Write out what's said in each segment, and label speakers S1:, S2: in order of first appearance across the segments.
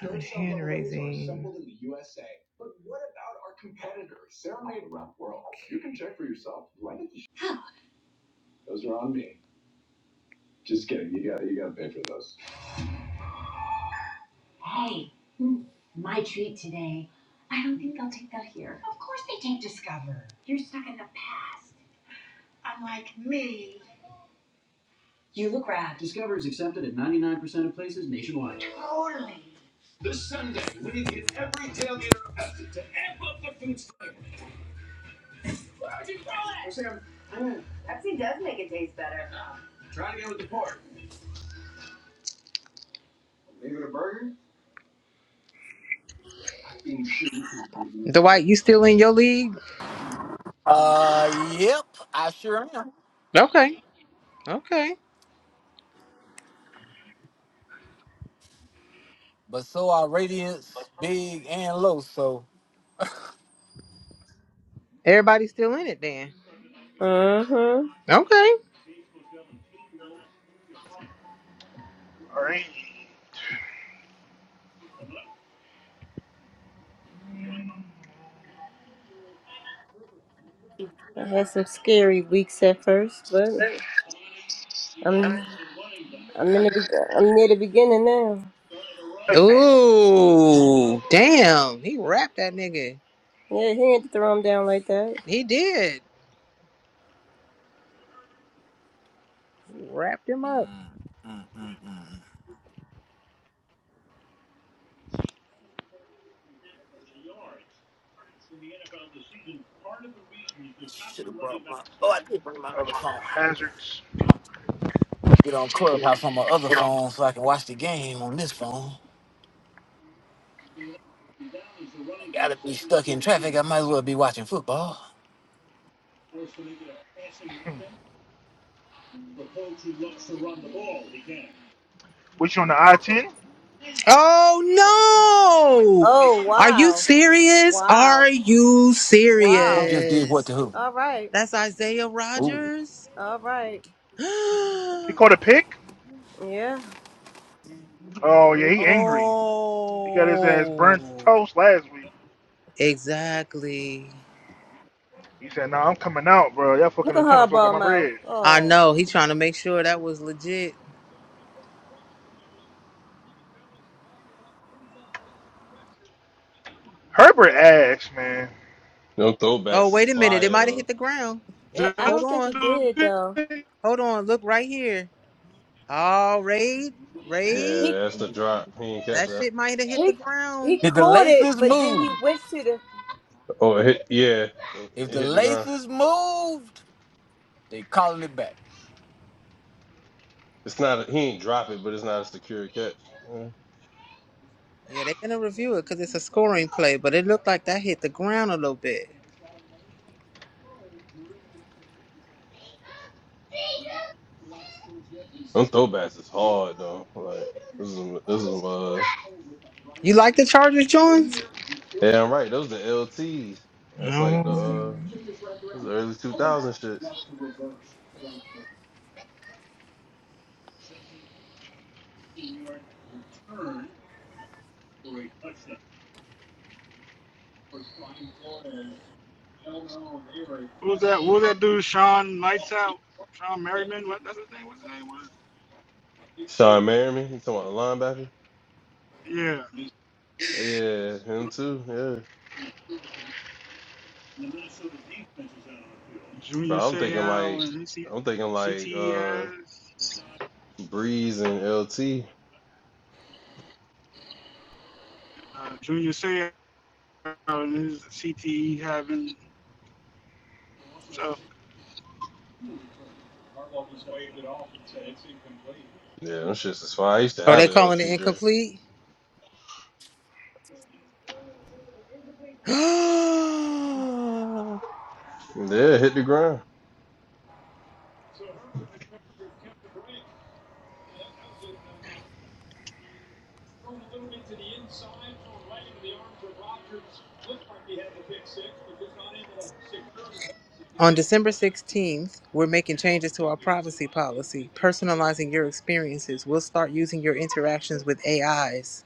S1: Turn hand raising. Assembled in the U S A. But what about our competitors? They're made around the world. You can check for yourself. Dwight, you still in your league?
S2: Uh, yep, I sure am.
S1: Okay, okay.
S2: But so are radiance big and low. So
S1: Everybody's still in it then.
S3: Uh-huh.
S1: Okay.
S4: All right.
S3: I had some scary weeks at first, but I'm I'm in the be- I'm near the beginning now.
S4: Touchdowns.
S1: Ooh, damn. He wrapped that nigga.
S3: Yeah, he had to throw him down like that.
S1: He did. He wrapped him
S2: Mm,
S1: up.
S2: mm, mm, mm. should have brought my. Oh, I did bring my
S4: Got
S2: other
S4: your
S2: phone. I need to
S4: hazards.
S2: get on Clubhouse on my other phone so I can watch the game on this phone. I gotta be stuck in traffic. I might as well be watching football.
S4: Which on the I 10?
S1: Oh no!
S3: Oh
S1: Are you
S3: wow,
S1: serious?
S3: wow,
S1: Are you
S2: Who
S3: wow.
S2: just did what
S1: serious?
S2: to who?
S3: All right,
S1: That's Isaiah
S2: Who?
S1: Rogers?
S3: all right.
S4: He caught a pick?
S3: Yeah.
S4: Oh, yeah,
S3: Look
S4: he angry. He got his ass burnt
S1: oh,
S4: toast last week.
S1: exactly.
S4: He said, nah, I'm coming out, bro. Y'all
S3: at
S4: fucking trying to fuck up
S3: hardball
S4: my
S3: mouth.
S4: bread.
S1: I
S3: Oh,
S1: know. He trying to make sure that was legit.
S4: Herbert ass, man.
S5: Them
S1: Oh,
S5: throwbacks is
S1: wait a minute. It
S5: fire
S1: might have hit
S5: though.
S1: the ground.
S3: yeah,
S6: Just
S3: I
S1: Hold
S3: don't think he
S1: on.
S6: a
S3: did
S6: bit.
S3: though.
S1: Hold on. Look right here. Oh, raid. Raid.
S3: He
S5: Yeah, that's the drop. He ain't catch
S1: That
S5: that.
S1: shit might have hit the
S3: he he
S1: ground.
S2: Did the
S3: caught it,
S2: laces
S3: but then he
S2: move?
S3: went to the.
S5: Oh, it hit, yeah,
S2: If
S5: it
S2: the
S5: hit the ground.
S2: laces moved, they calling it back.
S5: It's not. A, he ain't drop it, but it's not a secure catch. Yeah.
S1: Yeah, they're gonna review it because it's a scoring play, but it looked like that hit the ground a little bit.
S5: Them throwbacks is hard though. Like this is this is uh.
S1: You like the Chargers, Jones?
S5: Yeah, I'm right. Those the LTs. That's like the
S1: No.
S5: uh. This is early 2000 shit.
S6: What was that? What was that dude? Sean Lights Out. Sean Merriman. What? That's his name. What's his name was?
S5: Sean Merriman. You talking about the linebacker?
S6: Yeah.
S5: Yeah, him too. Yeah,
S6: Junior
S5: but I'm thinking
S6: Seau
S5: like
S6: and his C-
S5: I'm thinking like uh
S6: CTEs.
S5: Breeze and LT.
S6: Uh, Junior Seau and his CTE having. So
S5: Yeah, them shits is fine. I used to
S1: Are
S5: have
S1: they
S5: an
S1: calling it
S5: LTJ.
S1: incomplete?
S5: Yeah, hit the ground.
S1: On December 16th, we're making changes to our privacy policy, personalizing your experiences. We'll start using your interactions with AIs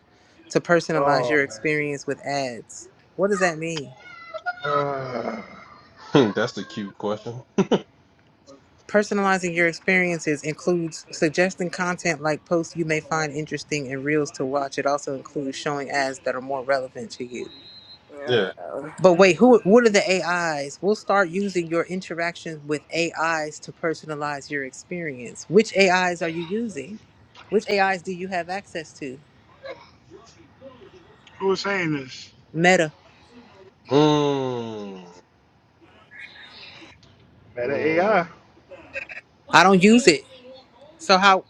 S1: to personalize
S4: Oh,
S1: your
S4: man.
S1: experience with ads. What does that mean?
S4: Uh,
S5: That's a cute question.
S1: Personalizing your experiences includes suggesting content like posts you may find interesting and reels to watch. It also includes showing ads that are more relevant to you.
S5: Yeah.
S3: Oh.
S1: But
S4: yeah.
S1: wait, who what are the AIs? We'll start using your interactions with AIs to personalize your experience. Which AIs are you using? Which AIs do you have access to?
S6: who was saying this?
S1: Meta.
S5: Mm,
S4: Meta AI.
S5: mm.
S1: I don't use it. So how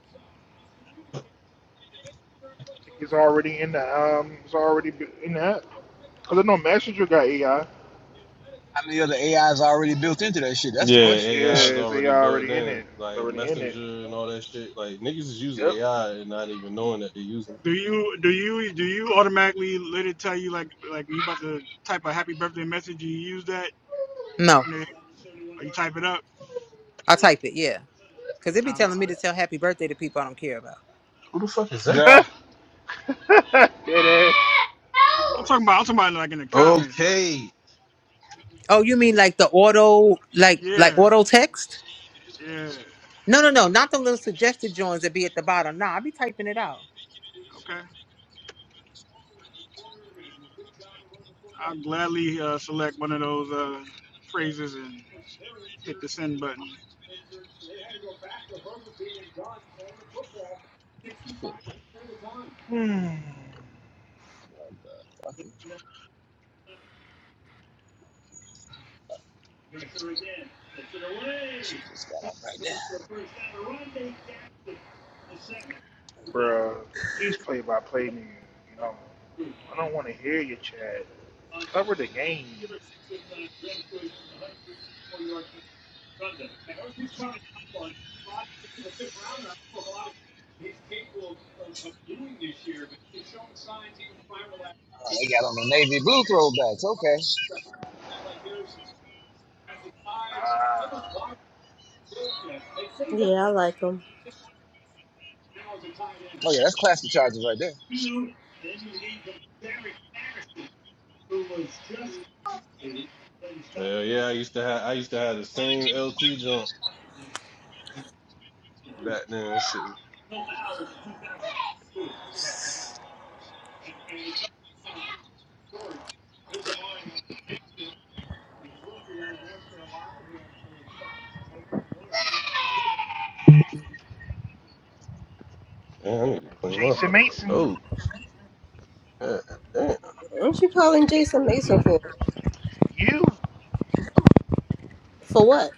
S4: think it's already in the, um, it's already in that. Because I know Messenger got AI.
S7: How many other AIs are already built into that shit? That's
S5: Yeah,
S7: the question.
S4: Yeah,
S5: AI is
S4: it's AI
S5: already
S4: already
S5: built
S4: in
S5: in.
S4: it. It's
S5: Like
S4: already in it.
S5: Messenger and all that shit. Like niggas is using
S4: Yep.
S5: AI and not even knowing that they're using it.
S6: Do you do you do you automatically let it tell you like like you about to type a happy birthday message? You use that
S1: no.
S6: when they, or you type it up.
S1: I'll type it, yeah. Cause it be
S6: I don't.
S1: telling me
S6: I,
S1: to tell happy birthday to people I don't care about.
S5: Who the fuck is that?
S7: Duh.
S4: Dead ass.
S6: I'm talking about. I'm talking about like in the comments. Like
S5: Okay.
S1: Oh, you mean like the auto like like
S6: yeah,
S1: auto text?
S6: yeah.
S1: No, no, no, not the little suggested joins that be at the bottom. Nah, I be typing it out.
S6: Okay. I'll gladly uh, select one of those uh, phrases and hit the send button.
S4: Hmm. Bruh, He's play by play niggas, you know. I don't want to hear your chat. Cover the game.
S7: Oh, they got on the navy blue throwbacks. Okay.
S4: Ah,
S3: Yeah, I like him.
S7: Oh yeah, that's classic charges right there.
S5: Hell yeah, I used to have I used to have the same LT jump back then. That Shit. Damn, I need to clean my
S4: Jason
S5: fucking
S4: Mason,
S5: nose. God damn.
S3: What you calling Jason Mason for?
S4: you.
S3: For what?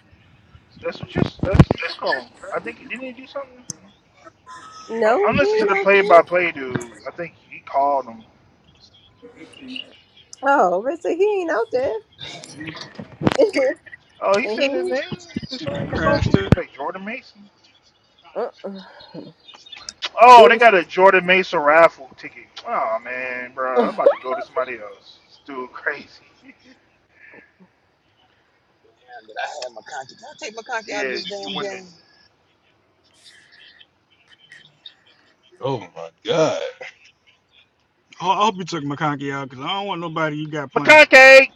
S4: That's what you. That's what you call him. I think didn't he do something? I-
S3: No,
S4: I'm
S3: he
S4: listening to
S3: ain't
S4: the
S3: out there.
S4: play-by-play dude. I think he called him.
S3: Oh, but so he ain't out there.
S4: Oh, he
S3: and
S4: said his
S3: he,
S4: name for
S6: Damn,
S4: some
S6: that
S4: reason.
S6: crashed.
S4: He
S6: it.
S4: was like Jordan Mason.
S3: uh-uh. they
S4: Oh, they
S3: was.
S4: got a Jordan Mason raffle ticket. Oh man, bro, I'm about to go to somebody else. It's dude crazy.
S7: Damn, did I have McConkey? Did I take McConkey out of
S4: yeah,
S7: this
S4: you
S7: damn
S4: winning.
S7: game?
S5: Oh my god.
S6: I I hope you took McConkey out because I don't want nobody you got playing.
S4: McConkey.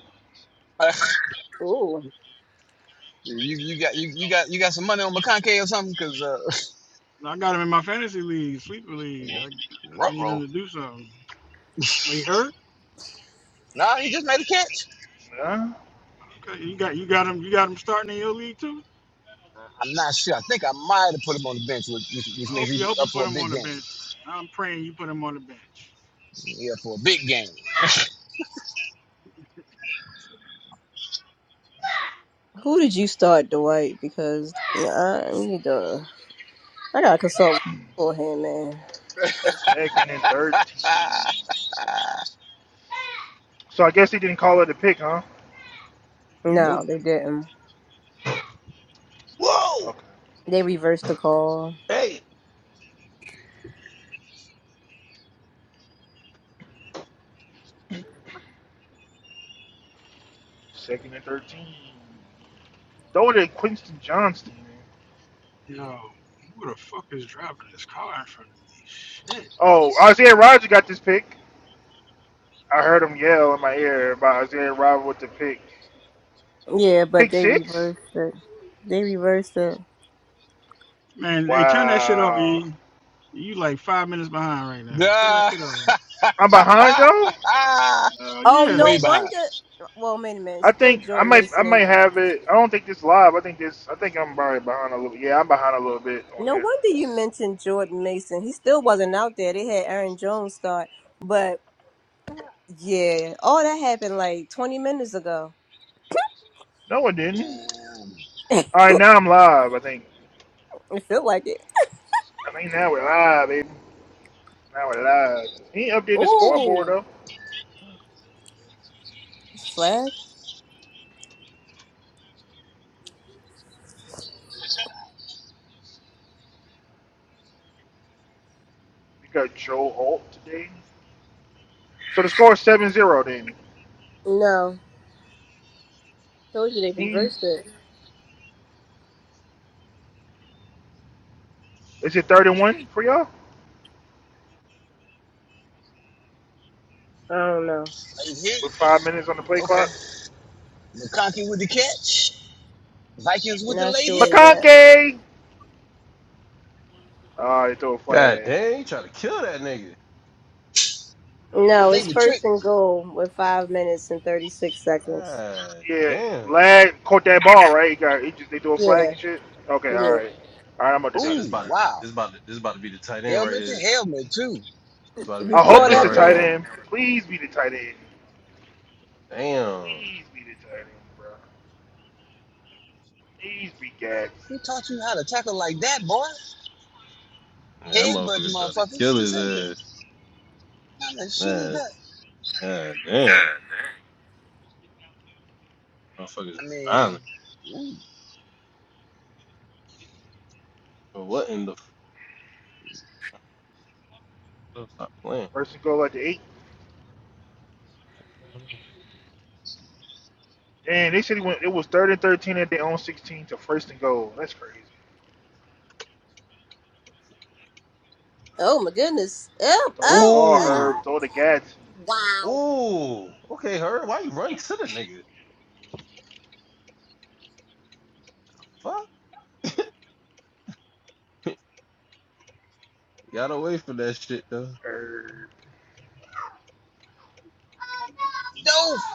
S7: Ugh,
S3: Ooh.
S7: you you got you, you got you got some money on McConkey or something? Cause uh,
S6: I got him in my fantasy league, sleeper league. I, I
S7: rut
S6: need
S7: roll.
S6: him to do something. But he hurt.
S7: No, he just made a catch.
S4: Huh?
S6: Okay, you got you got him. You got him starting in your league too.
S7: I'm not sure. I think I might have put him on the bench, which, which,
S6: I
S7: means
S6: hope you
S7: he's
S6: hope you
S7: up for
S6: put
S7: a
S6: him
S7: big
S6: on the
S7: game.
S6: bench. I'm praying you put him on the bench.
S7: He's up for a big game.
S3: Who did you start, Dwight? Because yeah, I need to. I gotta consult for him, man.
S4: Second and thirteen. So I guess he didn't call it a pick, huh?
S7: nope.
S3: No, they didn't.
S5: Whoa!
S4: Okay.
S3: They reversed the call.
S5: Hey!
S4: Second and thirteen. Throw it at Quinton Johnston, man.
S6: Yo, who the fuck is driving this car in front of me? Shit,
S4: Oh, Isaiah Roger got this pick. I heard him yell in my ear about Isaiah Roger with the pick.
S3: Yeah, but
S4: Pick
S3: they
S4: six?
S3: reversed it. They reversed it.
S6: man. Hey, turn that shit off.
S4: Wow.
S6: E. You like five minutes behind right now. Turn that
S7: Duh.
S6: shit off.
S4: I'm behind y'all?
S6: Uh,
S3: Oh
S6: yeah,
S3: no
S7: Way behind.
S3: wonder. Well, wait a minute.
S4: I
S3: Still
S4: think I
S3: Jordan
S4: might I
S3: Mason.
S4: might
S3: And,
S4: have it. I don't think this live. I think this. I think I'm probably behind a little. Yeah, I'm behind a little bit on
S3: no
S4: there.
S3: wonder you mentioned Jordan Mason. He still wasn't out there. They had Aaron Jones start, but Yeah. Oh, that happened like 20 minutes ago.
S4: No, I didn't.
S7: Um,
S4: All right, now I'm live. I think.
S3: It feel like it.
S4: I think now we're live, baby. Now we're live. He updated the scoreboard
S3: Ooh.
S4: though.
S3: Flag?
S4: We got Joe Alt today. So the score is seven zero Then
S3: No. Told you they
S4: he
S3: reversed it.
S4: is it 31 for y'all
S3: I don't know.
S7: late hit.
S4: with five minutes on the play
S7: Okay.
S4: clock.
S7: McConkey with the catch. Vikings with the
S3: Not
S7: late
S3: sure
S7: hit.
S3: yet.
S4: McConkey. Ah, they throw a
S5: God
S4: flag.
S5: damn, you trying to kill that nigga.
S7: I
S3: No,
S7: think
S3: it's
S7: the
S3: first
S7: trick.
S3: and goal with five minutes and 36 seconds.
S5: God
S4: Yeah,
S5: damn.
S4: Lad caught that ball right. He got. He just, they threw a
S3: Yeah,
S4: flag and shit. Okay, all
S3: yeah.
S4: right. All right, I'm up to
S5: Nah,
S4: date.
S5: this
S4: All
S7: Ooh,
S5: about
S4: right.
S5: to-
S7: wow.
S5: this about to- this about to be the tight end right
S7: Helmet
S5: here.
S7: to
S5: It's
S7: helmet, too.
S5: about to be
S3: You
S4: I
S5: the tight
S4: hope
S3: caught
S4: it's
S5: end
S4: the
S3: up
S5: right
S4: tight
S3: now?
S5: here.
S4: end. Please be the tight end.
S5: Damn.
S4: Please be the tight end, bro. Please be Gads.
S7: Who taught you how to tackle like that, boy?
S5: Yeah, that
S7: Headbutt
S5: motherfucker tried to
S7: motherfuckers.
S5: kill
S7: This
S5: his
S7: ain't the
S5: ass.
S7: kind of shit is
S5: Man,
S7: that?
S5: god damn.
S7: I
S5: Motherfuckers is
S7: mean,
S5: violent.
S7: ooh,
S5: But what in the f- stop playing?
S4: First and goal at the eight. And they said he went. It was third and thirteen at their own sixteen to first and goal. That's crazy.
S3: Oh my goodness. Oh,
S4: Throw the
S3: oh,
S4: ball,
S3: oh.
S5: Ooh.
S4: Herb. Throw the Gadsden.
S3: Wow.
S5: Ooh. Okay, her. Why you run to the nigga? Fuck. Gotta wait for that shit though.
S4: Herb.
S7: dope.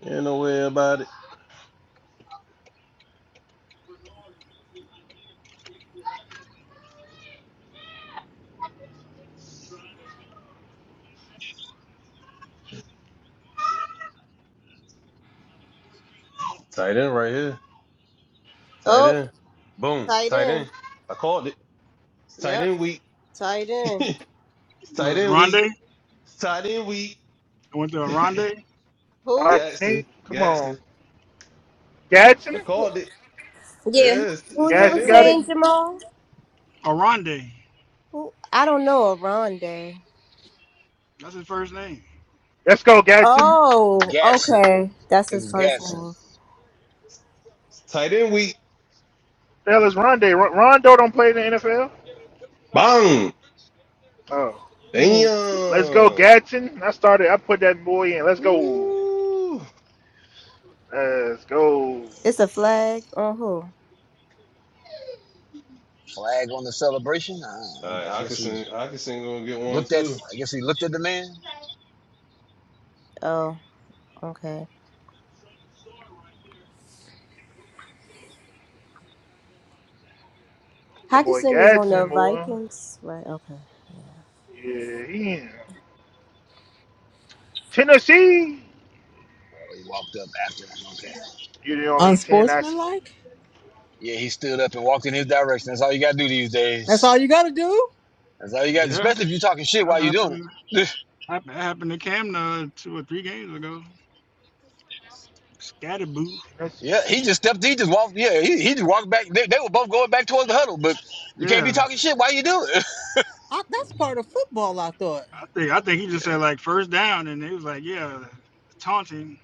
S5: Ain't no way about it. Tight end right here. Tight
S3: Oh,
S5: end. Boom.
S3: tight
S5: Tight
S3: end.
S5: end. I called it. It's tight
S3: Yep,
S5: end week.
S3: tight end.
S5: It's
S6: but
S5: tight
S6: it's
S5: end week.
S6: Rondé.
S5: It's tight end week.
S6: I went to a Rondé.
S4: All
S3: Who?
S4: right,
S5: Gatson,
S4: Nate. Come on,
S5: Gatson. I
S4: Gadsden.
S3: Who-
S5: called it.
S3: Yeah,
S5: Yeah, it's,
S3: who
S5: it's
S3: you
S5: tight
S3: were
S4: Gadsden
S5: end
S4: got
S5: week.
S4: it.
S3: saying, Jamal?
S6: A Rondé.
S3: Who? I don't know, A Aronde.
S6: That's his first name.
S4: Let's go, Gadsden.
S3: Oh,
S7: Gatson.
S3: okay. That's
S7: It
S3: his
S7: was
S3: first
S7: Gatson.
S3: move.
S5: It's tight end week.
S4: Hell is Rondé. Ron- Rondo don't play in the NFL.
S5: Bang!
S4: Oh,
S3: Ooh,
S4: let's go,
S5: Damn!
S4: Gadsden. I started. I put that boy in. Let's go.
S5: Woo! All
S4: Let's go.
S3: It's a flag or who?
S7: Flag on the celebration. Uh, I,
S5: right,
S7: I guess he
S5: Hawkinson, Hawkinson gonna get one
S7: looked at.
S5: too.
S7: I guess he looked at the man.
S3: Oh, okay.
S4: That boy
S3: Hackerson is on the
S4: Gadsden, boy.
S3: Vikings, right? Okay.
S4: Yeah, he in Tennessee.
S7: Well, he walked up after him. Okay.
S4: You're the only ten I see.
S1: Unsportsmanlike?
S7: Yeah, he stood up and walked in his direction. That's all you gotta do these
S1: That's
S7: days.
S1: all you gotta do?
S7: That's all you got.
S6: Yeah,
S7: Especially if you're talking shit
S6: that's
S7: while you're doing
S6: happened.
S7: it.
S6: hap- That happened to Camna two or three games ago. Scatterboo.
S7: yeah,
S4: Tennessee.
S7: he just stepped. He just walked. Yeah, he, he just walked back. They, they were both going back towards the huddle, but you can't be
S6: Yeah,
S7: talking shit while you do it.
S1: I, that's part of football, I thought.
S6: I think I think he just said like first down, and he was like, yeah, taunting.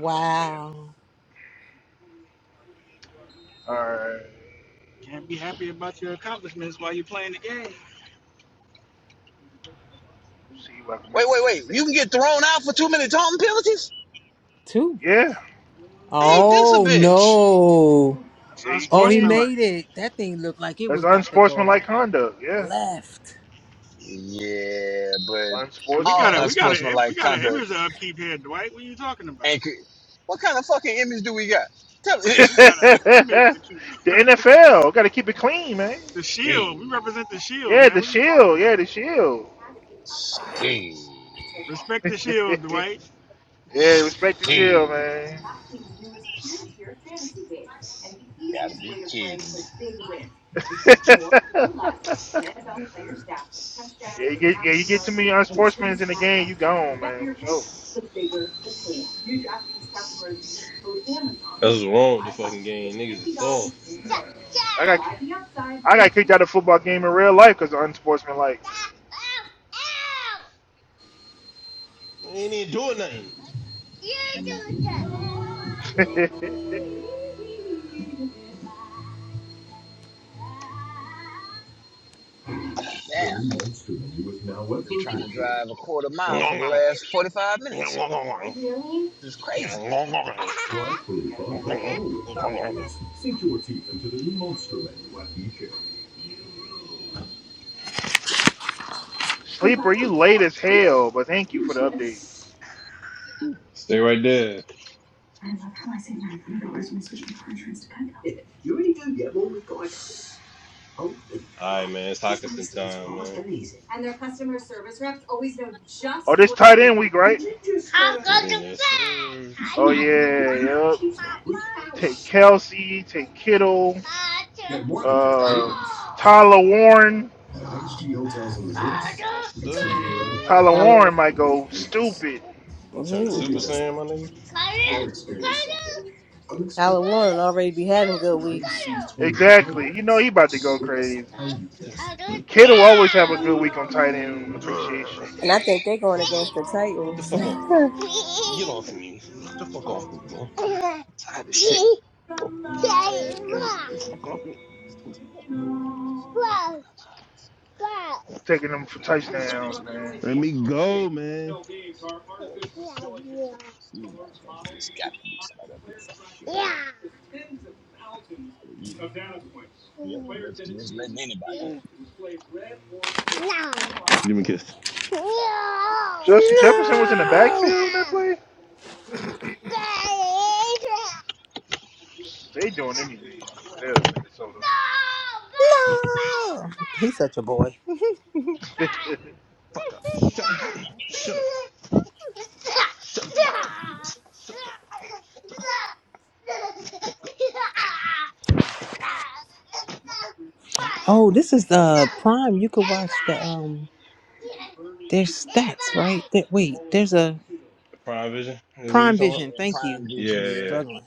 S6: I was like, damn,
S4: All right.
S6: can't be happy about your accomplishments while you're playing the game.
S4: See if I can
S7: wait,
S4: make it
S7: wait,
S4: to
S7: wait. You can get
S4: Mississippi.
S7: thrown out for two minute taunting penalties.
S1: Two.
S4: Yeah.
S6: Yeah,
S7: Ain't this a
S1: Oh
S7: bitch?
S1: no.
S6: that's
S4: Yeah, you
S1: Oh, he
S4: can.
S6: unsportsmanlike.
S1: made it. That thing looked like it
S4: That's
S1: was about to go
S4: unsportsmanlike conduct. Yeah.
S1: left.
S7: Yeah, but
S6: And we got
S7: all
S6: a we
S4: Unsportsmanlike
S6: got
S4: conduct.
S6: a we
S7: unsportsmanlike
S6: got an
S7: conduct.
S6: image to upkeep here, Dwight. What are you talking about?
S7: Ain't. cr- What kind of fucking image do we got? Tell me.
S6: We got an image
S4: the
S6: to keep.
S4: NFL. Got to keep it clean, man.
S6: The shield. We
S7: She,
S6: represent the shield,
S4: Yeah,
S6: man.
S4: the
S6: What are you talking
S4: shield. Yeah,
S6: about?
S4: the shield.
S7: she,
S6: Respect the shield,
S4: yeah,
S6: Dwight.
S4: respect the shield,
S7: she.
S4: man.
S7: Gotta be kidding me.
S4: Yeah, you get yeah, you get too many unsportsmen in the game, you gone, man, for sure.
S5: That's what's wrong with the fucking game. Niggas is soft.
S4: Yeah. I got I got kicked out of football game in real life because of unsportsmanlike.
S5: They ain't even doing nothing.
S7: Damn. Been trying to drive a quarter mile for the last 45 minutes. It's crazy.
S4: Sleeper, you late as hell, but thank you for the update.
S5: Stay right there. All right, man. It's Hawkinson time, man.
S4: Oh, this tight end week, right?
S5: Hawkinson yes,
S4: Oh yeah,
S5: sir.
S4: yup. Take Kelsey, take Kittle, um, Tyler Warren.
S5: Yes, sir.
S4: Tyler
S3: Tyler,
S4: Warren might go stupid.
S5: You turn
S3: he,
S5: to Super Saiyan, my nigga.
S3: Tyler Warren already be having good weeks,
S4: Exactly. You know he about to go crazy. Kittle always have a good week on tight end appreciation.
S3: and I think they're going against the
S5: Get the
S3: Titans.
S5: fuck off me. Get off me. Get the fuck off me, man. I'm tired of shit. Get the fuck off me.
S4: taking them for
S7: Back over this
S4: touchdowns,
S7: bitch later.
S4: man.
S5: Let me go, man.
S7: You motherfucker, this got to be somebody up here with you. Yep, that's just letting anybody else.
S5: Give me a kiss.
S4: Justin Jefferson was in the
S1: No.
S4: backfield on that play. They doing anything over there, Minnesota.
S1: No. He's such a boy.
S5: Fuck up. Shut up. Shut up. Shut
S7: It's Incredible.
S5: up.
S1: Oh, this is the Prime. You could watch the um there's stats, right? That wait, there's a
S5: Prime Vision? Is that what you
S1: Prime
S5: talking about?
S1: Vision.
S7: Yeah,
S1: Thank
S7: prime
S1: you.
S5: Yeah,
S1: I'm
S7: vision, yeah.
S5: yeah, yeah.
S1: struggling.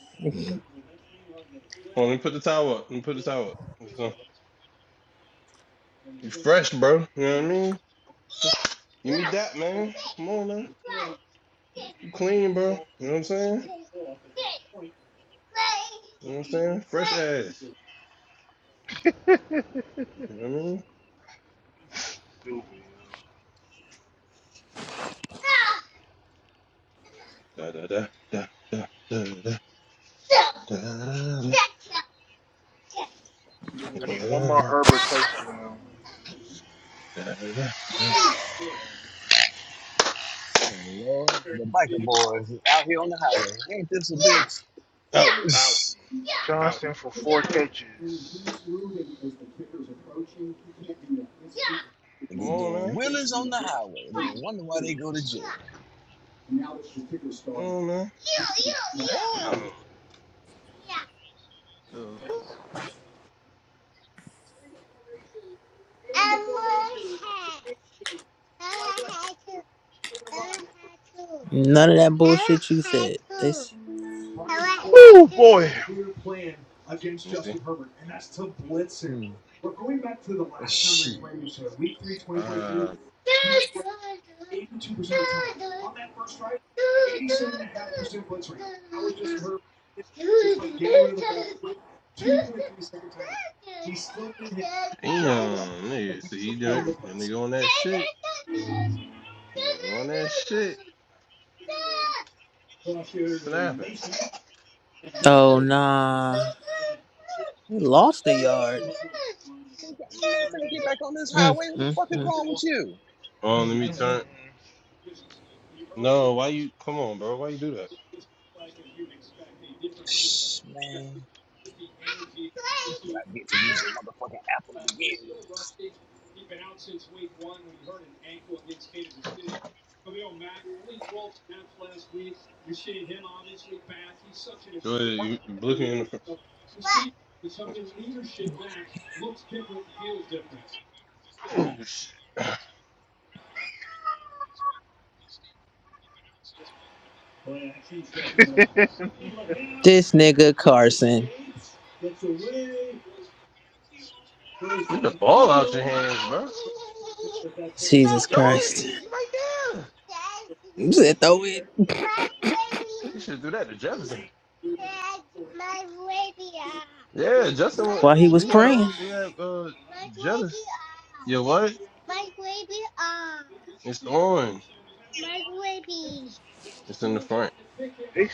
S5: Well, let me put the towel up. Let me put the towel up? You fresh, bro. You know what I mean? Give me that, man. Come on, man. You clean, bro. You know what I'm saying? You know what I'm saying? Fresh ass.
S4: Stupid.
S5: You know what I mean? Da da da da da da da da da. da, da, da,
S4: I need one more Herbert touchdown.
S5: da.
S4: Um,
S7: Oh, Lord. The biker boys out here on the highway. Ain't this a bitch?
S5: Ow, ow, ow.
S4: Johnston for four catches.
S7: and
S5: Come
S7: they're
S5: on,
S7: doing
S5: man.
S7: wheelies on the highway and then wonder why they go to jail.
S5: Come on, man. Ow. The- Let
S1: None of that bullshit you said. This
S4: Oh boy.
S5: me see.
S7: Hmm. Shit.
S5: Uh, damn, nigga. See, you done, the nigga on that shit. Nigga on that shit. Snapping.
S1: Oh nah. He lost a yard.
S7: I'm not gonna get back on this
S1: Mm,
S7: highway. What the
S1: mm,
S7: fuck is wrong with
S1: mm.
S7: you?
S5: Oh, let me turn. No, why you come on, bro? Why you do that?
S7: Man, that's what I get to use using motherfucking Apple to begin with.
S5: Go ahead, you you look me in the front. Oh, shit.
S4: they
S1: This nigga Carson.
S5: Get the ball out your hands, bro.
S1: Jesus
S5: Throw it
S1: Christ.
S5: You right there.
S1: You said throw it
S5: You should do that to Jefferson. Yeah, Justin. wa-
S1: while he was
S5: He had a.
S1: praying.
S5: He had uh. Jefferson. Yeah, what? It's on. It's in the front.
S4: they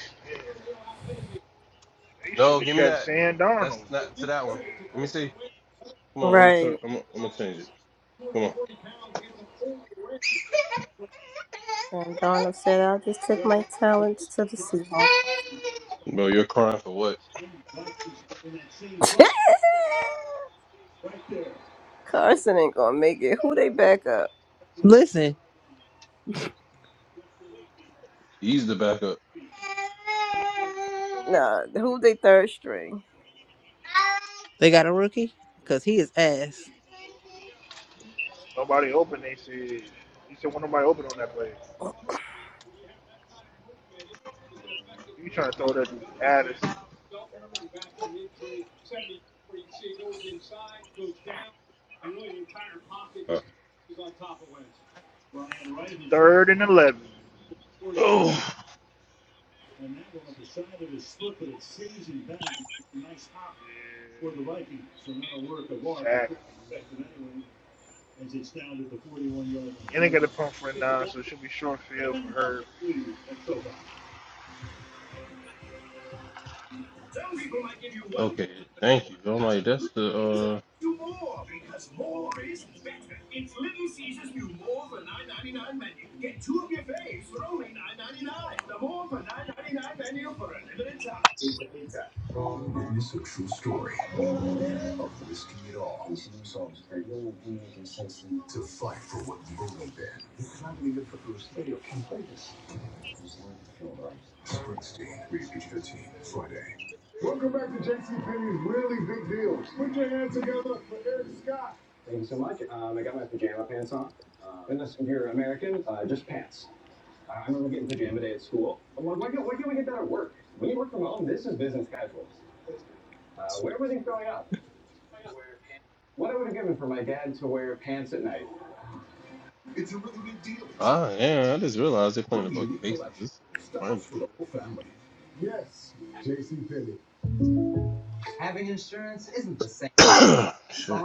S5: No,
S4: should have
S5: give me
S4: kept
S5: that.
S4: Sam Darnold.
S5: That's not to that one.
S4: Yeah.
S5: Let me see. Come on, I'm gonna
S3: right.
S5: turn. I'm, gonna- I'm gonna change it. Come on,
S3: And Darnold said, "I'll just take my talents to the Seahawks."
S5: bro. You're crying for what?
S3: Carson ain't gonna make it. Who they back up?
S1: Listen,
S5: He's the backup.
S3: Nah, who they third string?
S1: they got a rookie because he is ass.
S4: Nobody open. They said he said when nobody open on that play. You trying to throw that to Addis.
S5: Uh,
S4: Third and 11.
S5: oh.
S4: Yeah. Sack. And they got a pump for a nine, so it should be short field for
S5: Okay, thank you. I'm like, that's the uh ah yeah, I just realized they're playing the fucking Pacers. This is the finals. Shit.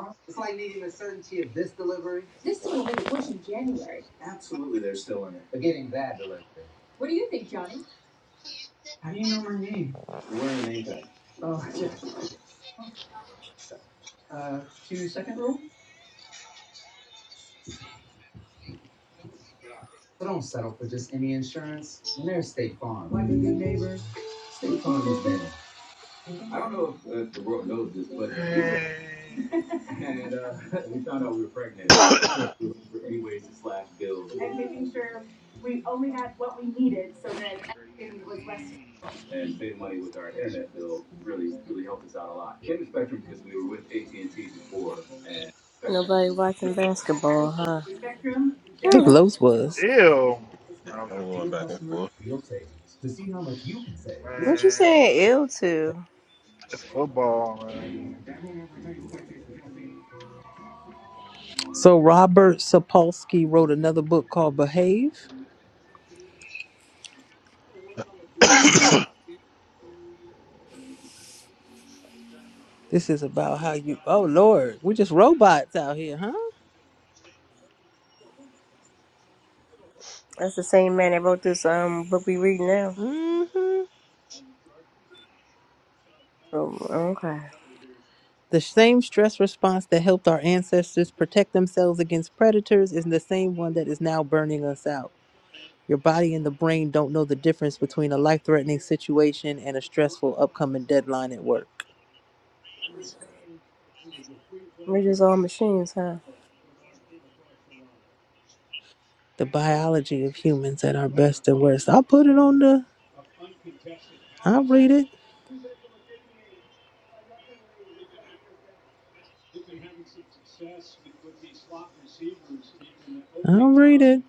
S4: her. she crazy.
S3: Nobody watching basketball, huh?
S1: I think Los was.
S4: Ew. No,
S5: yeah,
S4: I'm
S5: I'm
S4: joking.
S5: going back and forth.
S3: What you
S4: Man,
S3: saying ill to?
S4: it's football, man.
S1: So Robert Sapolsky wrote another book called Behave. This is about how you. Oh Lord, we just robots out here, huh?
S3: That's the same man that wrote this um book we read now.
S1: hmm
S3: So okay.
S1: The same stress response that helped our ancestors protect themselves against predators is the same one that is now burning us out. Your body and the brain don't know the difference between a life threatening situation and a stressful upcoming deadline at work.
S3: We're just all machines, huh?
S1: The biology of humans at our best and worst. I'll put it on the. I'll read it. I'll read it.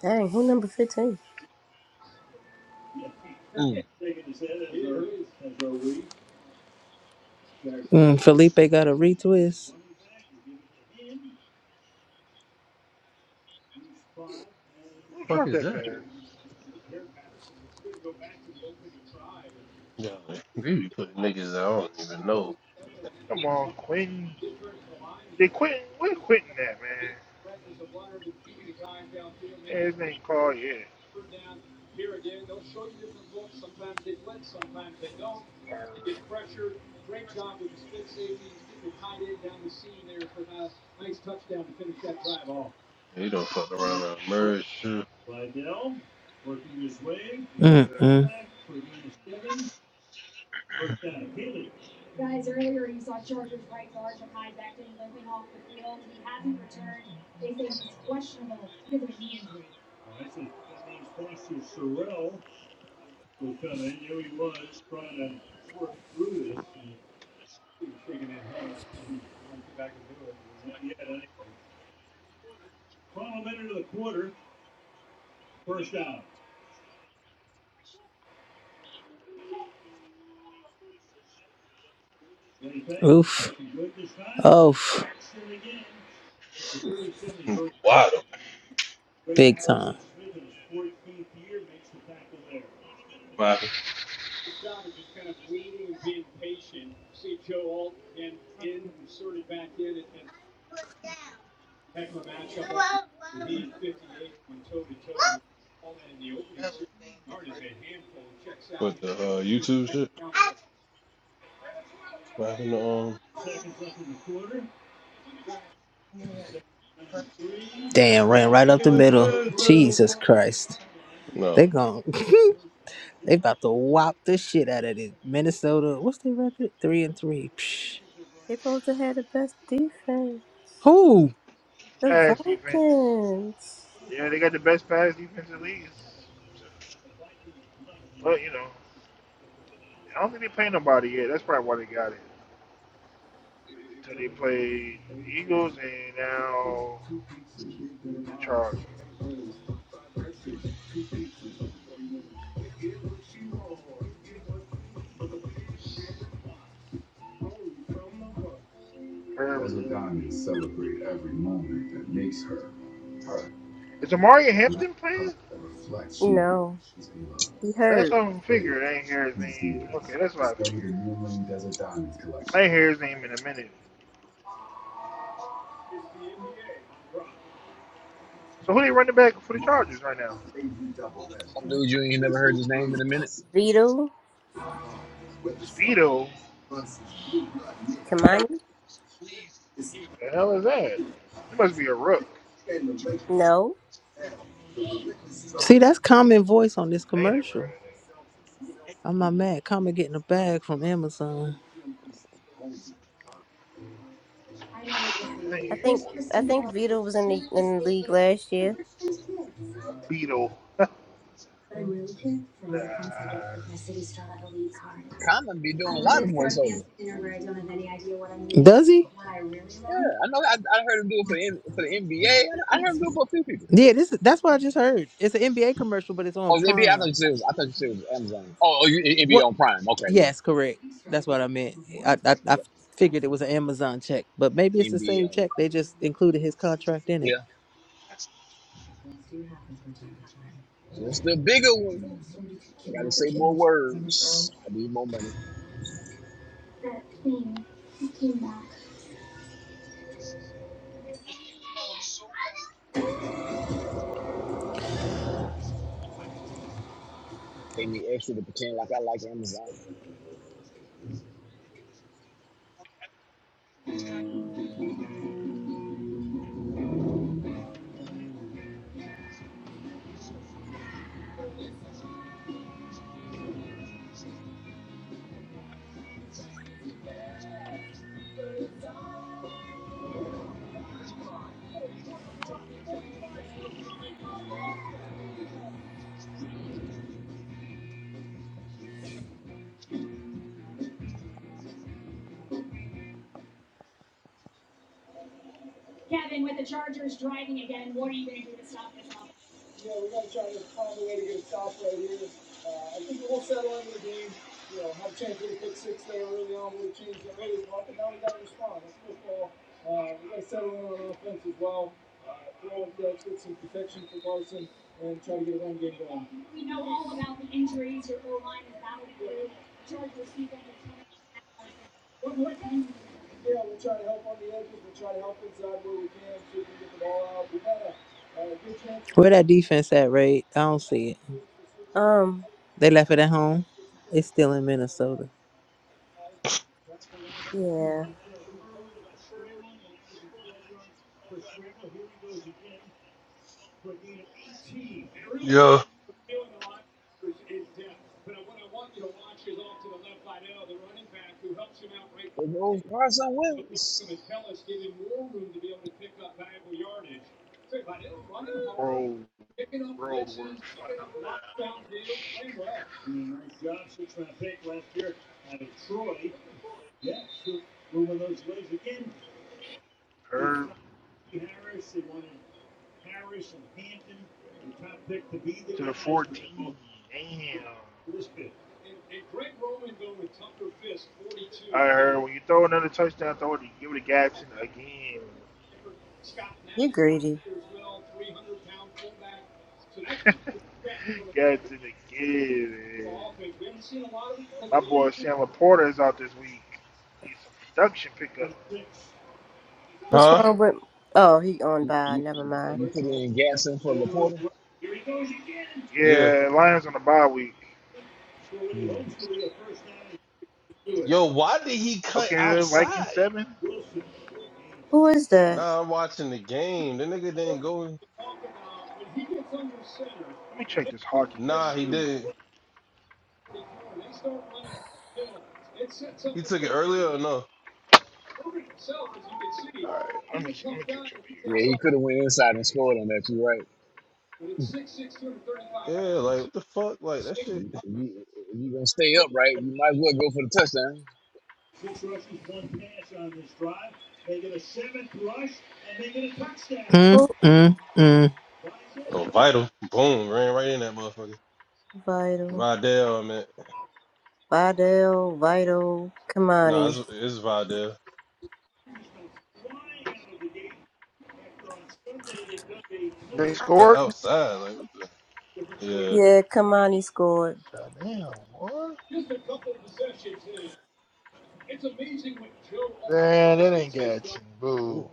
S3: Dang, who number fifteen?
S7: Mm.
S1: Mm, Felipe got a retwist.
S4: Who
S5: fuck
S4: dropped
S5: is
S4: that
S5: that?
S4: pass?
S5: Yeah, like, they be putting niggas that I don't even know.
S4: Come on, Quentin. They quitting. We're quitting that, man. Yeah, his name called, yeah.
S5: They don't fuck around and merge too.
S1: Mm-mm. Oof. Oof.
S5: Hmm, Why the
S1: Big time.
S5: what happened? But the uh, YouTube shit? What happened to um
S1: Damn, ran right up
S5: It
S1: the
S5: was
S1: middle.
S5: good.
S1: Jesus Christ. They
S5: No.
S1: gon' they about to whop the shit out of this. Minnesota, what's their record? Three and three. Psh.
S3: They both had the best defense.
S1: Who?
S3: The
S4: Pass defense.
S3: Vikings.
S4: Yeah, they got the best pass defense in the league. It's- Well, you know, I don't think they play nobody yet. That's probably why they got it. So they played the Eagles and now the Chargers. Herbert. Is Amari Hampton playing?
S3: No. You
S4: That's
S3: heard.
S4: what I'm figuring. I ain't hear his name. Okay, that's what I figured. I ain't hear his name in a minute. So who they running back for the Chargers right now?
S7: Some dude you ain't never heard.
S3: Vito?
S4: Speedo.
S3: Kamani?
S4: The hell is that? It must be a rook.
S3: No.
S1: See, that's common voice on this
S4: I ain't never heard
S1: commercial.
S4: of that.
S1: I'm not mad. Common getting a bag from Amazon.
S4: I ain't
S3: I
S4: hear
S3: think
S4: boy.
S3: I think Vito was in the in the league last year.
S4: A beetle. nah,
S7: Common be
S1: I
S7: doing a
S1: was
S7: lot of
S1: late for a fancy
S7: voiceover.
S1: dinner where I don't have any idea what I'm eating. Does he? What I really
S7: Yeah,
S1: love?
S7: I know. I, I heard him do it for the for the NBA. I, heard him do it for a few people.
S1: Yeah, this is, that's what I just heard. It's an NBA commercial, but it's on
S7: Oh, the NBA. I thought
S1: Prime.
S7: you said it was. I thought you said it was Amazon. Oh, oh you,
S1: What?
S7: NBA on Prime. Okay, yeah.
S1: Yes, correct. That's what
S7: Okay,
S1: I meant. I, I I figured it was an Amazon check, but maybe it's
S7: yeah.
S1: the same
S7: NBA. On,
S1: check. They just included his contract in
S7: yeah,
S1: it.
S7: Yeah. just the bigger one. I gotta say more words. I need more money. Pay me extra to pretend like I like Amazon.
S1: Where that defense at, Ray? I don't see it.
S3: Um,
S1: They left it at home. It's still in Minnesota.
S3: yeah.
S5: Yeah.
S7: It goes Carson Wentz.
S4: Road road work found. Herb to the 14. Damn. I heard when you throw another touchdown, throw it, give it to Gadsden again.
S3: You greedy.
S4: Gadsden again. man. My boy Sam Laporta is out this week. Need some production pickup.
S3: What's
S5: Huh?
S3: wrong with Oh, he on
S7: You,
S3: by,
S7: you,
S3: never mind.
S7: you put in Gasson for Laporta.
S5: Yeah.
S4: Yeah, Lions on the bye week.
S7: Mm.
S5: Yo, why did he cut
S4: Okay, Vikings
S5: outside?
S4: seven.
S3: Who is that?
S5: Nah, I'm watching the game. The nigga didn't go. in.
S4: Let me check this hockey game
S5: Nah, he
S4: too.
S5: didn't. He took it earlier or no?
S4: All right, let me see. Let me catch up here.
S7: Yeah, he could have went inside and scored on that. You right.
S5: Yeah, like what the fuck? Like that shit.
S7: You, you, if you gonna stay upright, you might as well go for the touchdown.
S1: Mm,
S3: Who
S1: mm, mm.
S5: Oh, vital. Boom, ran right in that motherfucker.
S3: Vital?
S5: Vidal, man.
S3: Vidal, Vital,
S5: Nah,
S3: Kamani.
S5: it's, it's Vidal.
S4: They
S5: Nigga cut
S4: scored.
S5: outside. Like what the?
S3: Yeah, Kamani scored.
S4: Goddamn, What? Man, that ain't Gadsden.
S7: Mm,
S4: Boo.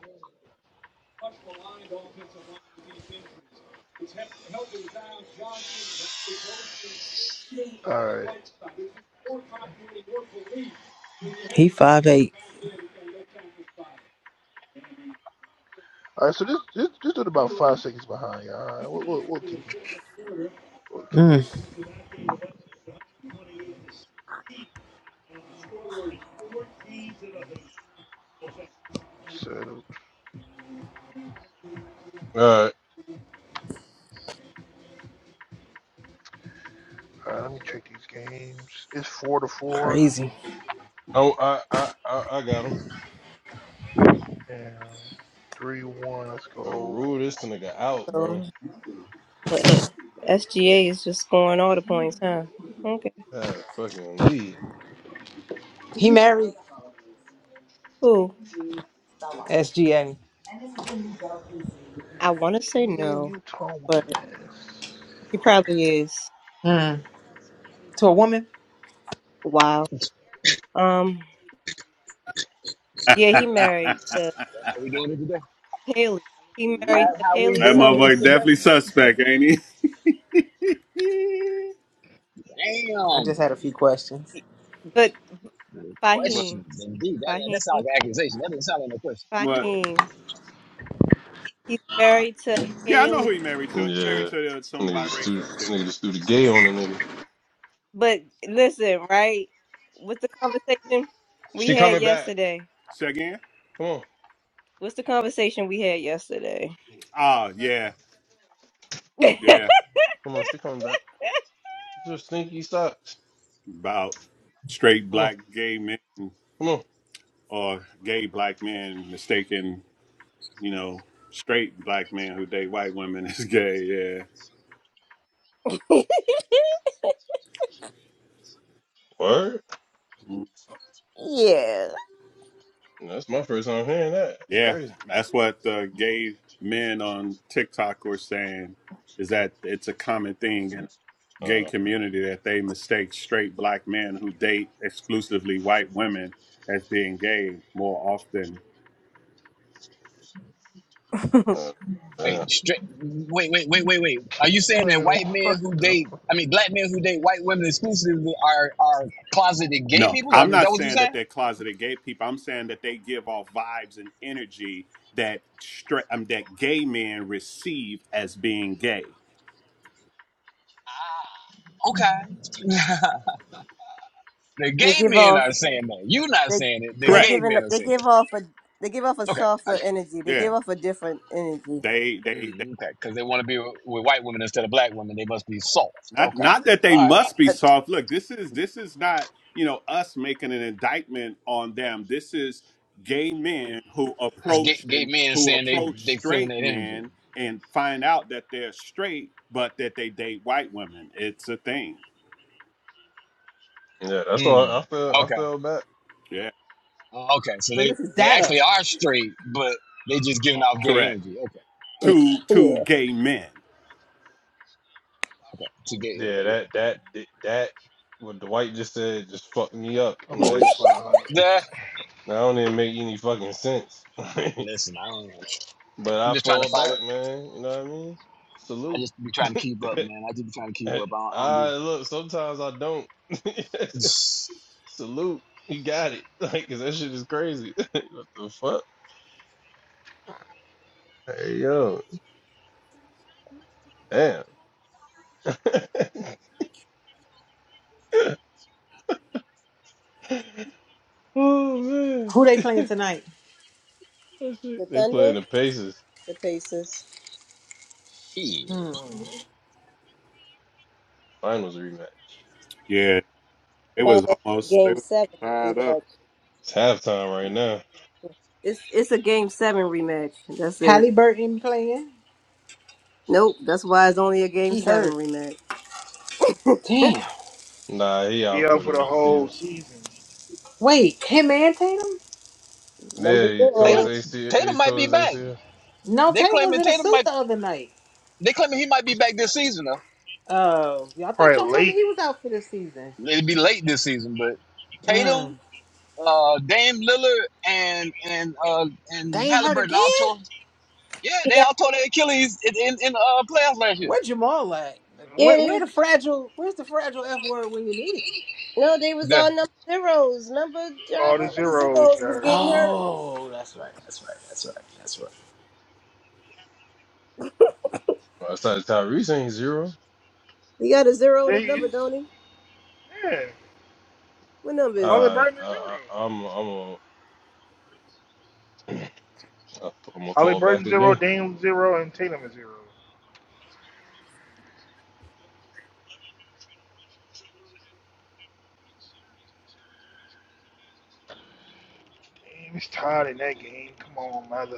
S4: All right.
S1: He five like eight.
S4: All right. So this this this dude about five seconds behind y'all. All right. We'll, we'll, we'll keep him. We'll keep him. We'll
S1: Mm,
S4: keep him settled.
S5: Yeah. All right.
S4: All right. Let me check these games. It's four to four
S1: crazy.
S5: Oh, I I I, I got him.
S4: and three one. Let's
S5: Bro,
S4: go.
S5: rule this nigga out,
S3: So,
S5: bro.
S3: so F- SGA is just scoring all the points, huh? Okay,
S5: That fucking lead.
S1: He married
S3: cool.
S1: SGA
S3: I want to say
S4: Damn,
S3: no,
S4: Utah whooping
S3: but
S4: ass.
S3: he probably is.
S1: Mm. To a woman?
S3: Wow. Um. Yeah, he
S8: That
S3: married to
S7: That's how we doing it today.
S3: Haley. He
S7: Is
S3: married
S7: that
S3: to
S7: how we
S3: Haley
S7: doing this
S8: motherfucker
S3: Summers.
S8: definitely
S7: today? Okay.
S8: suspect, ain't he?
S1: I just had a
S7: Damn.
S1: few questions.
S3: But
S8: but,
S3: Fahim,
S7: Questions, indeed. That,
S3: Fahim,
S7: that sounds like an accusation. That doesn't sound like no question.
S8: but
S3: Fahim. He's married to
S8: yeah, I know
S3: Haley.
S8: who he married to. He married
S5: Yeah.
S8: to uh, some
S5: Nigga just threw,
S8: biracial chick.
S5: nigga just threw the gay on the nigga.
S3: But listen, right? With the conversation we
S5: She
S3: had
S5: coming back.
S3: yesterday.
S8: Say again?
S5: Come on.
S3: What's the conversation we had yesterday?
S8: Ah, yeah, yeah.
S5: Come on, she coming back. Just stinky socks.
S8: About straight
S5: Come on,
S8: black gay men
S5: come on.
S8: or gay black men mistaken, you know, straight black men who date white women is gay. Yeah,
S5: Word.
S8: Mm,
S3: Yeah,
S5: That's my first time hearing that. It's
S8: yeah.
S5: crazy.
S8: That's what the gay men on TikTok were saying. Is that it's a common thing gay
S5: Uh,
S8: community that they mistake straight black men who date exclusively white women as being gay more often.
S5: uh, damn.
S7: Wait, straight. Wait, wait, wait, wait, wait. Are you saying that
S4: Man,
S7: white men
S4: what
S7: who
S4: the?
S7: date,
S4: fuck?
S7: I mean, black men who date white women exclusively are are closeted gay
S8: No,
S7: people?
S8: I'm
S7: Is
S8: not
S7: that what you're
S8: saying that
S7: saying?
S8: they're closeted gay people. I'm saying that they give off vibes and energy that stra- um, that gay men receive as being gay.
S7: Ah, okay. The
S3: they
S7: gay
S3: give
S7: men
S3: off
S7: are saying that. You're not
S3: they
S7: saying it. The
S3: they
S8: Correct.
S7: gay
S3: giving
S7: men are
S3: they
S7: saying
S3: give off a they give off a
S7: it. Okay. I
S3: softer energy. They
S8: Yeah.
S3: give off a different energy.
S8: They they
S7: Mm, okay, because they want to be with white women instead of black women. They must be soft.
S8: Not
S7: Okay,
S8: not that they
S7: all right.
S8: must be
S3: Uh,
S8: soft. Look, this is this is not, you know, us making an indictment on them. This is gay men who
S7: That's gay,
S8: approach
S7: gay
S8: and
S7: men
S8: who
S7: saying they
S8: approach
S7: they feeling
S8: straight
S7: that energy.
S8: men and find out that they're straight, but that they date white women. It's a thing.
S5: Yeah, that's why
S7: Mm,
S5: I I feel. I
S7: okay,
S5: feel bad.
S8: Yeah.
S7: Uh, okay. So
S1: So
S7: they
S1: this is
S7: they actually
S1: data.
S7: are straight, but they just giving off gay
S8: Correct.
S7: energy. Okay, all
S8: Two two
S3: yeah,
S8: gay men.
S7: right. Okay, so gay. Yeah,
S5: Yeah,
S7: yeah.
S5: that that that what Dwight just said just fucked me up.
S4: I'm
S5: Like
S4: boy five hundred.
S7: yeah. The,
S5: I don't even make any fucking sense. but
S7: listen, I don't. know. I'm
S5: I
S7: just trying to
S5: fall
S7: follow.
S5: back, man. You know what I mean?
S7: I
S5: Salute.
S7: just be trying to keep up, man. I just be trying to keep up. I don't, I don't
S5: I
S7: be.
S5: look. Sometimes I don't. Salute. You got it. Like, 'cause that shit is crazy. what the fuck? Hey yo, damn. oh man,
S1: Who they playing tonight?
S5: that
S3: the
S5: shit. They playing
S3: Thunder,
S5: the Pacers
S3: the Pacers,
S1: Hmm.
S7: Shit.
S5: finals rematch.
S8: yeah. It was
S3: Finals,
S8: almost they
S3: Game
S8: were
S3: Seven
S8: tied up.
S3: rematch.
S5: It's halftime right now.
S3: It's it's a Game Seven rematch. That's it.
S1: Halliburton playing.
S3: Nope, that's why it's only a Game
S1: He
S3: Seven
S1: hurt.
S3: rematch.
S1: Damn.
S5: Nah, he
S4: He
S5: out for
S4: out for the
S5: the
S4: whole
S5: season.
S4: season.
S1: Wait, him and Tatum?
S5: Yeah,
S3: Number
S5: he tore his
S7: Tatum,
S3: zero.
S5: AC. He
S7: Tatum might
S5: tore
S7: be
S5: his
S7: back.
S5: ACL.
S1: No,
S7: They
S1: Tatum was
S7: claiming
S1: in a
S7: Tatum
S1: suit
S7: might.
S1: the other night.
S7: They claiming he might be back this season.
S1: Oh, yeah, I thought
S4: Probably
S1: y'all told me
S4: late.
S1: he was out for this season.
S7: It'd be late this season, but Tatum,
S1: Mm.
S7: uh, Dame Lillard, and and uh, and
S1: Dame hurt
S7: Halliburton
S1: again?
S7: all tore. Yeah, they
S3: Yeah,
S7: all tore their Achilles in in, in uh, playoffs last year.
S1: Where Jamal at? Like,
S3: yeah,
S1: Where
S3: they
S1: where
S3: was,
S1: the fragile where's the fragile F word when you need it?
S3: no, they was
S7: Yeah,
S3: all number zeros. Remember, John,
S4: All the
S3: the
S4: zeros got
S3: zeros was
S4: hurt.
S3: getting hurt.
S1: Oh, that's right, that's right, that's right, that's right.
S5: Besides Tyrese ain't zero.
S3: He got a zero in
S4: There
S3: his
S4: he
S3: number,
S4: is.
S3: don't he?
S4: Yeah.
S3: What number is
S4: All
S3: he?
S4: the
S5: Uh,
S4: Brightman
S5: I, I,
S4: zeros.
S5: I'm I'm a I'm gonna
S4: Holly
S5: fall back
S4: Burton zero,
S5: again.
S4: Dame zero, and Tatum is zero. Damn, is tied in that game. Come on, mother.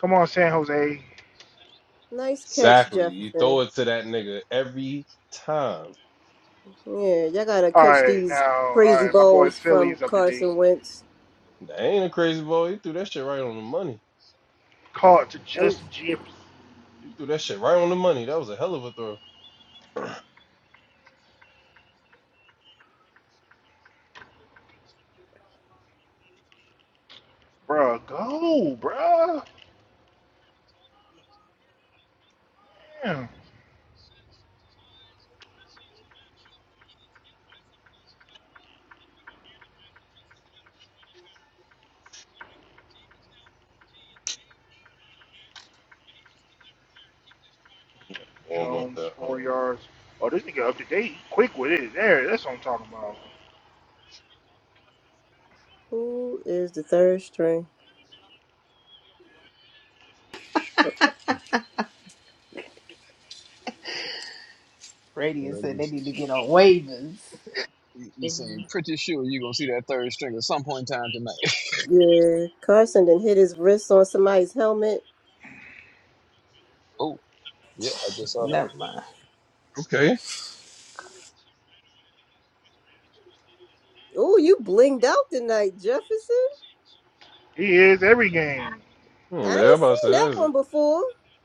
S4: Come on, San Jose.
S3: Nice catch,
S5: Exactly. You throw
S3: Jefferson.
S5: it to that nigga every time.
S3: Yeah, y'all gotta
S4: All
S3: catch
S4: right, now,
S3: these
S4: all
S3: crazy
S4: right, my boy
S3: balls from
S4: Philly's up to date.
S3: Carson Wentz.
S5: That ain't a crazy ball. He threw that shit right on the money.
S4: Caught to
S3: I'm,
S4: just Gibbs.
S5: He threw that shit right on the money. That was a hell of a throw.
S4: Bruh, go, bruh. Damn.
S5: Yeah, warm up
S4: Jones,
S5: that
S4: four
S5: um
S4: yards. Oh, this nigga up to date. Quick with it. There, that's what I'm talking about.
S3: who is the third string? Uh,
S1: Radiant said
S7: you
S1: they need to get on waivers.
S7: you seem pretty sure you're gonna see that third string at some point in time tonight.
S3: Yeah, Carson then hit his wrist on somebody's helmet.
S7: oh, yeah, I just saw that.
S1: Never mind.
S5: Okay.
S3: Oh, you blinged out tonight, Jefferson.
S4: He is every game.
S3: I
S5: Hmm,
S3: ain't
S5: everybody
S3: seen
S5: said
S3: that
S5: that's
S3: one before.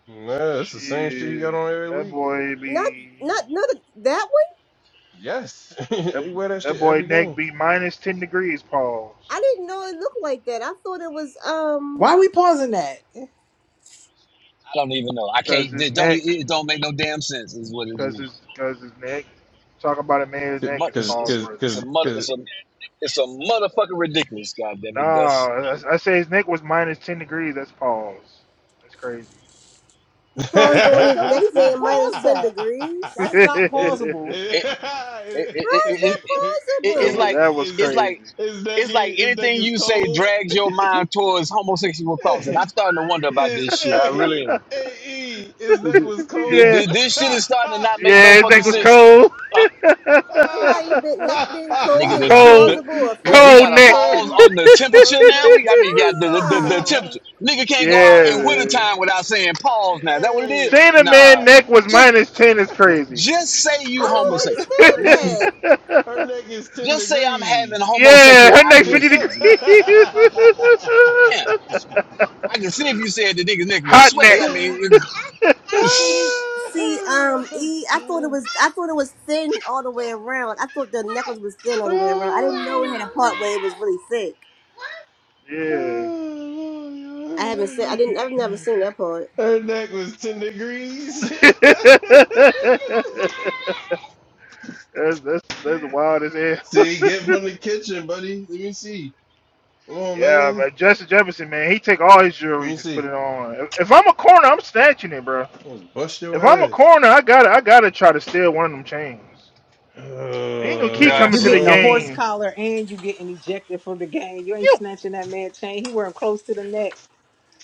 S5: nah, that's the same shit he
S4: Shit,
S5: got on every
S4: that
S5: week.
S4: boy
S3: Not,
S4: be
S3: not, not a- that one.
S5: Yes.
S4: that,
S5: he wear that
S4: that
S5: shit
S4: boy
S5: every
S4: neck
S5: game.
S4: be minus ten degrees,
S3: I
S4: Pauls,
S3: didn't know it looked like that. I thought it was um.
S1: Why are we pausing that?
S7: I don't even know. I
S4: because
S7: can't.
S4: his
S7: It don't.
S4: neck
S7: It don't make no damn sense. Is what it is.
S4: Cause his,
S7: It's
S4: cause his neck. Talk about a man's
S5: C-
S4: neck
S7: mu-
S4: is
S5: Cause
S7: it's
S4: Paul's
S7: it's,
S5: cause
S4: worthy.
S7: it's
S5: cause
S7: a mother.
S5: cause
S7: It's a it's a motherfucking ridiculous. God damn
S4: No,
S7: it, Gus.
S4: I, I say his neck was minus ten degrees. That's Paul's. That's crazy.
S3: You
S1: That's
S3: paused on
S1: there's
S3: his
S1: no
S3: neckband,
S1: reason to
S3: minus
S1: pause
S3: ten
S1: that. That
S3: degrees.
S1: is not
S5: is
S4: that
S1: pausable.
S5: is
S7: It it it
S3: How
S7: it,
S3: is
S5: his
S7: it,
S5: neck
S7: it,
S5: is
S3: that
S7: it it's
S4: wa-
S3: possible?
S7: like.
S4: that was
S7: It's
S4: crazy.
S7: like
S5: his neck
S7: It's like
S5: is his neck
S7: anything
S5: is
S7: you say
S5: cold.
S7: drags your mind towards homosexual thoughts, and I'm starting to wonder about
S5: Hey,
S7: this shit. I
S5: hey,
S7: really am.
S5: hey, E, his neck
S7: Th-
S5: was
S7: th-
S5: cold.
S4: yeah,
S7: th- This shit is starting to not make
S4: yeah,
S7: no
S4: his
S7: fucking
S4: neck was
S7: sense,
S4: cold.
S7: uh,
S3: Somebody been, neck being cold
S7: nigga.
S3: is
S7: The,
S3: a
S7: the,
S4: cold,
S7: the,
S3: plausible
S7: we, we
S3: offense?
S4: cold
S7: got a
S4: neck.
S7: pause
S5: her,
S7: on the
S5: her
S7: temperature now.
S5: neck.
S7: We I mean, got the, the the the
S3: No.
S5: Ah,
S7: temperature. Nigga can't go out
S4: yeah,
S7: in
S5: ah,
S4: man.
S7: wintertime without saying pause. Now is that what it is?
S5: hey,
S4: saying a man's
S7: Nah,
S5: eh,
S4: neck was
S7: just
S4: minus ten is crazy.
S7: just say
S3: I
S7: you
S5: her
S3: don't
S5: neck,
S7: homosexual.
S5: her
S3: understand
S7: Just,
S5: neck,
S7: just
S3: that.
S5: her neck is ten
S7: just say I'm
S5: degrees.
S7: having homosexual
S4: yeah, her neck 50 degrees.
S7: ideations. Damn, I can see if you said the nigga's neck was
S4: Hot
S7: sweaty. I
S4: neck.
S5: Ah.
S7: mean.
S3: See,
S7: Yes.
S3: see, um, E, I thought it
S5: Ah.
S3: was, I thought it was thin all the way around. I thought the necklace was thin all the way around. I didn't know it had a part where it was really thick.
S4: yeah.
S5: Oh,
S3: I
S5: Lord,
S3: haven't seen, I
S5: Lord.
S3: didn't, I've never seen that part.
S5: Her neck was 10 degrees.
S4: that's, that's, that's wild as hell.
S5: see, get from the kitchen, buddy. Let me see. Come on,
S4: yeah,
S5: man.
S4: but Justin Jefferson, man, he take all his
S5: Let
S4: jewelry,
S5: me
S4: just put
S5: see.
S4: it on. If, if I'm a corner, I'm snatching it, bro.
S5: Almost bust your
S4: If I'm a
S5: ass.
S4: corner, I gotta, I gotta try to steal one of them chains. They ain't gonna keep
S5: Uh,
S4: coming
S1: You
S4: to the
S1: getting a
S5: bro.
S1: horse
S4: game.
S1: collar and you getting ejected from the game. You ain't
S4: You
S1: snatching that man chain. He wearing close to the neck.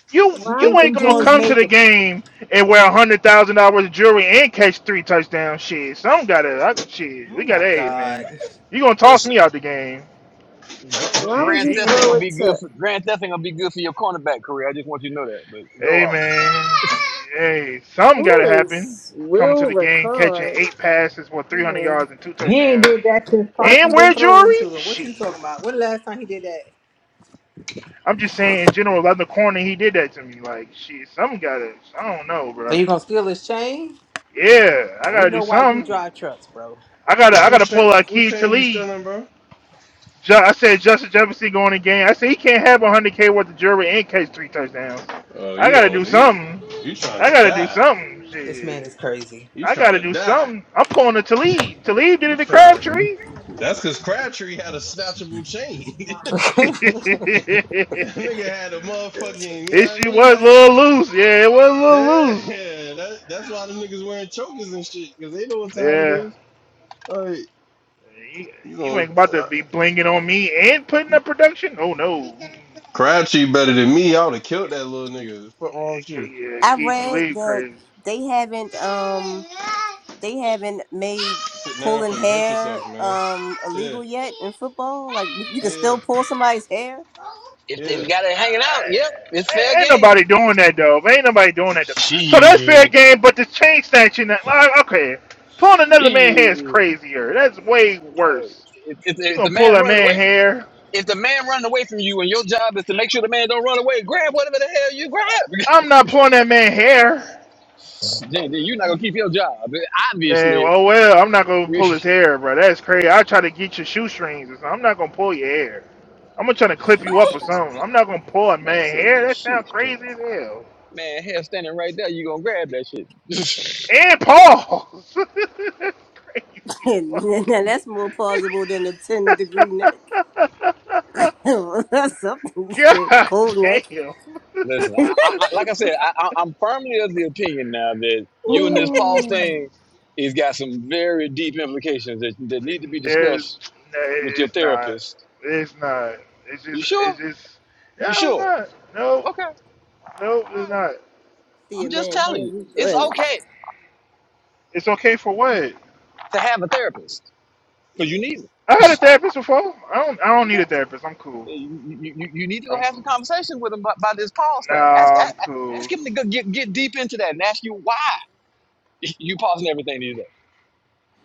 S4: You
S1: You
S3: Why
S4: you
S1: think
S4: ain't
S3: would
S1: them
S4: gonna
S1: Jones
S4: come
S3: you,
S4: to
S1: made
S4: the
S1: the
S4: game and wear a hundred thousand dollars of jewelry and catch three touchdowns. Shit, some gotta. I, shit,
S1: Oh
S4: we got
S1: my
S4: a
S1: God.
S4: man. You gonna toss
S7: Listen,
S4: me out the game?
S7: gr- gr-
S4: Shit,
S3: why would
S7: Grand
S3: you
S4: you
S7: Theft
S4: gonna,
S7: ain't
S3: throw
S7: gonna
S3: it
S7: be good
S3: to,
S7: for Grand Theft ain't gonna be good for your cornerback career. I just want you to know that. But go
S4: hey
S7: off.
S4: man, hey, something gotta
S3: who
S4: happen.
S3: is
S4: Coming to
S3: Will
S4: the game, catching
S3: Ricard?
S4: eight passes for three hundred
S3: Ugh.
S4: yards and two
S1: He ain't
S4: touchdowns,
S1: did that since
S3: Why
S4: and
S1: Parkin been
S4: wear
S1: throwing
S4: jewelry.
S1: to him. What you
S4: Shit,
S1: talking about? When the last time he did that?
S4: I'm just saying in general. Around the corner, he did that to me. Like shit, something gotta. I don't know,
S1: So
S4: bro.
S1: you gonna steal his chain?
S4: Yeah, I
S1: Now we
S4: gotta do
S1: know why you
S4: something.
S1: drive trucks, bro.
S4: I
S5: Who,
S4: gotta I
S5: who,
S4: gotta
S5: cha-
S4: pull a
S5: who
S4: key to
S5: chain you
S4: lead.
S5: stealing, bro?
S4: Ju- I said Justin Jefferson going in game. I said he can't have 100K worth of jewelry and catch three touchdowns.
S5: Oh,
S4: I
S5: you
S4: got to do
S5: going, you,
S4: something.
S5: you trying
S4: I
S5: to
S4: got to do
S5: die.
S4: something.
S1: This man
S4: Shit.
S1: is crazy.
S5: You
S4: I
S5: trying
S4: got to
S5: to
S4: do
S5: die.
S4: something. I'm pulling a Talib. Talib did
S5: You
S4: it to
S5: trying.
S4: Crabtree.
S5: That's because Crabtree had a snatchable chain. That nigga had a
S4: it
S5: motherfucking, you know what I
S4: shit
S5: mean?
S4: was a
S5: That,
S4: little loose. Yeah, it was a little loose.
S5: yeah, that, that's why the niggas wearing chokers and shit, because they know what time it
S4: Yeah.
S5: is. Like,
S4: You,
S5: you
S4: you
S5: know,
S4: ain't about to be blinging on me and putting up production? Oh, no.
S5: Crabtree better than me. I would have killed that little nigga. What The fuck wrong with you?
S4: mm Yeah,
S3: I
S4: Key
S3: read
S4: Talib
S3: that
S4: crazy.
S3: they haven't. Um, they haven't made
S5: Sit down before
S3: pulling
S5: you hurt
S3: hair
S5: yourself, man.
S3: um
S5: Yeah,
S3: illegal yet in football. Like you can
S5: yeah,
S3: still pull somebody's hair,
S7: If they
S5: yeah.
S7: got it hanging out, yep, it's fair
S4: Ain't
S7: game.
S4: nobody doing that though. Ain't nobody doing that though. So that's fair
S7: Shit.
S4: game, but the chain snatching, that- like, okay, pulling another man's hair is
S7: Yeah.
S4: crazier. That's way
S7: Look,
S4: worse.
S7: If, if,
S4: You
S7: if the
S4: gonna pull
S7: man
S4: that
S7: running
S4: man
S7: away from
S4: hair?
S7: if the man running away from you and your job is to make sure the man don't run away, grab whatever the hell you grab.
S4: I'm not pulling that man hair.
S7: then, then you're not gonna keep your job.
S4: Man,
S7: Obviously,
S4: oh well, I'm not gonna pull his hair, bro. That's crazy. I try to get your shoestrings or something. I'm not gonna pull your hair. I'm gonna try to clip you up or
S7: shoestrings.
S4: something. I'm not gonna pull a
S7: Man,
S4: man
S7: say
S4: hair.
S7: your
S4: That sounds
S7: shoestrings.
S4: crazy as hell.
S7: Man, hair standing right there, you gonna grab that shit.
S4: And Paul. Crazy
S3: and,
S4: fuck.
S3: that's more plausible than a ten degree neck. that's something you said.
S4: God
S3: Cold neck.
S4: damn.
S7: Listen, I, I, like I said, I, I, I'm firmly of the opinion now that you and this Paul thing has got some very deep implications that, that need to be
S4: There's
S7: discussed
S4: no,
S7: with your
S4: it's not.
S7: therapist.
S4: It's not. It's
S7: You
S4: just.
S7: sure?
S4: It's just.
S7: You
S4: No, it's
S7: sure?
S4: not. No,
S7: Okay. All
S4: no, it's
S7: right.
S4: not.
S3: See
S7: I'm
S3: a
S7: just
S3: man
S7: telling
S3: hair,
S7: you,
S3: we
S7: it's
S3: grab it.
S7: okay
S4: It's okay for what?
S7: to have a therapist because you need it.
S4: I had a therapist before. I don't. I don't need a
S7: Okay.
S4: therapist. I'm cool.
S7: Yeah, You, you, you you need to go
S4: I'm
S7: have
S4: cool.
S7: some conversation with him about, about this Paul's thing. Ask,
S4: Nah, I'm
S7: ask, ask
S4: cool.
S7: him to go get, get deep into that and ask you why you pausing everything these days.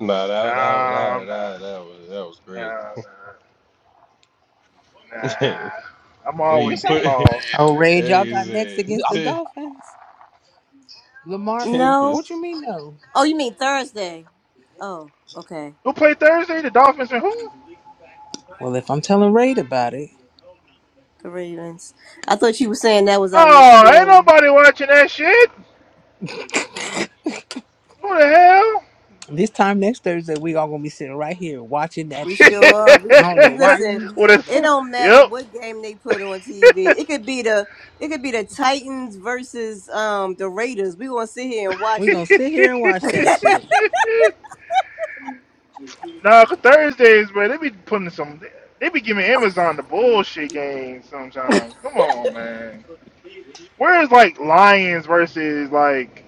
S5: Nah,
S4: Nah,
S5: that that that
S4: I'm
S5: that,
S4: not.
S5: that was that was
S4: Nah, nah, nah.
S5: crazy.
S4: I'm
S5: when
S7: I'm
S4: always
S5: you
S7: just
S4: say
S5: put,
S7: saying.
S4: pause.
S1: Oh, Rage,
S5: hey,
S1: y'all got next
S5: you
S1: against the
S7: I'm,
S5: said
S1: Dolphins. Lamar,
S5: ten
S3: No.
S1: what you
S5: percent
S1: mean no?
S3: Oh, you mean Thursday? Oh, okay.
S4: Who played Thursday? The Dolphins and who?
S1: Well, if I'm telling Raid about it,
S3: The Ravens. I thought you were saying that was our next
S4: Oh, ain't
S3: game.
S4: nobody watching that shit. Who the
S1: this time next Thursday we all gonna be sitting right here watching that
S3: We
S1: shit.
S3: sure are. We,
S1: I don't know
S3: and
S1: why
S4: hell?
S3: listen,
S1: you even
S4: what a
S1: say
S3: it
S1: that.
S4: fool.
S3: don't matter
S4: Yep.
S3: what game they put on TV. It could be the it could be the Titans versus um the Raiders. We gonna sit here and watch
S1: We
S3: it.
S1: gonna sit here and watch that shit.
S4: nah, 'cause Thursdays, man, they be putting some. They be giving Amazon the bullshit games sometimes. Come on, man. Where's like Lions versus like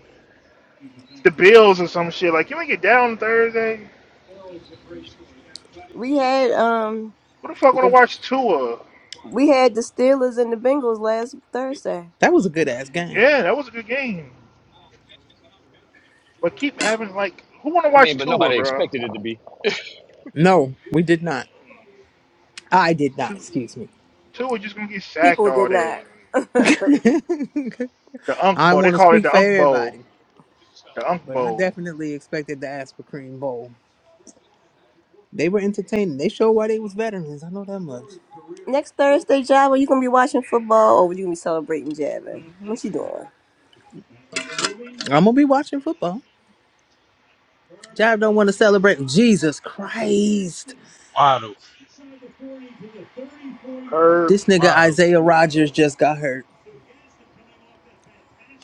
S4: the Bills or some shit. Like, you ain't get down Thursday.
S3: We had um
S4: Who the fuck want to
S3: the
S4: watch Tua?
S3: we had the Steelers and the Bengals last Thursday.
S1: That was a good ass game.
S4: Yeah, that was a good game. But keep having like, who want to
S7: I
S4: watch
S7: mean, but
S4: Tua,
S7: nobody
S4: bro?
S7: expected it to be.
S1: No, we did not. I did not.
S4: Tu-
S1: Excuse me.
S4: Tua just gonna get sacked
S3: People did
S4: all
S3: not.
S4: day. The Unk
S1: I
S4: Bowl. They
S1: want to
S4: call it
S1: speak
S4: the
S1: for
S4: Unk Bowl.
S1: everybody,
S4: The Unk
S1: but I
S4: Bowl.
S1: definitely expected the Asper Cream Bowl. They were entertaining. They showed why they was veterans. I know that much.
S3: Next Thursday, Java, you gonna be watching football or you gonna be celebrating Javin? What you doing?
S1: I'm gonna be watching football. Jive don't want to celebrate. Jesus Christ!
S5: wide open,
S4: Herb
S1: This nigga
S5: wide open.
S1: Isaiah Rogers just got hurt.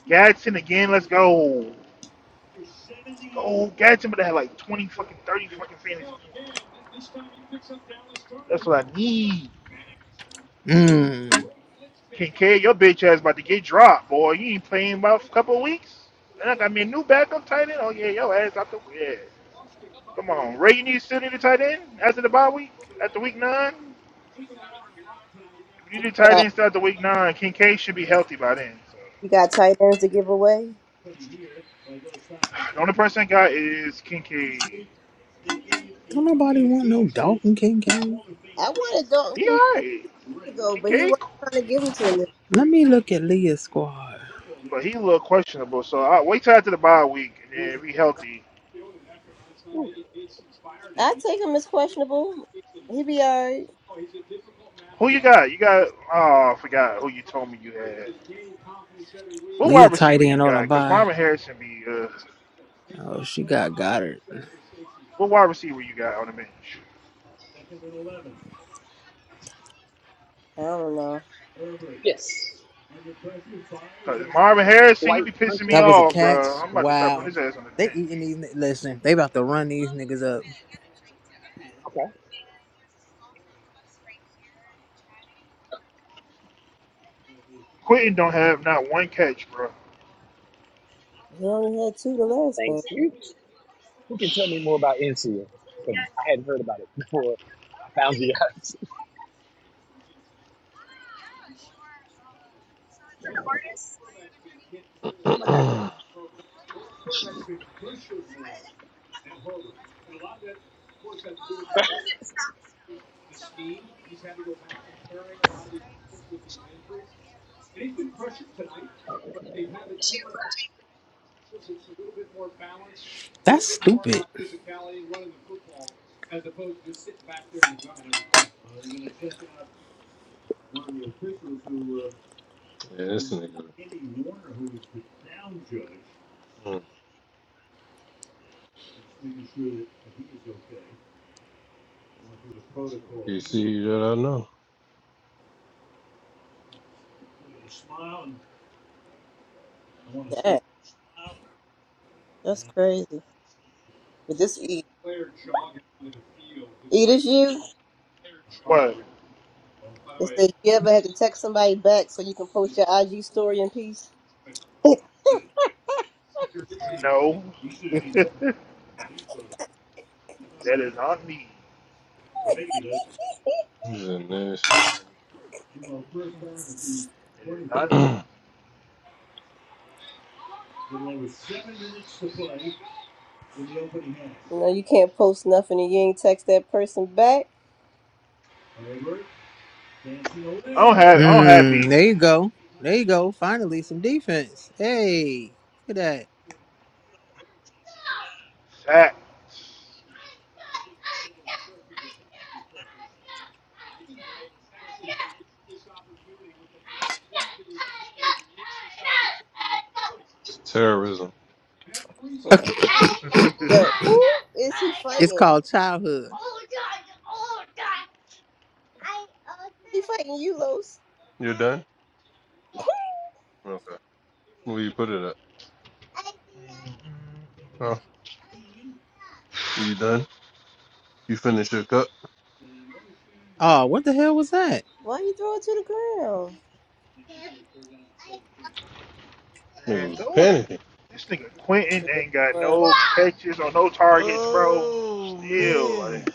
S4: Gadsden again. Let's go. Let's go, Gadsden. But they had like twenty fucking, thirty fucking fantasy points. That's what I need.
S1: Mm.
S4: Kincaid, your bitch ass about to get dropped, boy. You ain't playing about a couple of weeks. And I got me a new backup tight end. Oh yeah, your ass out the yeah. Come on, Ray. You need to sit in the tight end after the bye week, after week nine. If you need a tight
S3: Yeah.
S4: end start the week nine, Kincaid should be healthy by then. So
S3: You got tight ends to give away.
S4: the only person I got is Kincaid.
S1: Don't nobody want no Dalton Kincaid.
S3: I wanted Dalton
S4: He
S3: Kincaid
S4: alright,
S3: to go, but he
S4: Kincaid,
S3: wasn't
S4: cool.
S3: trying to give them to me.
S1: Let me look at Leah's squad.
S4: but he a little questionable. So I wait till after the bye week and then be healthy.
S3: I take him as questionable. He be alright.
S4: Who you got? You got? Oh, I forgot who you told me you had. What
S1: Leah
S4: wide
S1: tight
S4: receiver
S1: end
S4: you
S1: on a
S4: got? Because
S1: bye.
S4: Marvin Harrison be uh,
S1: Oh, she got Goddard.
S4: what wide receiver you got on the bench?
S3: I don't know.
S7: Yes.
S4: Because Marvin Harrison, he
S7: Like,
S4: be pissing me
S1: That was a
S4: off, bro.
S1: catch.
S4: I'm about to start putting
S1: Wow.
S4: his ass on the
S1: They
S4: bench.
S1: eating these. ni- Listen, they about to run these niggas up.
S4: Quentin don't have not one catch, bro.
S3: He only had two the last game.
S7: you, who can tell me more about NCA? Because I hadn't heard about it before I found you guys. I'm a tackler.
S1: That's stupid.
S5: Yeah, this nigga. Hmm. So PC that I know.
S3: Damn, that's crazy. But this E, E this you.
S4: What?
S3: It says you ever had to text somebody back so you can post your IG story in peace.
S4: No. that is not me.
S5: He's in this.
S4: It is not me.
S5: it's
S3: You know you can't post nothing and you ain't text that person back.
S4: I don't have I don't have
S1: Mm,
S4: beef.
S1: there you go. There you go. Finally, some defense. Hey, look at that.
S4: Facts.
S5: terrorism.
S3: Yeah. Yo, who is he
S1: It's
S3: fighting?
S1: called childhood.
S3: He fighting you, Los.
S5: You're done? Okay. Where you put it at? Huh? You done? You finished your cup?
S1: Oh, what the hell was that?
S3: Why you throw it to the ground?
S5: Nigga
S4: Man,
S5: was
S4: throw the
S5: panicking.
S4: this nigga Quentin
S3: Yeah.
S4: ain't got
S3: Well,
S4: no catches or no targets, bro.
S5: Oh
S4: Still, like
S5: man,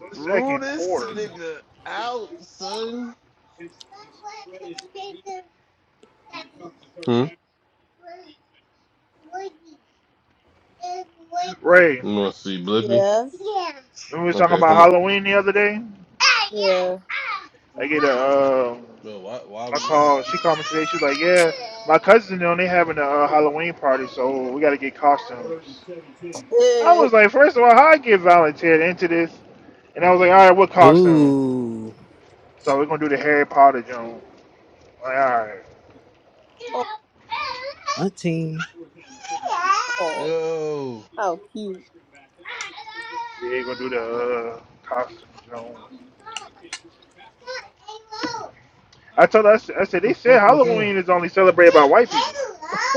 S4: the
S5: rule
S4: second
S5: this
S4: quarter.
S5: nigga out, son. Hmm? You
S4: Ray,
S5: wanna see Blippi?
S3: yeah.
S4: remember we was talking
S5: Okay,
S4: about
S5: come on.
S4: Halloween the other day?
S3: Yeah.
S4: I get a um,
S5: No, why why are
S4: I
S5: we yelling?
S4: call. She called me today. She was like, "Yeah, my cousin and them, they having a uh, Halloween party, so we got to get costumes." I
S3: Yeah.
S4: was like, first of all, how I get volunteered into this?" And I was like, "All right, what costume?"
S1: Ooh,
S4: So we're gonna do the Harry Potter Jones. Like, all right,
S1: auntie.
S3: Oh,
S5: Yo,
S3: how cute.
S4: yeah, we're gonna do the uh, costume Jones. I told her, I said, I said,
S5: what
S4: they
S5: the
S4: said
S5: fuck was that?
S4: Halloween is only celebrated by white people.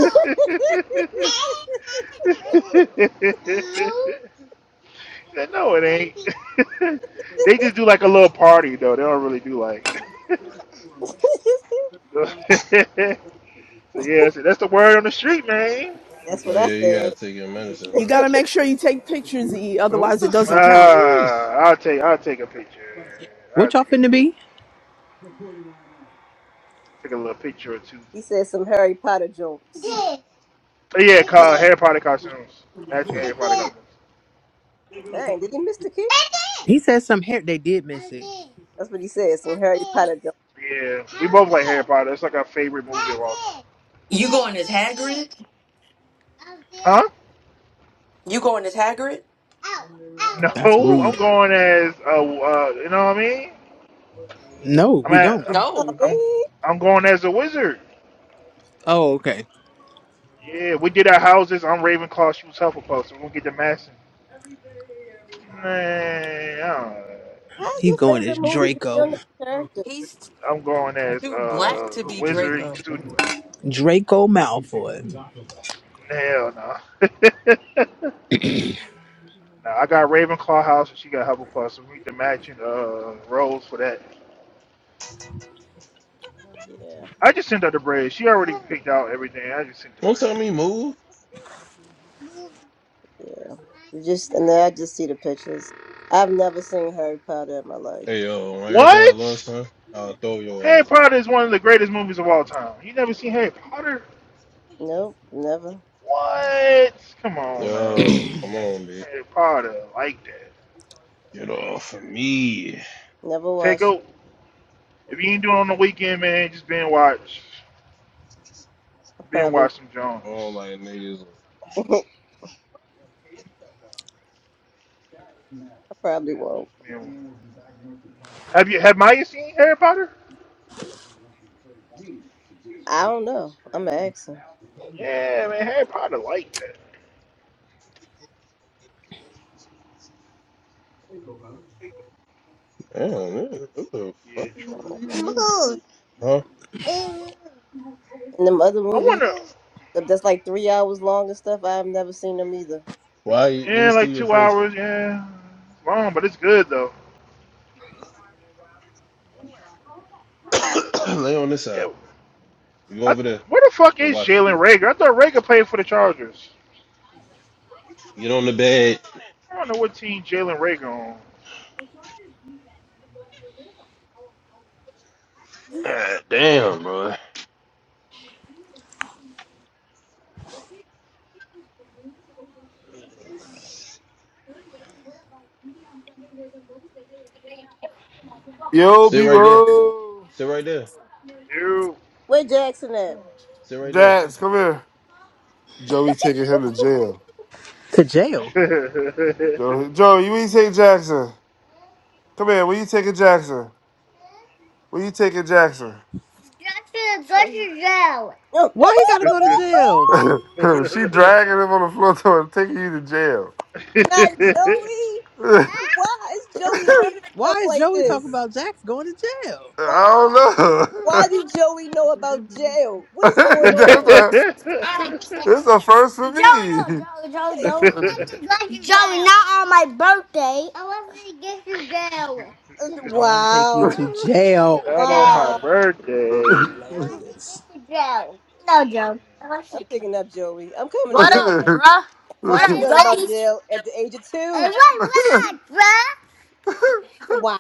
S4: She said, no, it ain't. they just do like a little party, though. They don't really do like. so, so, yeah, I that's the word on the street, man.
S3: That's
S5: Oh
S3: what I
S5: yeah, you gotta
S3: said.
S5: take your medicine,
S9: You
S5: bro.
S9: got to make sure you take pictures, E,
S5: Bro, what
S9: otherwise
S5: the
S9: it
S4: Uh,
S9: doesn't
S5: fuck is
S9: count.
S5: this?
S4: I'll take I'll take a picture. I'll
S1: What y'all
S4: take a
S1: finna be?
S4: take a little picture or two.
S3: he said some Harry Potter jokes.
S4: But yeah, call Harry Potter costumes. Matching Harry Potter costumes.
S3: Dang, did he miss the key?
S1: He said some hair. They did miss it.
S3: That's what he said. Some Harry Potter jokes.
S4: Yeah, we both like Harry Potter. It's like our favorite movie of all time.
S10: You going as Hagrid?
S4: Huh?
S10: You going as Hagrid?
S1: That's
S4: No, I'm
S1: rude.
S4: going as a, uh, you know what I mean?
S1: No,
S4: I'm
S1: we
S4: at,
S1: don't.
S4: I'm
S3: Oh
S10: No,
S4: I'm
S3: man,
S4: I'm going as a wizard.
S1: Oh, okay.
S4: Yeah, we did our houses. I'm Ravenclaw. She was Hufflepuff. So we're gonna get the massing. Nah, I don't-
S3: how's
S1: He's
S3: your
S1: going
S3: favorite
S1: as
S3: movie but you
S1: Draco.
S3: don't know the character?
S10: he's
S4: I'm going as
S10: too black to
S4: uh, a
S10: be
S4: wizarding
S10: Draco.
S4: student.
S1: Draco Malfoy.
S4: Hell no. no, I got Ravenclaw house and she got Hufflepuff. So we need the matching uh roles for that.
S3: Yeah,
S4: I just sent her the bread. She already picked out everything. I just sent the
S5: Don't
S4: bread.
S5: tell me move.
S3: yeah. You just and then I just see the pictures. I've never seen Harry Potter in my life.
S5: Hey yo, when everything I
S4: What?
S5: lost, huh? I'll throw your
S4: Harry
S5: ass.
S4: Potter is one of the greatest movies of all time. You never seen Harry Potter?
S3: Nope, never,
S4: What? Come on, man.
S5: Yo, come on, B.
S4: Harry Potter, like that.
S5: Get off of me.
S3: never
S4: Take
S3: watched.
S4: out. If you ain't doing it on the weekend, man, just binge watch.
S3: I
S4: Binge
S3: probably,
S4: watch some
S5: I don't
S4: Jones.
S5: like niggas.
S3: I probably won't.
S4: Just binge. watch. Have you have Maya seen Harry Potter?
S3: I don't know. I'm an actor.
S4: Yeah, man, Harry Potter like that.
S5: Damn, nigga, what the
S4: Yeah,
S5: fuck?
S4: true.
S5: Huh?
S3: And them other
S4: I
S3: movies
S4: wonder.
S3: that's like three hours long and stuff. I've never seen them either.
S5: Why you, let me
S4: Yeah, like
S5: see your
S4: two
S5: face.
S4: hours. Yeah, it's long, but it's good though.
S5: Lay on this side.
S4: Yeah.
S5: You go
S4: I,
S5: over there.
S4: where the fuck
S5: and
S4: is
S5: watch it.
S4: Jalen Rager? I thought Rager played for the Chargers.
S5: Get on the bed.
S4: I don't know what team Jalen Rager on.
S5: God damn, bro.
S11: Yo,
S5: Sit right there.
S11: people.
S5: Sit right there.
S4: Dude.
S3: Where Jackson at?
S5: Sit right there.
S11: Dax, come here. Joey taking him to jail.
S1: To jail.
S11: Joey, Joey, when you take Jackson? Come here. When you taking Jackson? When you taking Jackson?
S1: Why he gotta go to jail?
S11: she dragging him on the floor to her, taking you to jail.
S3: Not Joey. Why is Joey learning
S1: Why
S3: stuff
S1: is
S3: like
S1: Joey talking
S3: this?
S1: about Jax going to jail?
S3: Why?
S11: I don't know.
S3: Why did Joey know about jail? What is going
S11: That's
S3: on?
S11: a, it's a first for me.
S3: And-
S1: I want to take you
S3: Wow.
S1: to jail.
S4: Not on my
S3: Wow.
S4: birthday.
S1: Hilarious.
S3: I'm picking up Joey. I'm coming to
S11: What
S3: get
S11: up,
S3: her.
S11: bruh?
S3: Why she
S11: Happy
S3: learn about jail at the age of two? Wow.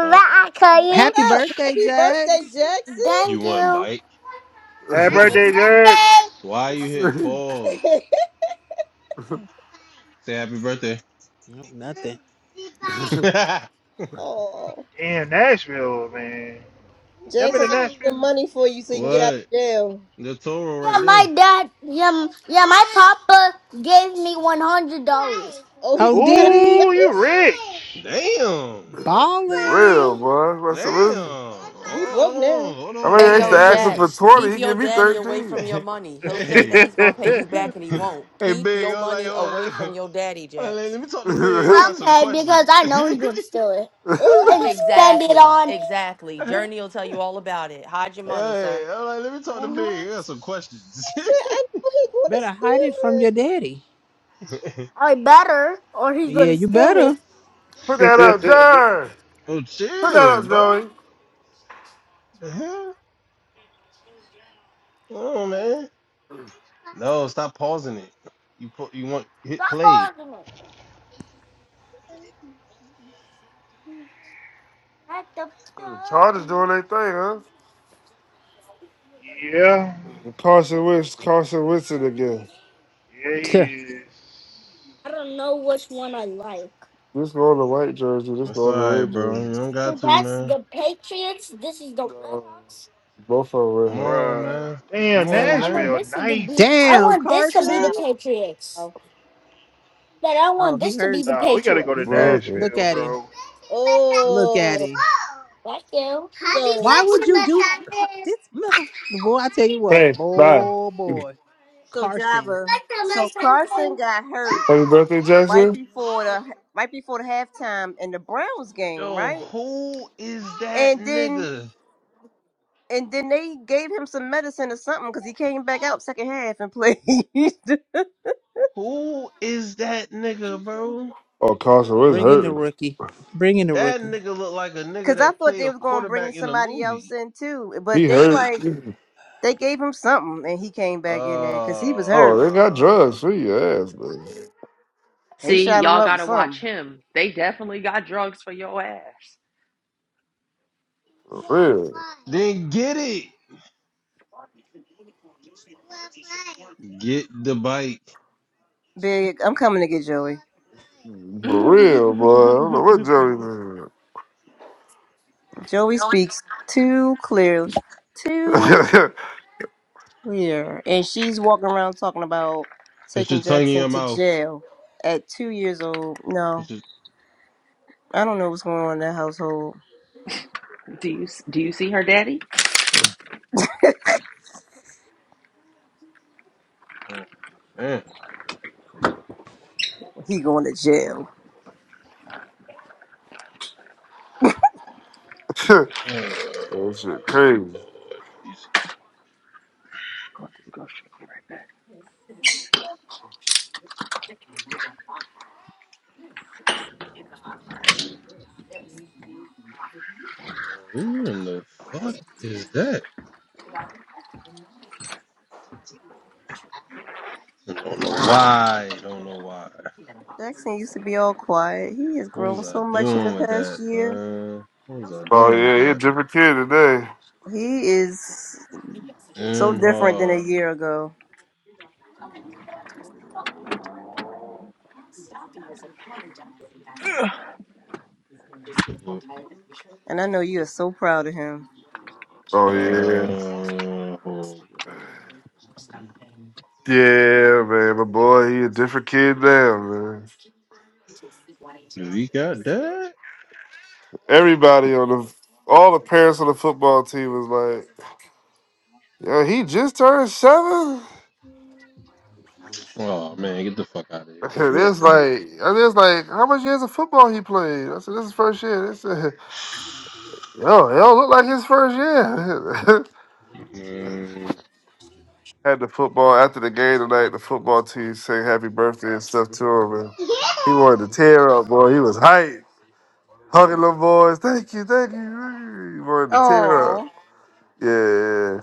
S5: No.
S3: What
S1: Happy
S3: up?
S1: birthday,
S3: Happy birthday,
S1: Jax.
S3: Jackson.
S5: You want a bite?
S4: Happy birthday,
S11: birthday.
S4: Jerks.
S5: Why you hit pause? Say happy birthday.
S1: Nope, nothing.
S5: No,
S3: oh,
S4: Damn, Nashville, man. Y'all been
S3: Jackson,
S4: to
S3: I got some
S4: Nashville?
S3: money for you so you can get out of
S5: what?
S3: jail.
S5: The Toro right there.
S3: Oh, he,
S1: Oh,
S3: he got out
S1: did
S3: of
S1: he?
S4: Ooh, you
S3: jail?
S4: rich.
S5: Goodbye. Damn. Goodbye.
S11: Real,
S1: Ballin'.
S11: boy.
S5: Damn.
S11: What's the
S5: Goodbye.
S3: He broke
S5: Hold
S3: now.
S5: on. Hold
S11: I
S5: on. Let me
S11: mean,
S10: Hey
S5: talk
S10: yo,
S5: to
S11: extra
S4: Damn.
S11: asking for
S5: Big.
S10: Jax,
S11: 20.
S10: keep
S11: He
S10: your
S11: give me
S10: daddy away
S11: 13.
S10: from your money. He'll say
S5: hey.
S10: that he's gonna pay you back and he won't.
S5: Hey,
S10: Keep
S5: Big.
S10: your
S5: I'm like,
S10: money
S5: hold on.
S10: away
S5: Let,
S10: from your daddy, Jax.
S5: let me talk to Big. I got some questions.
S11: it.
S3: Ooh.
S10: Exactly, exactly.
S5: Hey,
S10: Journey will tell you all about it. Hide your money, sir.
S5: I'm like, let me talk to me. I got some questions.
S3: But I know he gonna
S1: Better hide it
S3: steal
S1: from
S3: it.
S1: your daddy. Yeah, you better.
S11: Put that up, John.
S5: oh,
S11: Put that
S5: chill,
S11: up,
S5: bro.
S11: Joey.
S5: The hell? Come on, man. No, stop pausing it. You put, you want hit play.
S11: What The The Chargers doing their thing,
S4: Yeah,
S11: huh? Carson Wentz, Carson Winston again.
S4: yeah,
S1: Tuh.
S4: he is,
S11: This going the white jersey, this
S5: That's all
S11: going the
S5: right,
S11: red
S5: bro.
S11: jersey.
S5: You don't got to, man.
S11: Red No. Redhawks. Both of them red
S5: Come
S11: hot.
S5: on,
S4: bro.
S5: man. Come
S4: Damn,
S5: on, man.
S4: Nashville, nice, bro.
S1: Damn,
S3: Wow.
S1: Carson.
S3: wow.
S1: Oh, he hurt.
S4: Nah, we gotta go to
S1: He hurt.
S11: Love it.
S1: Look
S4: Nashville,
S1: at him.
S4: bro.
S1: Look at
S3: Oh,
S1: him.
S3: so
S1: Why would you do Car- this, mother? Boy, I tell you what,
S11: Hey, bye.
S1: boy, boy,
S11: Happy
S3: so
S1: Carson,
S3: Java. So Carson got hurt
S11: birthday,
S3: right
S11: Jackson.
S3: before the right before the halftime in the Browns game,
S5: Yo,
S3: right?
S5: who is that
S3: And then
S5: nigga?
S3: and then they gave him some medicine or something because he came back out second half and played.
S5: Who is that nigga, bro?
S11: Oh, Carson Wentz
S1: bring in the
S11: hurt.
S1: rookie, bring in the
S5: That
S1: rookie.
S5: nigga look like a nigga
S3: Because I
S5: that
S3: thought
S5: play
S3: they
S5: a
S3: was gonna bring
S5: quarterback in a
S3: somebody else
S5: movie.
S3: in too, but
S11: He
S3: they
S11: hurt.
S3: like they gave him something and he came back in there because he was
S11: Oh,
S3: hurt.
S11: they got
S5: Uh
S11: drugs for your ass, man.
S3: They
S10: See,
S3: shot him
S10: y'all
S3: up with
S10: gotta watch
S3: something.
S10: him. They definitely got drugs for your ass.
S11: For real.
S5: Then get it. Get the bite.
S3: Big, I'm coming to get Joey.
S11: For
S10: do
S11: real, boy. I don't know what drug
S3: Joey speaks too clear,
S11: it
S3: too
S11: is.
S3: clear, and she's walking around talking about
S5: Put your
S3: taking
S5: tongue in
S3: Jackson
S5: your
S3: to
S5: mouth.
S3: jail at two years old. No,
S5: Put your.
S3: I don't know what's going on in that household.
S10: you do you see her daddy?
S5: God damn.
S3: He going to jail.
S5: Uh,
S11: that shit crazy.
S5: Lord Jesus. Who in the fuck is that? I don't know why. Don't know why.
S3: Jackson used to be all quiet. He has
S5: What
S3: grown
S5: was I
S3: so much in the
S5: doing with
S3: past
S5: that,
S3: year.
S5: son? What was I
S11: Oh,
S5: doing with
S11: yeah, he a
S5: that?
S11: different kid today.
S3: He is so
S5: Damn
S3: different than a
S5: hard.
S3: year ago, and I know you are so proud of him.
S5: Uh,
S11: Oh, yeah.
S5: oh,
S11: Yeah, man. my boy, he a different kid now, man.
S5: do we got that?
S11: Everybody on the, all the parents on the football team was like, yo, he just turned seven?
S5: Oh man, get the fuck out of here.
S11: And it's like, and it's like, how much years of football he played? I said, this is first year. They said. Yo, it don't look like his first year.
S5: Mm.
S11: Had the football after the game tonight. The football team sang happy birthday and stuff to him, and he wanted to tear up, boy. He was hyped, hugging them boys. Thank you, thank you. thank you." He wanted to tear up.
S3: Oh,
S11: Yeah.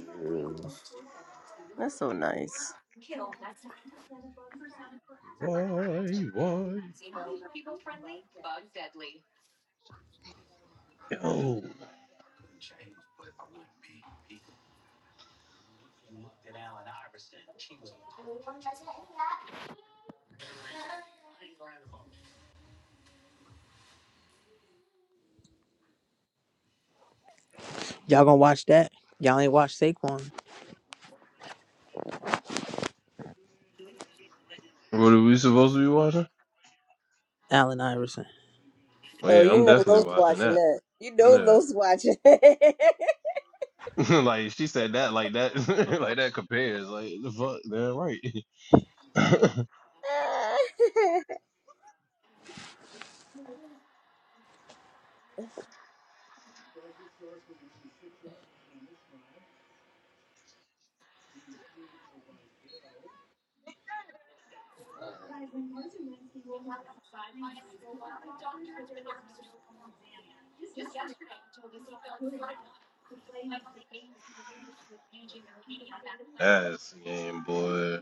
S11: yeah.
S3: that's so nice.
S5: Why, why? Oh,
S1: Y'all gonna watch that? Y'all ain't watch Saquon,
S5: What are we supposed to be watching?
S1: Allen Iverson.
S5: Well,
S3: Oh,
S5: yeah,
S3: you
S5: I'm
S3: know Los
S5: definitely watching
S3: watching
S5: that.
S3: that. You know
S5: Yeah.
S3: Los watching.
S5: like she said that like that like that compares. Like the fuck, damn right. That's game boy.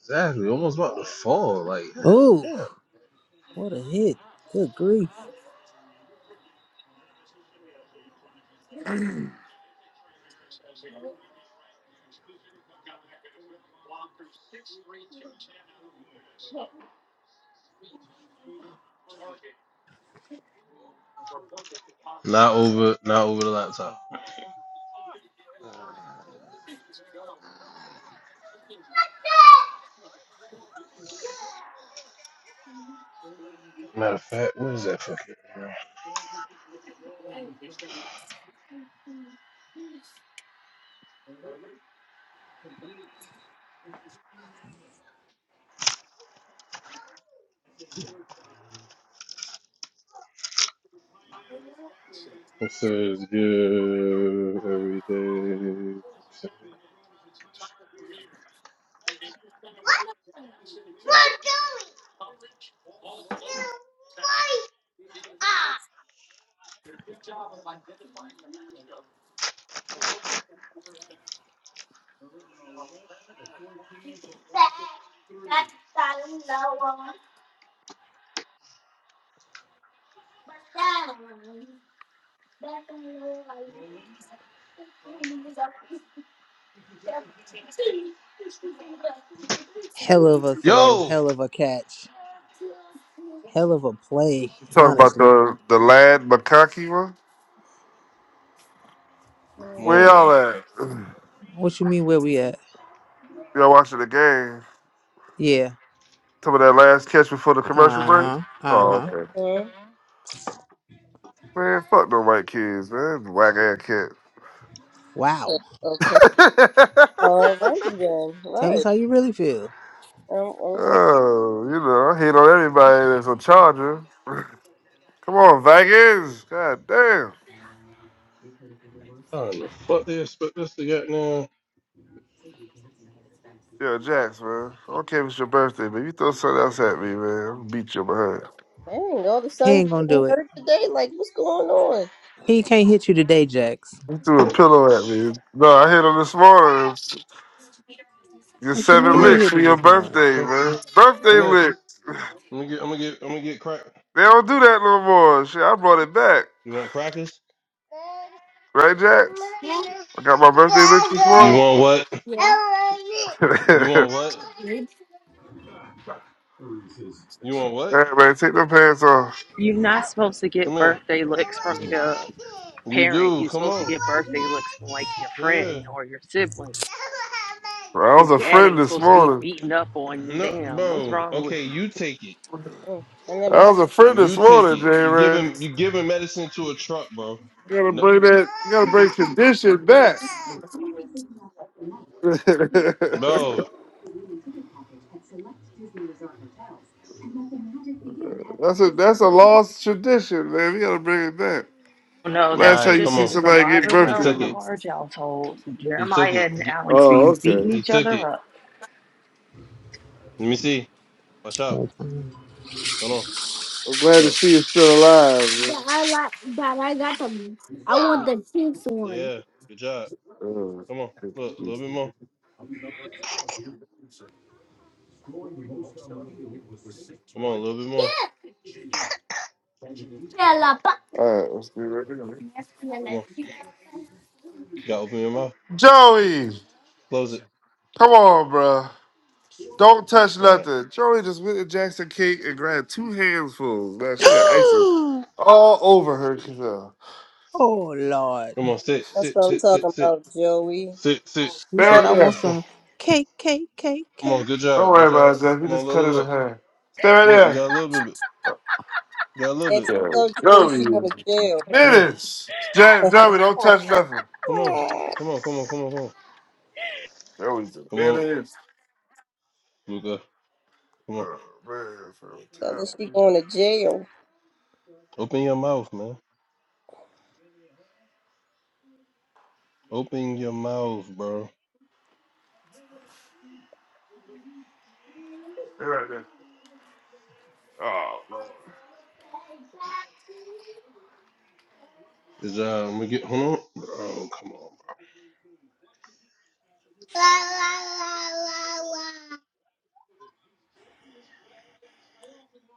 S5: Exactly. Almost about to fall. Like God
S1: Ooh,
S5: damn.
S1: what a hit! Good grief!
S5: Not over not over the laptop. Matter of fact, what is that fucking? It says give every day.
S1: Hell of a throw,
S5: Yo!
S1: hell of a catch, hell of a play.
S11: You talking about
S1: Honestly,
S11: the the lad Makaki one?
S5: Come
S11: Where
S5: on
S3: okay.
S5: now.
S11: y'all at?
S1: what you mean? Where we at?
S11: Y'all watching the game?
S1: Yeah.
S11: Talking about that last catch before the commercial
S1: Uh
S11: break?
S1: huh. Uh
S11: Oh,
S1: huh.
S11: okay. Man, fuck no white kids, man. Whack ass
S1: Wow.
S11: kid.
S3: All right then.
S1: Tell us
S3: Right.
S1: how you really feel.
S3: Um. Okay.
S11: Oh, you know, I hate on everybody that's a Charger. Come on, Vikings. God damn.
S5: I don't know. Fuck they expect us to get now.
S11: Yo, Jax, man. I don't care if it's your birthday, but you throw something else at me, man. I'll beat your behind.
S3: Dang. All the
S1: He
S3: sons
S1: ain't gonna
S3: getting
S1: do it.
S3: hurt today. Like, what's going on?
S1: He can't hit you today, Jax.
S11: You threw a pillow at me. No, I hit on this morning. Your
S1: What you
S11: seven
S5: Come
S1: mean you
S5: here.
S11: licks
S1: hit
S11: for
S1: him
S11: your
S1: this morning?
S11: birthday,
S5: Come,
S11: man.
S5: come
S11: Birthday
S5: here.
S11: lick.
S5: I'm gonna get. I'm gonna get. I'm gonna get crack.
S11: They don't do that no more. Shit, I brought it back.
S5: You want crackers?
S11: Right, Jax? I got my
S5: You
S11: birthday lick this morning.
S5: want what?
S11: All
S5: You want what? You want what?
S11: right, man, take them pants off.
S10: You're not supposed to
S5: Come
S10: get
S5: here.
S10: birthday licks from your
S5: You
S10: parent.
S5: do.
S10: You're
S5: Come
S10: supposed to
S5: on.
S10: get birthday licks from like your
S5: Yeah.
S10: friend or your sibling.
S11: I
S10: Your
S11: was a
S10: dad
S11: friend
S10: ain't
S11: this
S10: supposed to be
S11: morning.
S10: beating up on you.
S5: No,
S10: Damn, what's
S5: bro.
S10: wrong with
S5: Okay,
S10: you?
S5: you take it.
S3: Mm, I never
S11: I
S3: heard.
S11: was a friend
S5: You
S11: this
S5: take
S11: morning, J
S5: it. You give
S11: Ray.
S5: him. You give him medicine to a truck, bro.
S11: Gotta
S5: No,
S11: bring that. Gotta bring tradition back. that's
S5: bro.
S11: a that's a lost tradition, man. We gotta bring it back.
S10: No,
S5: All
S10: that
S11: Last time
S5: right,
S11: you
S5: come
S11: see
S5: on.
S10: tradition is
S11: somebody
S10: alive
S11: get
S10: and
S5: He
S10: well
S11: birthday
S10: in
S5: took
S10: the
S5: it.
S11: leave.
S10: Harge household.
S5: He took
S10: Jeremiah
S5: it.
S10: and
S5: G-
S10: Alex
S11: Oh,
S10: be
S11: okay.
S10: beating
S5: He
S10: each
S5: took
S10: other
S5: it.
S10: up.
S5: Let me see. Watch out.
S1: Whole time.
S5: Hold on.
S11: I'm glad to
S5: Look.
S11: see you still alive. Man.
S5: Yeah. Good job.
S11: Oh,
S5: Come on. Look. A little
S11: Jesus.
S5: bit more. Come on. A little bit more.
S11: All right, let's be ready.
S5: Come on. You gotta open your mouth.
S11: Joey,
S5: Close it.
S11: come on, bro. Don't touch
S5: All right.
S11: nothing. Joey just went to Jackson Cake and grabbed two handfuls. Man, she had ice
S1: oh
S11: all over her. She said,
S1: Lord.
S5: Come on. Sit.
S3: That's
S5: Sit.
S3: what I'm
S5: Sit. Sit.
S3: talking
S5: Sit.
S3: about, Joey.
S5: Sit. Sit.
S1: She
S11: Stay
S1: said
S11: right
S5: Sit.
S1: I want
S11: there.
S5: Come on.
S1: some cake, cake, cake,
S5: Come on.
S1: cake.
S5: Good
S11: Don't
S5: job.
S11: worry
S5: Good
S11: about
S5: job.
S11: it, Zach. We
S5: Come on.
S11: just
S5: Look.
S11: cut
S5: Look.
S11: it in
S5: Look.
S11: half. Stay right
S5: Look. You
S11: there.
S5: got a little bit. You got a little
S3: Jackson,
S5: bit.
S11: Yeah.
S3: tell Joey
S11: Joey,
S3: she going
S11: you
S3: to jail.
S5: Come on.
S11: menace. James, Joey, don't touch nothing.
S5: Come on.
S3: tell
S5: Come on. Come on. Come on. Come on.
S11: Joey's a
S5: Come on.
S11: menace.
S5: Luca. Come on.
S11: Oh, man, from town.
S3: her she going to jail.
S5: Open your mouth, man. Open your mouth, bro.
S11: Stay right there. Oh, Lord.
S5: Is uh, I'm gonna get hold on. Bro. come on,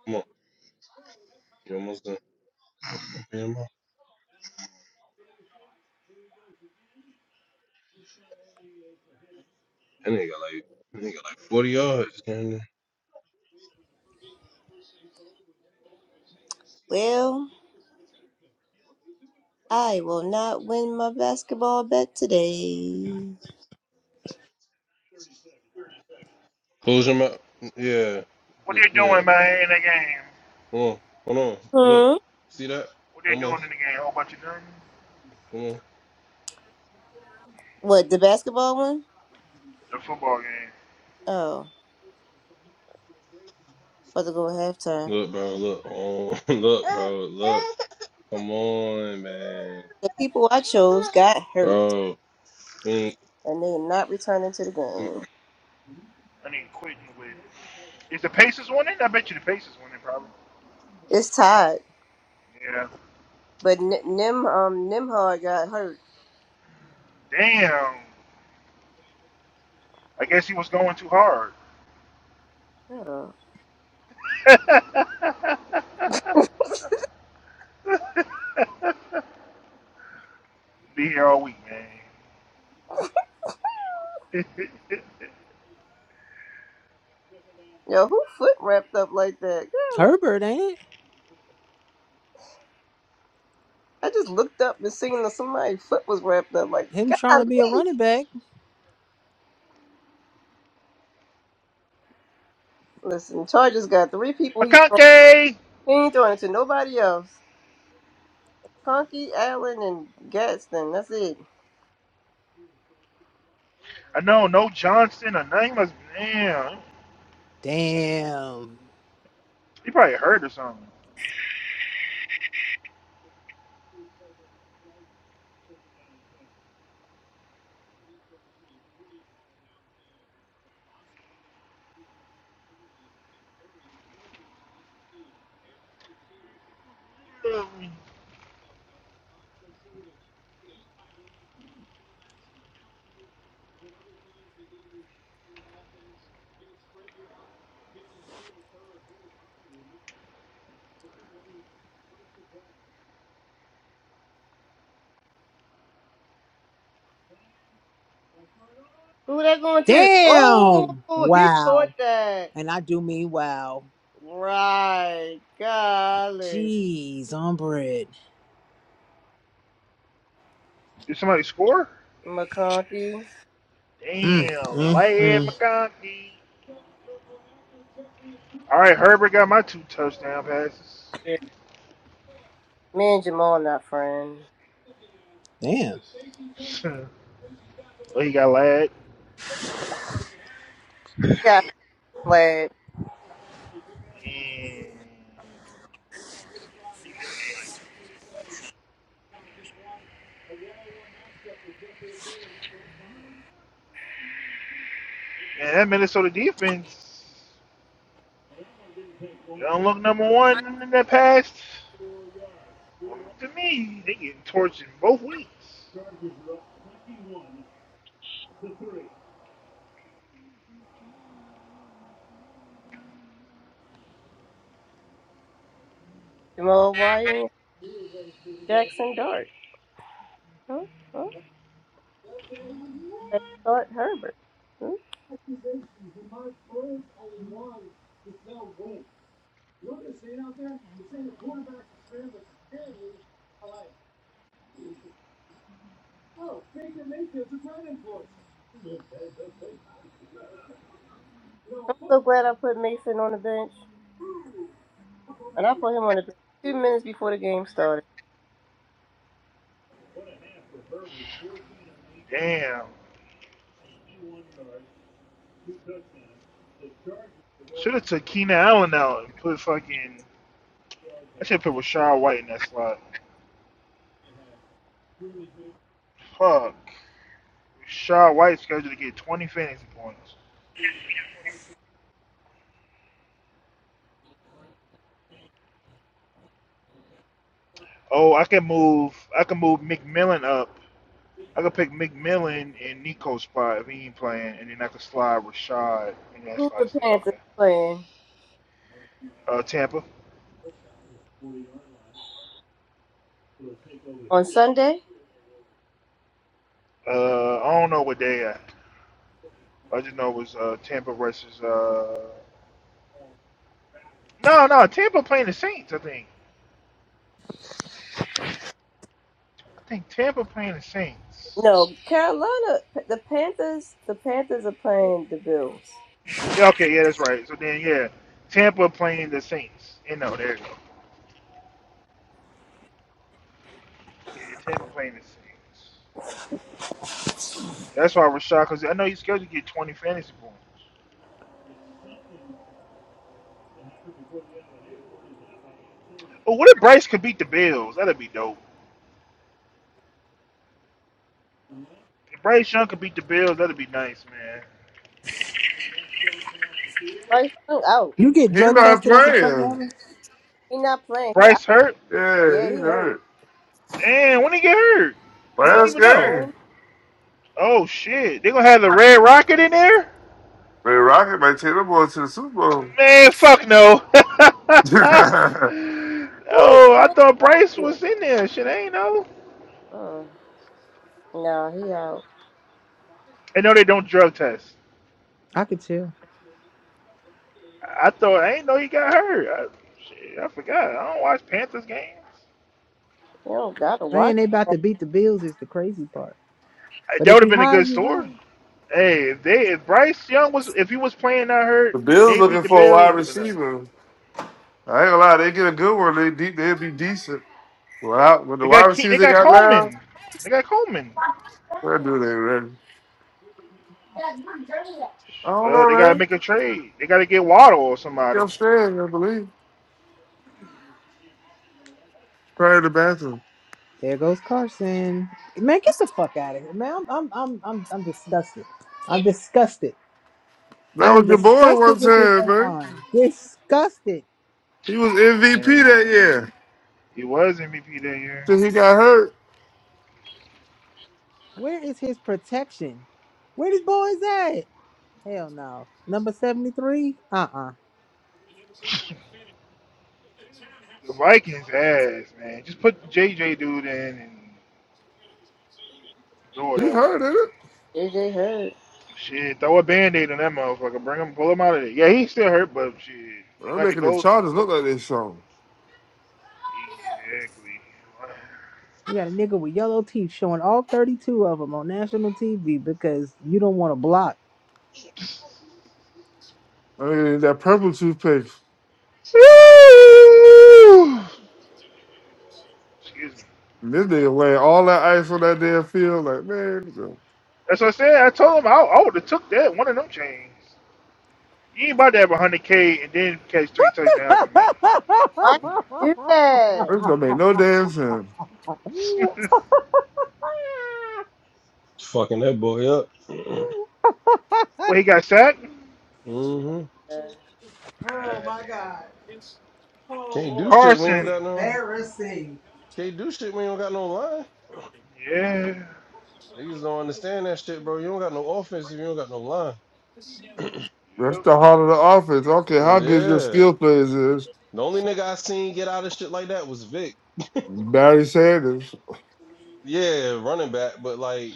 S5: Come on. You almost done. Yeah, Man, my- That nigga got like that nigga got like forty yards. Man.
S3: Well, I will not win my basketball bet today.
S5: Close your mouth. Yeah.
S4: What
S5: Good-
S4: they
S5: Yeah.
S4: doing, man, in the game?
S5: Come on. Hold on. Look.
S3: Hmm.
S5: See that?
S4: What they doing in
S5: Almost.
S4: the game? whole bunch of them.
S5: Come on.
S3: What the basketball one?
S4: The football game.
S3: Oh, about to go halftime.
S5: Look, bro. Look. Oh, look, bro. Look. Come on, man.
S3: The people I chose got hurt,
S5: Bro. We ain't-
S3: and they are not returning to the
S5: mm,
S3: game.
S4: I need quitting with. Is the Pacers winning? I bet you the Pacers winning, probably.
S3: It's tied,
S4: Yeah.
S3: but N- Nim um Nimhard got hurt.
S4: Damn. I guess he was going too hard.
S3: Shut up.
S4: Be here all week, man.
S3: Yo, who foot wrapped up like that? Golly.
S1: Herbert, ain't
S3: I just looked up and seen that somebody's foot was wrapped up like
S1: it? Him trying to be a
S3: golly.
S1: running back.
S3: Listen, Chargers got three people he throwing.
S4: McConkey!
S3: He ain't throwing it to nobody else. Conkey, Allen, and Gaston. That's it.
S4: I know, no Johnson. a name was damn.
S1: Damn.
S4: He probably hurt or something.
S3: Who that going to?
S1: Damn.
S3: Oh, he caught
S1: Wow.
S3: that.
S1: And I do mean wow.
S3: Right. Golly.
S1: Jeez, on bread.
S4: Did somebody score?
S3: McConkey.
S1: Mm,
S4: Damn,
S1: mm,
S4: lad
S1: mm.
S4: McConkey. All right, Herbert got my two touchdown passes.
S3: Yeah. Me and Jamal not friends.
S1: Damn.
S4: oh, he got lad.
S3: Yeah, glad.
S4: Damn. and that Minnesota defense. They don't look number one in that pass. Well, to me, they getting torched in both weeks.
S3: Jamal, why Jackson Dart? Huh? Huh? That's Dart Herbert. Hmm? I'm so glad I put Mason on the bench. And I put him on the bench two minutes before the game started.
S4: Damn. Should have took Keenan Allen out and put fucking. I should have put Rashad White in that slot. Fuck. Rashad White's scheduled to get 20 fantasy points. Oh, I can move. I can move McMillan up. I could pick McMillan in Nico's spot if he ain't playing, and then I could slide Rashad in that
S3: Who the
S4: slot still.
S3: Panthers
S4: Okay.
S3: playing?
S4: Uh, Tampa.
S3: On Sunday?
S4: Uh, I don't know what they at. I just know it was uh, Tampa versus. Uh... No, no, Tampa playing the Saints. I think. I think Tampa playing the Saints.
S3: No, Carolina. The Panthers. The Panthers are playing the Bills.
S4: Yeah, okay, yeah, that's right. So then, yeah, Tampa playing the Saints. You know, there you go. Yeah, Tampa playing the Saints. That's why I was shocked because I know he's scheduled to get 20 fantasy points. But what if Bryce could beat the Bills? That'd be dope. If Bryce Young could beat the Bills, that'd be nice, man.
S3: Bryce Young out.
S1: You get
S11: He
S1: drug
S11: not
S1: tested as a truck
S11: playing.
S1: driver?
S3: He not playing. He out.
S4: Bryce hurt?
S11: Yeah,
S3: Yeah,
S11: he
S3: he hurt.
S11: hurt.
S4: Damn, when he get hurt? I
S3: Last
S4: ain't
S11: Last
S4: even know.
S3: game.
S11: game.
S4: Oh shit, they gonna have the Red Rocket in there?
S11: Man, Rocket might take them boys to the Super Bowl.
S4: Man, fuck no. oh,
S11: the
S3: Who is
S4: I
S3: Red
S4: thought Bryce
S3: Rocket?
S4: was in there. Shit, I ain't know.
S3: Uh, no, he out.
S4: I know they don't drug test.
S1: I could tell.
S4: I thought I didn't know he got hurt. I, shit, I forgot. I don't watch Panthers games.
S3: You don't gotta watch
S1: Man, they about
S3: that
S1: to beat the bills is the crazy part.
S4: Uh,
S1: But
S4: That
S1: if
S4: would have
S1: you
S4: been a
S1: high,
S4: good
S1: you high.
S4: story. Hey, if they if Bryce Young was if he was playing not hurt and
S11: Bills
S4: they
S11: looking
S4: beat the
S11: for a
S4: Bills,
S11: wide
S4: it would have been a,
S11: receiver. I ain't gonna lie, they get a good one. They deep, they'll be decent. Well, I- with the
S4: they
S11: wide
S4: got Ke-
S11: receivers
S4: they
S11: they
S4: got
S11: got now,
S4: Coleman. They got Coleman.
S11: where do they ready? I don't
S4: Well,
S11: know,
S4: they gotta
S11: man.
S4: make a
S11: you
S4: trade. They gotta get Waddle or
S11: He
S4: somebody.
S11: upstairs, I believe. Probably the bathroom.
S1: There goes Carson. Man, get the fuck out of here, man. I'm I'm I'm I'm, I'm disgusted. I'm disgusted.
S11: That
S1: I am
S11: was your boy
S1: disgusted
S11: one
S1: with this
S11: time, man.
S1: online. Disgusted.
S11: He was MVP that
S4: And
S11: year.
S4: he was MVP that year.
S11: Till he got hurt.
S1: Where is his protection? Where this boy is at? Hell no. Number 73? Uh-uh.
S4: The Vikings ass, man. Just put JJ dude in and do it
S11: He
S4: that
S11: hurt,
S4: way.
S11: ain't it?
S3: JJ Hurd.
S4: Shit, throw a band-aid on that motherfucker. Bring him, pull him out of there. Yeah, he's still hurt, but shit, they
S11: I'm
S4: gonna have to
S11: making the
S4: go. go
S11: Chargers
S4: for
S11: look like
S4: him.
S11: they song.
S4: Exactly.
S1: You got a nigga with yellow teeth showing all 32 of them on national TV because you don't want to block.
S11: I mean, that purple toothpaste.
S4: Woo! Excuse me.
S11: And This nigga laying all that ice on that damn field. Like, man, this don't
S4: That's what I said. I told him I, I would have took that one of them chains. You ain't about to have a hundred K and then catch three touchdowns with me.
S3: Why you do that?
S11: this don't make no damn sense.
S5: fucking that boy up. Mm-hmm.
S4: well, he got sacked.
S5: Mm-hmm.
S3: Uh,
S4: Ah,
S1: oh my
S4: damn.
S1: god.
S5: Can't do shit when you don't
S4: Carson.
S5: got no
S1: Embarrassing.
S5: can't do shit when you don't got no line.
S4: Yeah.
S5: Niggas don't understand that shit, bro. You don't got no offense if you don't got no line.
S11: That's
S4: Yep.
S11: the heart of the offense. Okay, how good your
S5: Yeah.
S11: skill players is.
S5: The only nigga I seen get out of shit like that was Vic.
S11: Barry Sanders.
S5: Yeah, running back, but like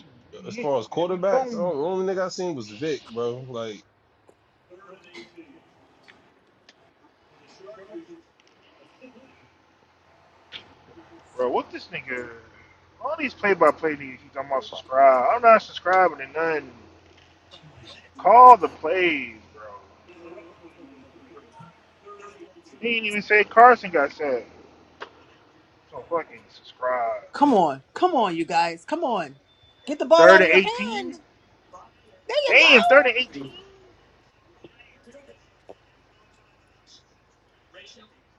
S5: as
S4: Yeah,
S5: far as
S4: Barry
S5: quarterbacks, the
S4: Bones.
S5: only nigga I seen was Vic, bro. Like,
S4: Bro, what this nigga? All these play-by-play niggas keep talking about subscribe. I'm not subscribing to nothing. Call the plays, bro. He ain't even say Carson got sacked. So fucking subscribe.
S1: Come on. Come on, you guys. Come on. Get the ball out
S4: Third
S1: of
S4: and
S1: your
S4: 18.
S1: hand. There you go.
S4: Damn, third and 18.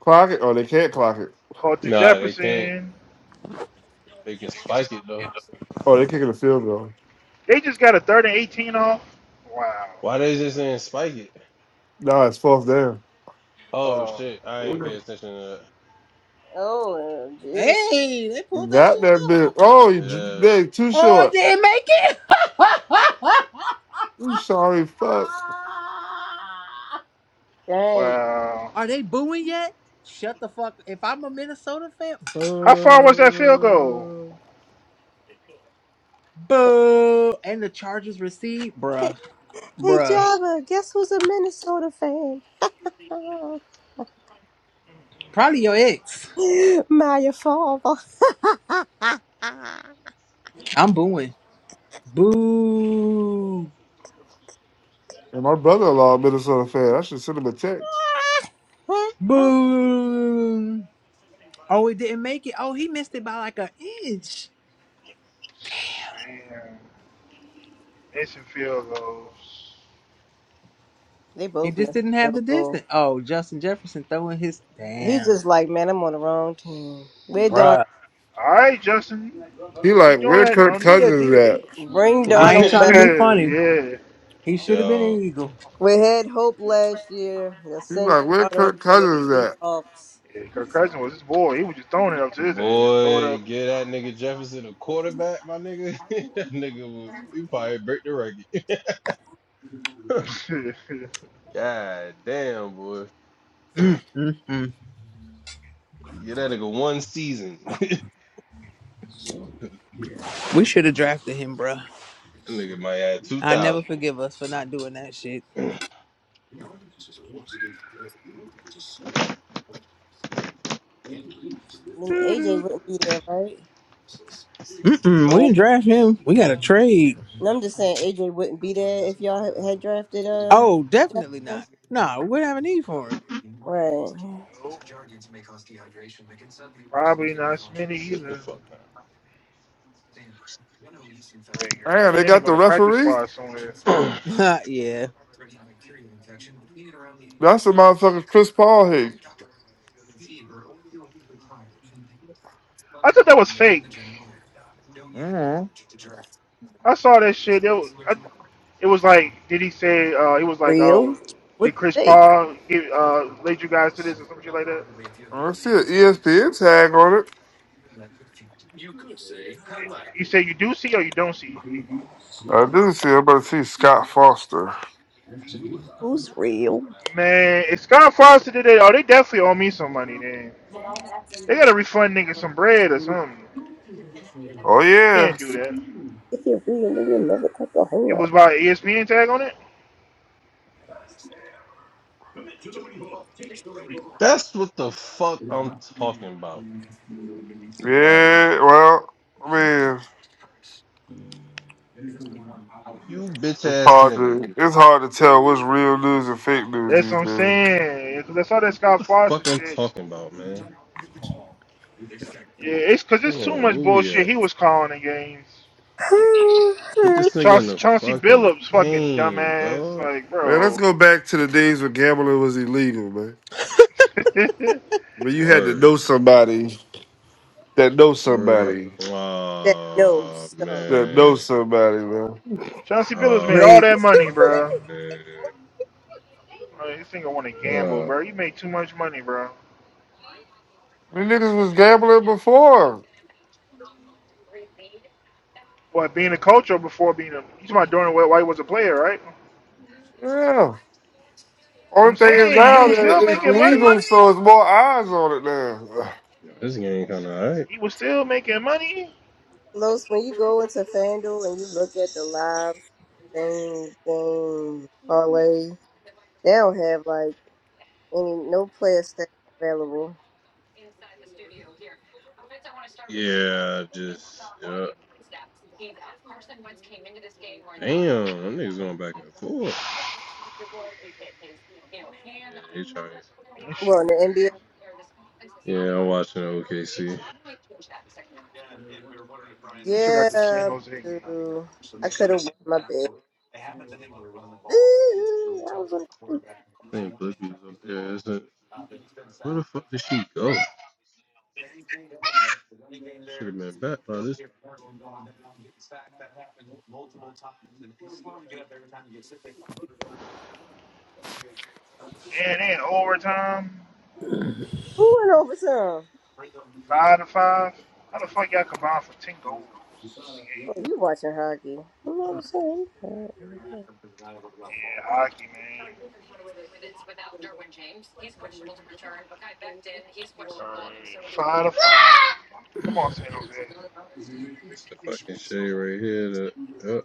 S11: Clock it. Oh, they can't clock it.
S4: Caught to
S5: nah, they can't.
S4: Jefferson.
S5: They can spike it though.
S11: Oh, they're kicking the field goal.
S4: They just got a third and 18 off. Wow.
S5: Why they just didn't spike it?
S11: Nah, it's fourth down.
S5: Oh
S4: Oh,
S5: shit, I ain't pay attention to
S3: oh, dude,
S1: Hey, they pulled that
S11: Got
S1: shit
S11: that bit.
S1: off.
S11: Oh, you j-
S5: that.
S11: they too
S1: Oh, they
S11: short.
S1: didn't make it.
S11: I'm sorry, fuck.
S3: dang.
S4: wow.
S1: Are they booing yet? Shut the fuck. If I'm a Minnesota fan,
S4: How far was that field goal?
S1: boo. Boo. And the Chargers receive, bruh.
S3: Hey
S1: Bruh.
S3: Java, guess who's a Minnesota fan? Oh,
S1: Probably your ex.
S3: Maya Farber.
S1: I'm booing. Boo.
S11: And my brother-in-law, a Minnesota fan. I should send him a text.
S1: Boo. Oh, it didn't make it. Oh, he missed it by like an inch.
S4: Damn. Instant field goals.
S3: they
S1: It
S3: both
S1: just
S3: missed
S1: didn't
S3: the
S1: have the
S3: field goal.
S1: distance. Oh, Justin Jefferson throwing his
S3: He's
S1: damn.
S3: just like, man, I'm on the wrong team. We're Darn
S4: All right, Justin.
S11: He
S4: Don't keep
S11: like,
S4: doing
S11: where
S4: that.
S11: Kirk
S4: Don't do that,
S11: Cousins
S4: Divas.
S11: at?
S3: bring
S1: I ain't
S3: Darnold
S1: trying to
S5: Yeah,
S3: back.
S1: be funny.
S4: yeah.
S1: He should have been
S5: yo,
S1: an eagle.
S3: We had hope last year. You
S11: He's
S3: sent
S11: like, where
S3: Darnold
S11: Kirk
S3: to
S11: Cousins
S3: the
S11: at?
S3: Seahawks.
S4: yeah. Kirk Cousins was his boy. He was just throwing it up to his ass. Throw it up.
S5: boy, get that nigga Jefferson a quarterback, my nigga. that nigga was he probably break the record. God damn, boy,
S1: Mm, mm, mm.
S5: get that nigga one season. that
S1: We should have drafted him, bruh.
S5: nigga might add two
S1: I never
S5: thousand.
S1: forgive us for not doing that shit.
S3: Then AJ
S4: Doo-doo.
S3: wouldn't be there, right?
S1: Mm-mm, we didn't
S4: nope.
S1: draft him. We got to trade.
S3: No, I'm just saying AJ wouldn't be there if y'all had had drafted uh
S1: Oh, definitely
S3: Jefferson.
S1: not. No, we don't have a need for
S3: Right.
S4: Nope. Probably not Smitty
S5: Sit the
S4: either.
S5: fuck
S4: Rager. I
S11: Man,
S4: think
S11: they
S4: they're
S11: got the
S4: going to practice
S11: referee.
S4: squad somewhere.
S5: down.
S1: him. yeah.
S11: That's the motherfucker Chris Paul hate.
S4: I thought that was fake.
S11: Mm-hmm.
S4: I saw that shit. It was, I, it was like, did he say, uh, it was like, oh,
S3: Real?
S4: did
S3: What's
S4: Chris
S3: fake?
S4: Paul get, uh, lead you guys to this or some shit like that?
S11: I see an ESPN tag on it.
S4: You say you do see or you don't see?
S11: I do see. I'm about to see Scott Foster.
S3: Who's real?
S4: Man, if Scott Foster did that, oh, they definitely owe me some money, man. They gotta refund niggas some bread or something.
S11: Oh
S4: You
S11: yeah,
S4: can't do that.
S3: If you're real, then you'll never cut your hand
S4: It
S3: off.
S4: was by ESPN tag on it.
S5: That's what the fuck I'm talking about. Like,
S11: yeah. Well, I mean,
S5: you bitch
S11: it's
S5: ass
S11: hard
S5: nigga.
S11: to it's hard to tell what's real news and fake news
S4: That's
S11: these
S4: what I'm
S11: days.
S4: saying. Because I saw that Scott Foster
S5: Fuck I'm
S4: shit.
S5: talking about, man.
S4: Yeah, it's because it's too
S5: Hold on,
S4: much
S5: where we
S4: bullshit
S5: at?
S4: he was calling the games.
S5: Put this nigga in
S4: Chauncey,
S5: the
S4: Chauncey
S5: fucking
S4: Billups, fucking
S5: game,
S4: dumbass.
S5: dog.
S4: Like,
S11: Man, let's
S4: bro.
S11: go back to the days when gambling was illegal, man. But you had to
S5: Word.
S11: know somebody that knows
S5: Word up.
S11: somebody
S3: that
S5: Oh,
S3: knows some.
S11: that
S5: man.
S11: knows somebody, man.
S4: Chauncey Billups made all
S1: Ray,
S5: Oh,
S4: that
S1: you
S4: money,
S1: stupid.
S4: bro.
S5: man.
S4: Like, this nigga want to gamble, bro.
S5: Oh.
S4: You made too much money, bro.
S11: We niggas was gambling before.
S4: What, being a coach or before being a. You talking about during while he was a player, right?
S11: Yeah.
S4: So I'm
S11: Only thing is
S4: saying he
S11: now
S4: was
S11: that
S4: still
S11: it's
S4: making
S11: legal,
S4: money.
S11: so it's more eyes on it now.
S5: This game kind of alright.
S4: He was still making money.
S3: Los, when you go into FanDuel and you look at the live thing game parlay, they don't have like any no player stats available.
S5: Yeah, just, yeah. Damn, them niggas going back and forth. Yeah, they trying.
S4: That shit
S3: Well, in the NBA,
S4: crazy.
S5: Yeah, I'm watching OKC. I
S4: You forgot the San
S3: yeah,
S4: Jose game.
S3: boo. I could have won my bid. Boo, I was on.
S5: think Blippi's up there, isn't it? Where the fuck did she go? Should have been back by this.
S4: And then overtime,
S3: Who went overtime?
S4: five to five. How the fuck y'all combined for ten goals in the
S3: Oh,
S4: game?
S3: you watching hockey? Who went overtime?
S4: Yeah, hockey man. Alright, five to five. Come on, San Jose. Let's
S5: It's the fucking shade right here. That, yep.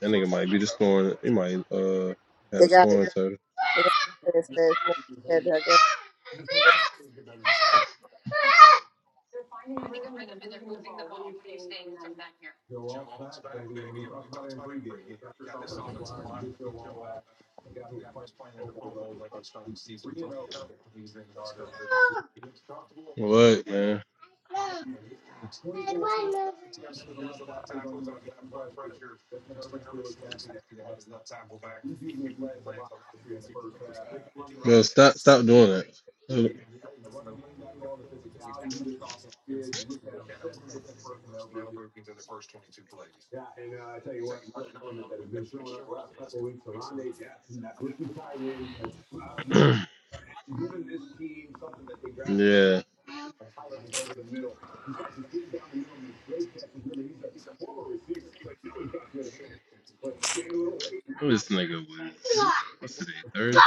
S5: that nigga
S4: see
S5: might be the
S4: Chicago
S5: scoring. He
S4: play.
S5: might uh had
S3: They
S5: a
S3: got it.
S5: scoring title.
S3: They got it. It's- it's- it's- it's- I guess- yeah.
S5: What man? Yo, stop stop doing that. yeah. What this nigga was? What's today? Thursday?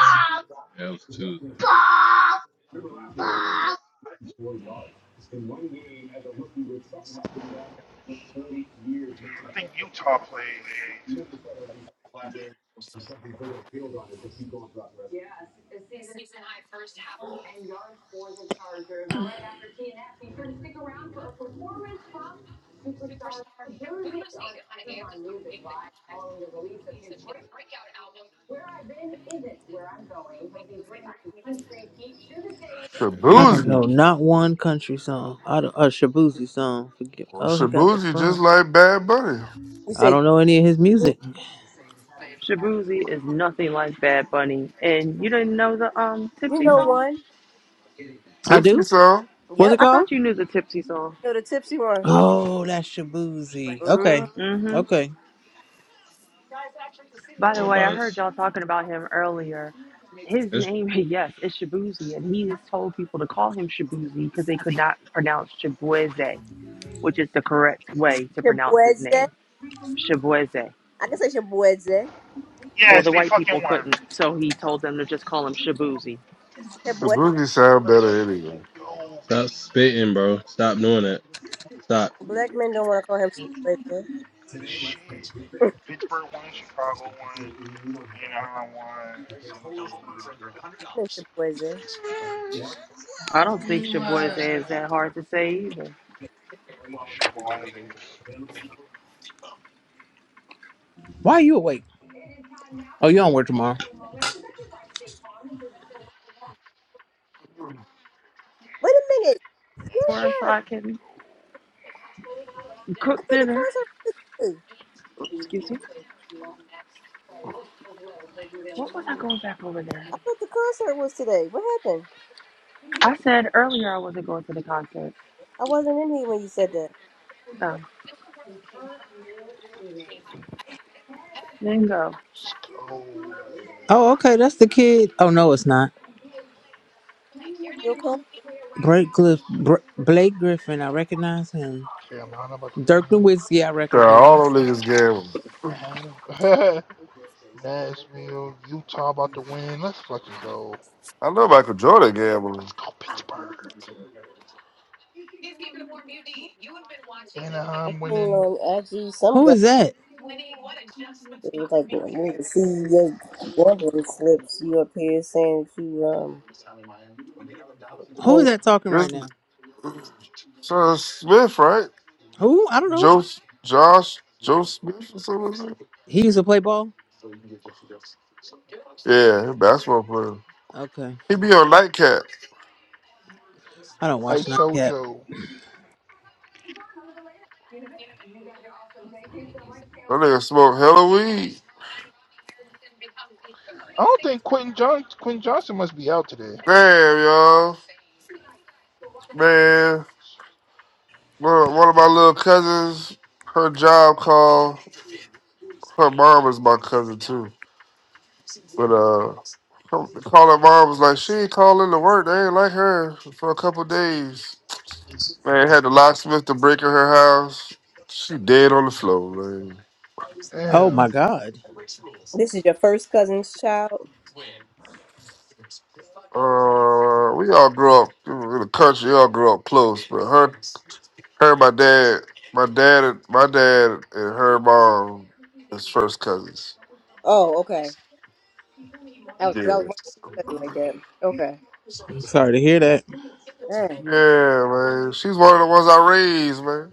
S5: Yeah, it was Tuesday. Yeah.
S4: I think Utah played today too.
S5: And
S1: I
S5: these
S1: don't
S5: niggas.
S11: Shabuzi.
S1: know. Not one country song. I don't, a Shabuzi song. Forget.
S11: Well,
S1: Oh, he got the
S11: Shabuzi
S1: front.
S11: just like Bad Bunny.
S3: You
S1: I
S3: said
S1: don't know any of his
S3: you
S1: music.
S10: Shabuzi is nothing like Bad Bunny. And you didn't know the um
S3: you
S10: Tipsy
S3: know
S10: song?
S3: one.
S1: I
S11: Tipsy
S1: do.
S11: sound.
S1: What's it
S3: Yep,
S10: I
S1: called?
S10: thought you knew the Tipsy song.
S3: you know the tipsy one.
S1: Oh, that's Shabuzi. Okay,
S3: Mm.
S10: Mm-hmm.
S1: okay.
S10: By
S5: I'm
S10: the way, I
S5: About
S10: heard y'all talking about him earlier. His
S5: this.
S10: name, yes, is Shabuzi, and he has told people to call him Shabuzi because they could not pronounce Shabueze, which is the correct way to pronounce his
S3: Shibweze.
S10: name, Shabueze.
S3: I can say Shibweze.
S10: Well,
S4: Yes,
S10: the
S4: they
S10: white people
S4: fucking won.
S10: couldn't, so he told them to just call him Shabuzi.
S3: Shibweze.
S11: Shabuzi sound
S4: Let's
S11: better
S4: fucking
S11: anyway.
S4: go,
S5: Stop
S4: baby.
S5: spitting, bro. Stop doing that. Stop.
S3: Black men don't want to call him Shibweze.
S4: Good shit. Pittsburgh won, Chicago won. You know how I want Synergy.
S3: Shibweze.
S10: I don't think
S4: Let's
S10: Shabueze
S4: fucking go.
S10: is that hard to say either.
S4: Shovel Isaac.
S1: Why are you awake? Oh, you don't work tomorrow.
S3: Wait a minute. You
S4: Let's
S10: Or so
S3: were.
S10: I
S4: fucking
S10: can
S4: go.
S3: I thought
S10: cook
S3: the
S10: dinner.
S3: concert was today.
S10: Oops, Excuse me. What was I going back over there?
S3: I thought the concert was today. What happened?
S10: I said earlier I wasn't going to the concert.
S3: I wasn't in here when you said that.
S10: Um, didn't go.
S4: Let's go.
S1: Oh, okay. That's the kid. Oh no, it's not.
S3: You okay?
S1: Blake, Griff- Br- Blake Griffin. I recognize him.
S4: Carolina about to
S1: Dirk Nowitzki. I
S11: God, all
S1: recognize.
S11: them niggas gambling.
S4: win. Seattle. Nashville. Utah about to win. Let's fucking go.
S11: I know Michael Jordan
S4: Let's
S11: gambling.
S4: go, Pittsburgh.
S3: I
S4: Anaheim
S3: seen
S4: winning.
S3: on IG some
S1: Who
S3: guy.
S1: is that?
S3: It was like when when you see your
S4: Let's fucking
S3: gambling
S4: go.
S3: slips, you up here saying that you um
S1: Who is
S3: claim
S1: that talking
S11: It's
S1: right now?
S11: so it's Smith, right?
S1: Who? I don't know.
S11: Joe, Josh, Joe Smith or something like that?
S1: He used to play ball.
S11: Yeah, basketball player.
S1: Okay.
S11: He be on nightcap.
S1: I don't
S4: Hey,
S1: watch Nightcap.
S4: Sojo.
S11: That nigga smoke hella weed.
S4: I don't think Quentin, John- Quentin Johnson must be out today.
S11: Damn, y'all. Man, one one of my little cousins, her job call. Her mom is my cousin too, but uh, her- calling mom was like she ain't calling to work. They ain't like her for a couple days. Man, had the locksmith to break in her house. She dead on the floor, man.
S1: Oh
S4: Damn.
S1: my God.
S3: this is your first cousin's child.
S11: Uh, we all grew up in the country. We all grew up close, but her. Her, my dad, my dad, and- my dad, and her mom is first cousins.
S3: Oh, okay. That was because I was
S11: Yeah,
S3: wondering if you said it like that. Okay.
S1: I'm sorry to hear that.
S3: Dang.
S11: yeah, man. She's one of the ones I raised, man.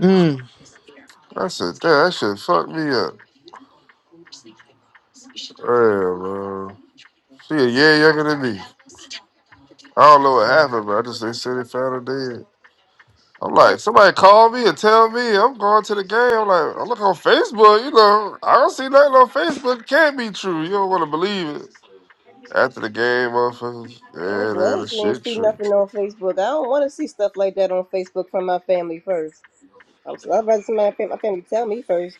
S1: Mm,
S11: I said, damn, that shit fucked me up. Yeah, man. She a year younger than me. I don't know what
S4: Damn.
S11: happened, but I just they said they found her dead. I'm
S3: Dang.
S11: like, somebody call me and tell me I'm going to the game. I'm like, I look on Facebook, you know, I don't see nothing on Facebook. It can't be true. You don't want to believe it. After the game, motherfuckers,
S3: I'm
S11: yeah, that
S3: glad
S11: is
S3: you ain't
S11: shit
S3: see
S11: true.
S3: nothing on Facebook. I don't want to see stuff like that on Facebook from my family first. I'm so I'd rather somebody my family tell me first.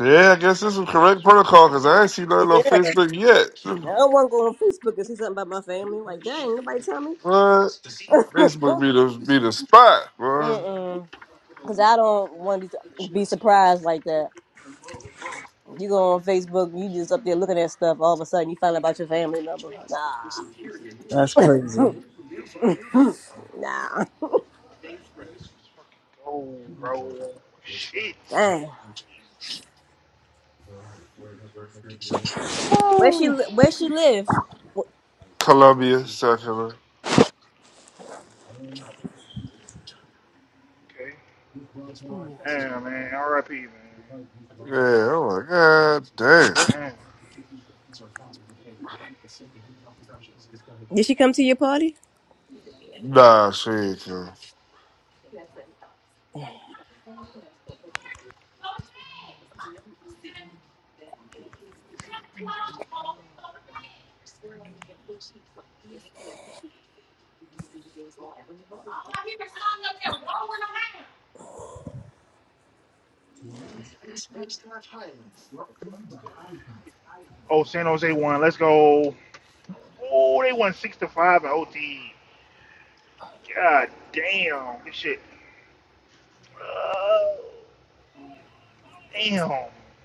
S11: Yeah, I guess this is correct protocol because I ain't seen nothing on
S3: Yeah.
S11: Facebook yet.
S3: I don't want to go on Facebook and see something about my family. Like, dang, nobody tell me.
S11: What?
S3: Mm
S11: Facebook be the be the spot, bro.
S3: mm. Cause I don't want to be surprised like that. You go on Facebook, you just up there looking at stuff. All of a sudden, you find out about your family member. Nah,
S1: that's crazy.
S3: nah.
S4: Let's fucking go, bro. Shit.
S3: Dang. Where she
S4: Woo.
S3: li- Where she live?
S11: Columbia, South Carolina.
S4: Okay.
S3: Wh-
S4: Damn, man. R.I.P. Man.
S11: Yeah, I'm like, god damn.
S4: Damn.
S3: Did she come to your party?
S11: Nah, shit.
S4: Oh, San Jose won. Let's go. Oh, they won six to five in OT. God damn. This shit. Oh, damn.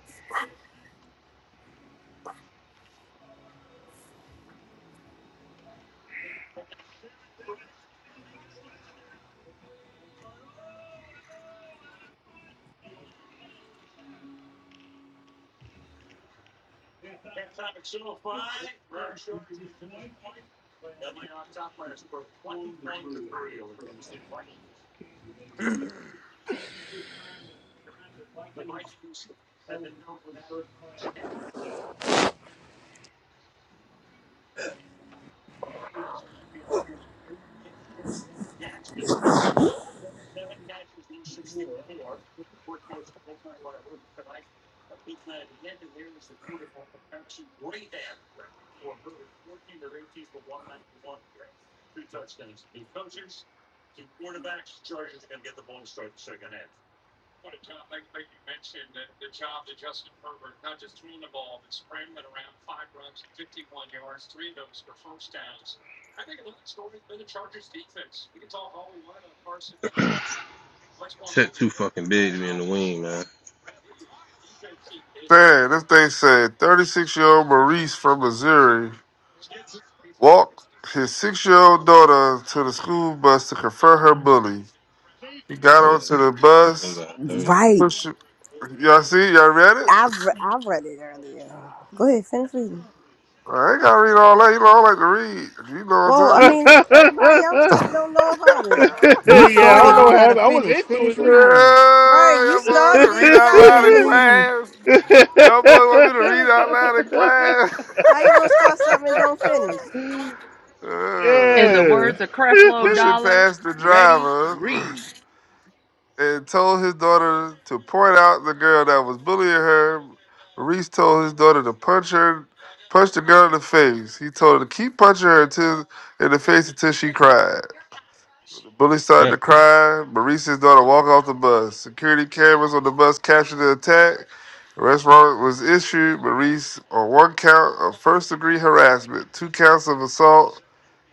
S5: Tech too fucking big to be in the wing, man.
S11: Damn, this thing said 36 year old Maurice from Missouri walked his six year old daughter to the school bus to confront her bully. He got
S5: Oh yeah,
S11: onto
S5: so
S11: the
S5: we
S11: bus,
S5: got Thursday.
S3: Right.
S11: pushed. Y'all see? Y'all read it?
S3: I re- I read it earlier. Go ahead, finish reading.
S11: I ain't gotta read all that. You know, I don't like to read. You know what
S3: Well, I
S11: I'm talking about.
S3: mean, everybody else didn't don't know about it.
S1: You
S4: yeah, I don't
S1: started,
S4: know
S1: you
S4: what
S1: gotta
S4: happened. I was
S1: finish.
S4: into
S1: Finish
S4: it.
S1: reading.
S3: Right.
S11: yeah,
S3: You
S11: y'all boys want me
S3: started
S11: to
S3: it.
S11: read
S3: You
S11: out
S3: gotta
S11: loud
S1: Finish
S11: in
S3: finish it.
S1: reading.
S11: class. Y'all boys want me to read out loud in class.
S3: How you gonna start something and don't finish?
S4: Too.
S10: In the
S11: Yeah.
S4: Yeah.
S10: words of Creflo
S11: pushing
S4: I
S10: Dollar,
S11: past the
S10: ready,
S11: driver
S10: read.
S11: and told his daughter to point out the girl that was bullying her. Maurice told his daughter to punch her, punch the girl in the face. He told her to keep punching her until, in the face until she cried. The bully started
S5: Yeah.
S11: to cry. Maurice's daughter walked off the bus. Security cameras on the bus captured the attack. Arrest warrant was issued. Maurice on one count of first degree harassment, two counts of assault,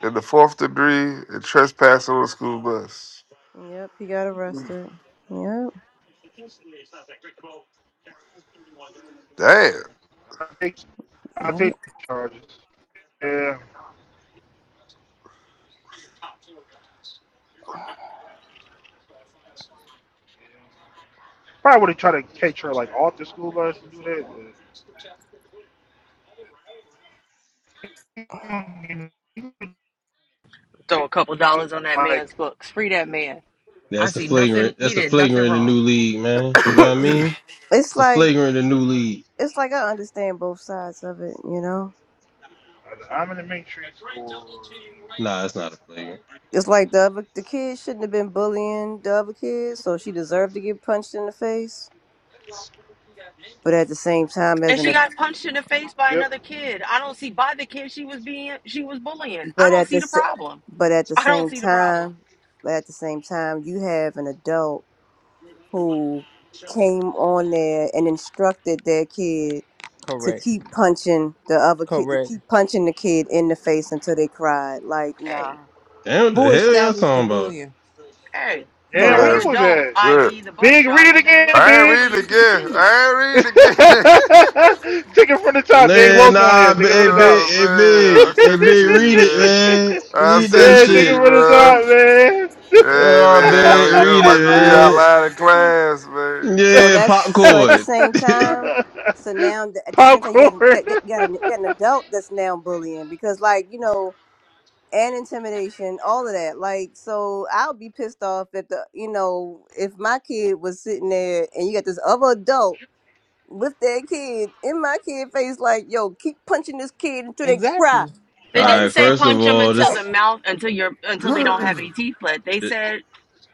S11: and the fourth degree and trespassing on a school bus.
S3: Yep. He got arrested. Yep.
S11: Damn.
S4: take I
S3: Yep.
S4: take the charges. Yeah. yeah. Probably would have tried to catch her like off the school bus and do that, but
S10: Throw a couple dollars on that man's
S4: like
S10: books. Free that man. I
S5: That's the
S10: see
S5: flagrant.
S10: nothing.
S5: That's
S10: He
S5: the
S10: did nothing
S5: flagrant of the
S10: wrong.
S5: new league, man. You know what I mean?
S3: It's
S5: It's the
S3: like
S5: flagrant of the new league.
S3: it's like I understand both sides of it, you know.
S4: I'm in the matrix or
S5: Nah, it's not a flagrant.
S3: It's like the other the kid shouldn't have been bullying the other kid, so she deserved to get punched in the face. But at the same time, as
S10: And
S3: an
S10: she got
S3: ad-
S10: punched in the face by
S4: you. Yep.
S10: another kid. I don't see by the kid she was being, she was bullying. I
S3: but
S10: don't
S3: at the
S10: see the
S3: s-
S10: problem.
S3: but at the
S10: I don't
S3: same
S10: see the problem.
S3: time, but at the same time, you have an adult who came on there and instructed their kid to
S1: Correct.
S3: keep punching the other kid to
S1: Correct.
S3: keep punching the kid in the face until they cried. Like
S10: Hey,
S3: nah.
S5: Damn, what the
S1: Who
S5: hell y'all
S1: established the
S5: talking about?
S1: bullying?
S10: hey, you
S3: So
S4: Yeah, where
S10: have
S3: like
S10: an
S11: Man,
S4: you
S11: that's
S4: was
S10: adult,
S4: at?
S11: good.
S10: i.e., the bus
S4: Big, read it
S10: driver, that
S4: again,
S10: allowed the
S11: I ain't
S4: Big.
S11: reading
S10: bullying to
S11: again.
S10: continue.
S11: I ain't
S4: Take
S11: reading again.
S4: it from the top. Big
S5: Nah,
S4: Los one
S5: nah,
S4: here.
S5: b-
S4: Take it from
S5: hey
S4: the
S5: big,
S4: top.
S11: oh
S5: hey
S11: man,
S5: big,
S11: I'll
S5: hey
S11: send it
S5: big,
S11: to you,
S5: read it,
S11: man.
S5: man.
S11: I'll
S5: Read that
S11: send it
S4: yeah,
S11: to
S4: take it
S11: you,
S5: shit.
S4: from
S11: bro. Hey man,
S5: Yeah, big,
S11: I, mean, I don't
S5: read
S11: like to read out
S5: it,
S11: loud in class,
S5: man.
S11: man.
S3: So
S5: Yeah,
S3: that's so at the
S5: popcorn.
S3: same
S4: the
S3: time.
S4: top,
S3: So
S4: man.
S3: now th- at the same time, you got an-
S4: Popcorn.
S3: got got, got, an, got an adult that's now bullying because like you know and intimidation, all of that. Like so, I'll be pissed off if the you know if my kid was sitting there and you got this other adult with their kid in my kid face, like yo, keep punching this kid until they cry,
S1: Exactly.
S5: All
S10: They
S3: like
S10: didn't
S5: right,
S10: say
S3: yo,
S5: first of
S10: punch them
S5: all,
S10: until the
S5: this,
S10: mouth, until you're until they don't have any teeth left. They said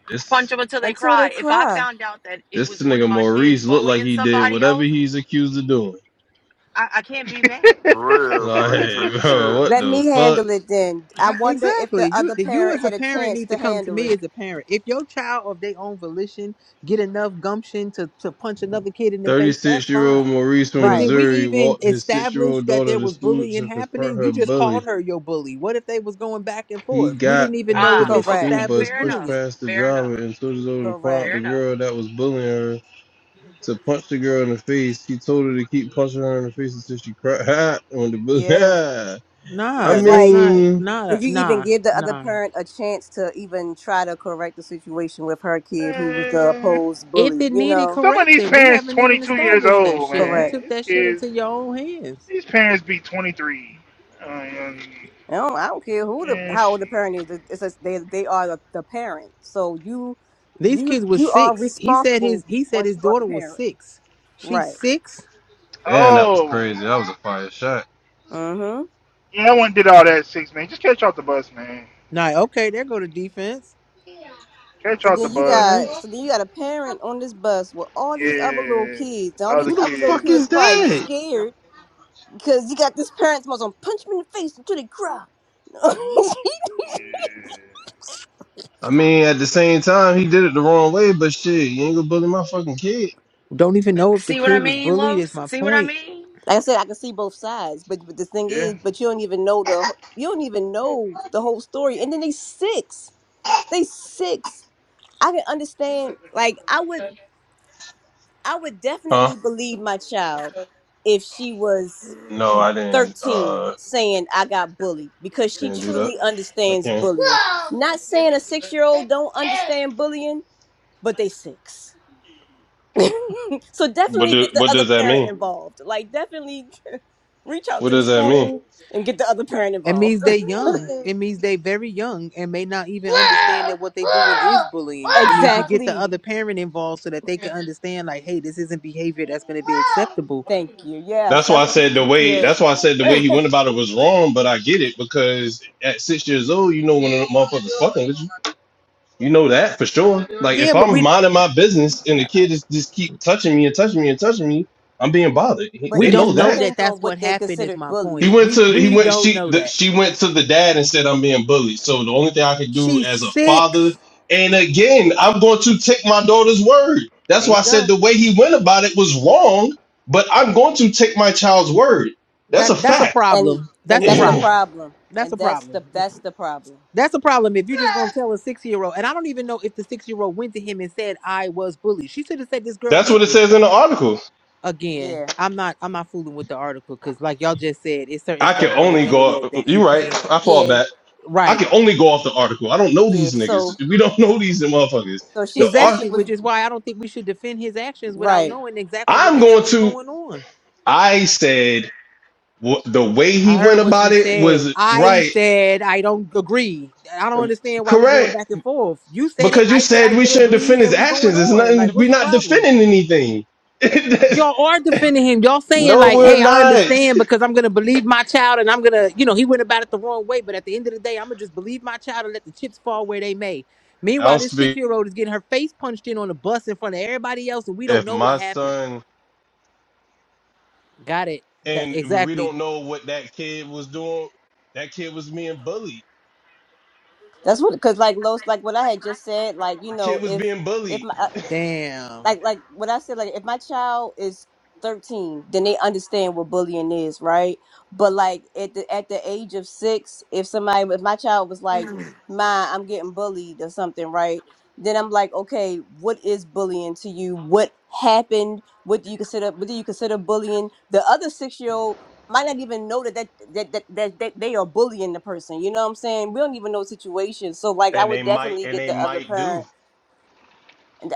S5: this.
S10: punch them until they
S3: until they
S10: cry. If I
S3: cry.
S10: found out that it
S5: This
S10: was one
S5: nigga
S10: of my kids
S5: Maurice looked like
S10: bullying
S5: he did
S10: somebody
S5: whatever
S10: else,
S5: he's accused of doing.
S10: I, I can't be mad.
S11: For real, Maurice
S5: Like,
S11: ain't
S5: bro,
S11: shit.
S5: what
S3: Let
S5: the
S3: me
S5: fuck?
S3: handle it then. I
S1: How-
S3: wonder if the
S1: Exactly. You
S3: other
S1: you
S3: parent
S1: as a
S3: had a
S1: parent
S3: chance
S1: need
S3: to
S1: to come to
S3: handle
S1: me
S3: it.
S1: as a parent. If your child of their own volition get enough gumption to, to punch another kid in the face, that's
S5: 36 year old
S1: fine.
S5: Maurice from
S1: But did
S3: Right.
S1: we
S5: Missouri
S1: even
S5: walked his six year
S1: establish
S5: old
S1: that
S5: daughter
S1: there
S5: to
S1: was
S5: school
S1: bullying
S5: to confront
S1: happening? You
S5: her
S1: just called
S5: bully.
S1: her your bully. What if they was going back and
S5: He
S1: forth? We
S5: got
S1: didn't even know
S5: onto
S1: if
S10: Ah,
S5: the
S1: it's
S3: Correct.
S5: school
S10: okay,
S5: bus,
S1: established
S10: fair
S5: pushed
S10: enough,
S1: bullying.
S5: past the
S10: fair enough,
S5: driver, and told his over to point out
S3: Correct.
S10: fair
S5: the
S10: enough.
S5: girl that was bullying her to punch the girl in the face. He told her to keep punching her in the face until she cried when the
S3: Yeah.
S5: bully. I
S1: Nah,
S3: Because
S1: that's
S3: like,
S1: not
S5: mean,
S1: nah
S3: did you even
S1: nah
S3: give the other
S1: nah.
S3: parent a chance to even try to correct the situation with her kid who was the
S4: man.
S3: opposed
S1: If
S3: bully?
S1: it
S3: You
S1: needed
S3: know.
S4: Some of these
S1: correcting, we
S4: parents
S1: haven't even
S4: 22 years
S1: established that
S4: old,
S1: shit. You
S3: Correct.
S4: man.
S1: took
S4: These
S1: that shit
S4: kids,
S1: into your own hands.
S4: these parents be 23. Um,
S3: I don't, I don't care who the
S4: and
S3: how old
S4: shit.
S3: the parent is. It's just they they are the, the parent. So you
S1: These
S3: you
S1: kids was
S3: you are
S1: six. He said
S3: responsible
S1: his he said
S3: once
S1: his
S3: you are the
S1: daughter was
S3: parent.
S1: six. She's
S3: Right.
S1: six.
S5: damn, that was
S4: Oh.
S5: crazy. That was a fire shot.
S3: Mm-hmm.
S4: Yeah, I went and did all that six man. Just catch off the bus, man.
S1: Nah, okay, there go to defense.
S4: Catch
S3: So
S4: off the
S3: then you
S1: All right.
S3: got
S4: bus.
S3: so then you got a parent on this bus with all these other little
S4: Yeah.
S3: kids. All
S4: Other
S3: these
S5: Who the
S3: other little
S5: fuck
S4: kids.
S3: kids
S5: is
S3: probably
S5: that?
S3: scared because you got this parent's most gonna punch me in the face until they cry. like
S4: Yeah.
S5: I mean, at the same time, he did it the wrong way, but shit, you ain't gonna bully my fucking kid.
S1: Don't even know if the
S10: See what
S1: kid
S10: I
S1: was
S4: Mm.
S10: mean,
S1: bullied is
S10: Los?
S1: my
S10: See what I
S1: point.
S10: mean?
S3: I said, I can see both sides, but but the thing
S4: Yeah.
S3: is, but you don't even know the you don't even know the whole story. And then they six, they six. I can understand. Like I would, I would
S5: Huh?
S3: definitely believe my child if she was
S5: No, I didn't.
S3: thirteen
S5: Uh,
S3: saying I got bullied because she
S5: didn't do that.
S3: truly
S5: I
S3: understands
S5: can't.
S3: bullying. Not saying a six year old don't understand bullying, but they six. So
S5: What
S3: definitely
S5: do,
S3: get the
S5: What
S3: other
S5: does that
S3: parent
S5: mean?
S3: involved. Like definitely reach out
S5: What
S3: to the
S5: does that mean?
S3: school and get the other parent
S1: It
S3: involved.
S1: means they young. It means they very young and may not even understand that what they doing is bullying. It means you get the
S3: exactly.
S1: other parent involved so that they can understand like, hey, this isn't behavior that's gonna be acceptable.
S3: Thank you. Yes,
S5: That's why
S3: that's
S5: I said the
S3: what,
S5: way.
S3: yeah.
S5: That's why I said the way he went about it was wrong. But I get it because at six years old, you know when a motherfucker's fucking with you. You know that for sure. Like
S1: Yeah,
S5: if
S1: but
S5: I'm
S1: we
S5: minding my business and the kid is just keep touching me and touching me and touching me, I'm being bothered. He-
S3: But
S1: We
S5: They
S3: it
S5: know
S3: just
S1: don't
S5: that.
S1: know that
S3: depends on
S1: that's what
S3: what they
S1: happened.
S3: consider
S1: Is my
S5: He
S1: point.
S3: bullying,
S5: went
S1: We
S5: to he
S1: we
S5: went
S1: don't
S5: she
S1: know
S5: the,
S1: that
S5: she went to the dad and said I'm being bullied. So the only thing I can do
S1: she's
S5: as a father,
S1: six.
S5: and again, I'm going to take my daughter's word. That's
S1: There
S5: why I
S1: you
S5: said
S1: go.
S5: the way he went about it was wrong, but I'm going to take my child's word. That's
S1: That
S5: a
S1: that's a
S5: fact.
S3: and
S1: problem. That's
S3: and
S1: a
S3: that's the
S1: problem.
S3: problem.
S1: That's
S3: And
S1: a
S3: that's
S1: problem.
S3: the that's the problem.
S1: That's a problem. If you're just gonna tell a six year old, and I don't even know if the six year old went to him and said I was bullied. She should have said this girl
S5: That's what
S1: hit
S5: it
S1: me.
S5: says in the article.
S1: Again,
S3: Yeah,
S1: I'm not. I'm not fooling with the article because, like y'all just said, it's certain
S5: I can
S1: stuff on the
S5: only go.
S1: internet that you
S5: You're right.
S1: can't.
S5: I fall
S3: yeah,
S5: back. I
S1: Right.
S5: can only go off the article. I don't know
S3: yeah.
S5: these niggas.
S3: So
S5: We don't know these motherfuckers.
S3: so she
S5: The
S3: said
S5: art.
S3: she
S1: Exactly.
S3: was
S1: Which is why I don't think we should defend his actions without
S3: right.
S1: knowing exactly what
S5: I'm
S1: the
S5: going
S1: hell is
S5: to.
S1: going on.
S5: I said. Wh- The way he
S1: I
S5: went
S1: heard what
S5: about
S1: you
S5: it
S1: said.
S5: was
S1: I
S5: right,
S1: said I don't agree. I don't understand why we going
S5: correct.
S1: back and forth. You said it.
S5: Because you
S1: I said
S5: said
S1: I
S5: we
S1: did
S5: shouldn't
S1: agree,
S5: defend his
S1: and we going
S5: actions. It's
S1: on.
S5: nothing.
S1: Like, what's
S5: We're
S1: the
S5: not
S1: problem?
S5: defending anything.
S1: Y'all are defending him. Y'all saying
S5: no,
S1: like,
S5: we're
S1: "Hey, I
S5: not.
S1: understand because I'm gonna believe my child, and I'm gonna, you know, he went about it the wrong way. But at the end of the day, I'm gonna just believe my child and let the chips fall where they may."
S5: I don't
S1: Meanwhile, this six
S5: speak.
S1: year old is getting her face punched in on the bus in front of everybody else, and we don't
S5: If
S1: know what
S5: my
S1: happened.
S5: son
S1: Got it. That
S5: and we don't
S1: exactly.
S5: know what that kid was doing, that kid was being bullied.
S3: That's what because like Los like what I had just said. Like you
S5: The
S3: know
S5: kid was
S3: if
S5: being
S3: if
S5: bullied,
S3: my
S1: Damn.
S3: like like what I said, like if my child is thirteen, then they understand what bullying is, right? But like at the at the age of six, if somebody if my child was like, Ma, I'm getting bullied or something, right? Then I'm like, okay, what is bullying to you? What happened? What do you consider what do you consider bullying? The other six year old might not even know that that, that that that that they are bullying the person. You know what I'm saying? We don't even know the situation. So like I
S5: and they
S3: would
S5: might
S3: definitely
S5: and
S3: get
S5: they
S3: the other
S5: might do.
S3: parent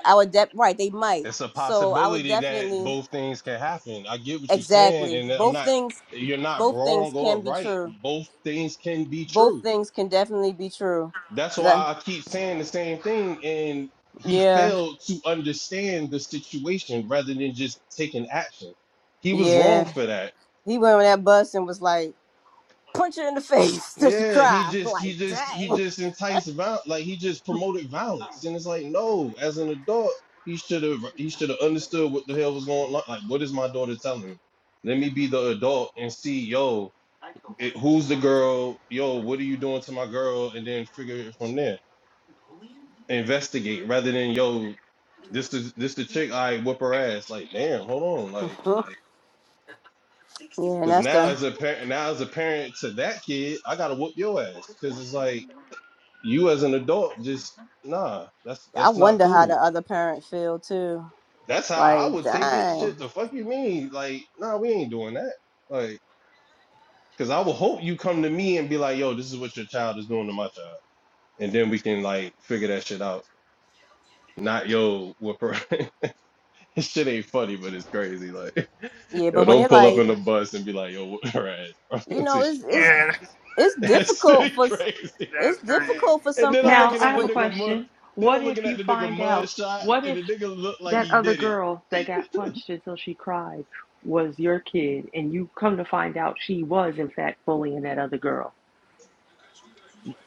S3: I would de- right, they might.
S5: it's a
S3: So I would
S5: possibility that
S3: definitely
S5: both things can happen. I get what you're saying,
S3: exactly.
S5: and I'm
S3: Both
S5: not
S3: things
S5: you're not
S3: both things
S5: wrong
S3: can
S5: or
S3: be
S5: right.
S3: true.
S5: Both things can be
S3: Both
S5: true.
S3: things can definitely be true.
S5: That's
S3: Yeah.
S5: why I keep saying the same thing. And he
S3: Yeah.
S5: failed to understand the situation rather than just taking action. He was
S3: Yeah.
S5: wrong for that.
S3: He went on that bus and was like, punch her in the face. Did she
S5: Yeah, he
S3: cry?
S5: just
S3: Like,
S5: he just he
S3: dang.
S5: just enticed violence, like he just promoted violence, and it's like no, as an adult, he should have he should have understood what the hell was going on. Like, what is my daughter telling me? Let me be the adult and see, yo, it, who's the girl? Yo, what are you doing to my girl? And then figure it from there. Investigate rather than yo, this is this the chick. I whip her ass. Like, damn, hold on, like,
S3: Mhm. yeah, and
S5: because
S3: that's
S5: now
S3: the
S5: as a parent, now as a parent to that kid, I gotta whoop your ass because it's like You as an adult, just nah. That's
S3: I
S5: that's not
S3: wonder how the
S5: cool.
S3: other parent feel too.
S5: That's how I
S3: Like,
S5: would take it. Shit,
S3: dang.
S5: the fuck you mean? Like, nah, we ain't doing that. Like, cause I would hope you come to me and be like, yo, this is what your child is doing to my child, and then we can like figure that shit out. Not yo, what per- this shit ain't funny, but it's crazy. Like,
S3: Yeah,
S5: yo,
S3: but when
S5: don't
S3: they're
S5: pull up
S3: like,
S5: in the bus and be like, yo, what her ass,
S3: you know,
S5: until she
S3: it's it's
S5: cry.
S4: Yeah.
S3: it's
S5: That's
S3: difficult for s-
S5: crazy.
S4: That's
S3: it's
S4: crazy.
S3: difficult for
S5: And
S3: some
S5: then I'm
S10: Now
S5: looking
S3: parents
S10: I
S5: at the
S10: have a
S3: with
S5: nigga mud.
S10: question.
S5: Then I'm
S10: What if
S5: looking at
S10: you
S5: the nigga
S10: find
S5: mud
S10: out?
S5: shot,
S10: What
S5: and
S10: if
S5: the nigga looked like
S10: that
S5: he
S10: other
S5: did it.
S10: girl that got punched until she cried was your kid, and you come to find out she was in fact bullying that other girl?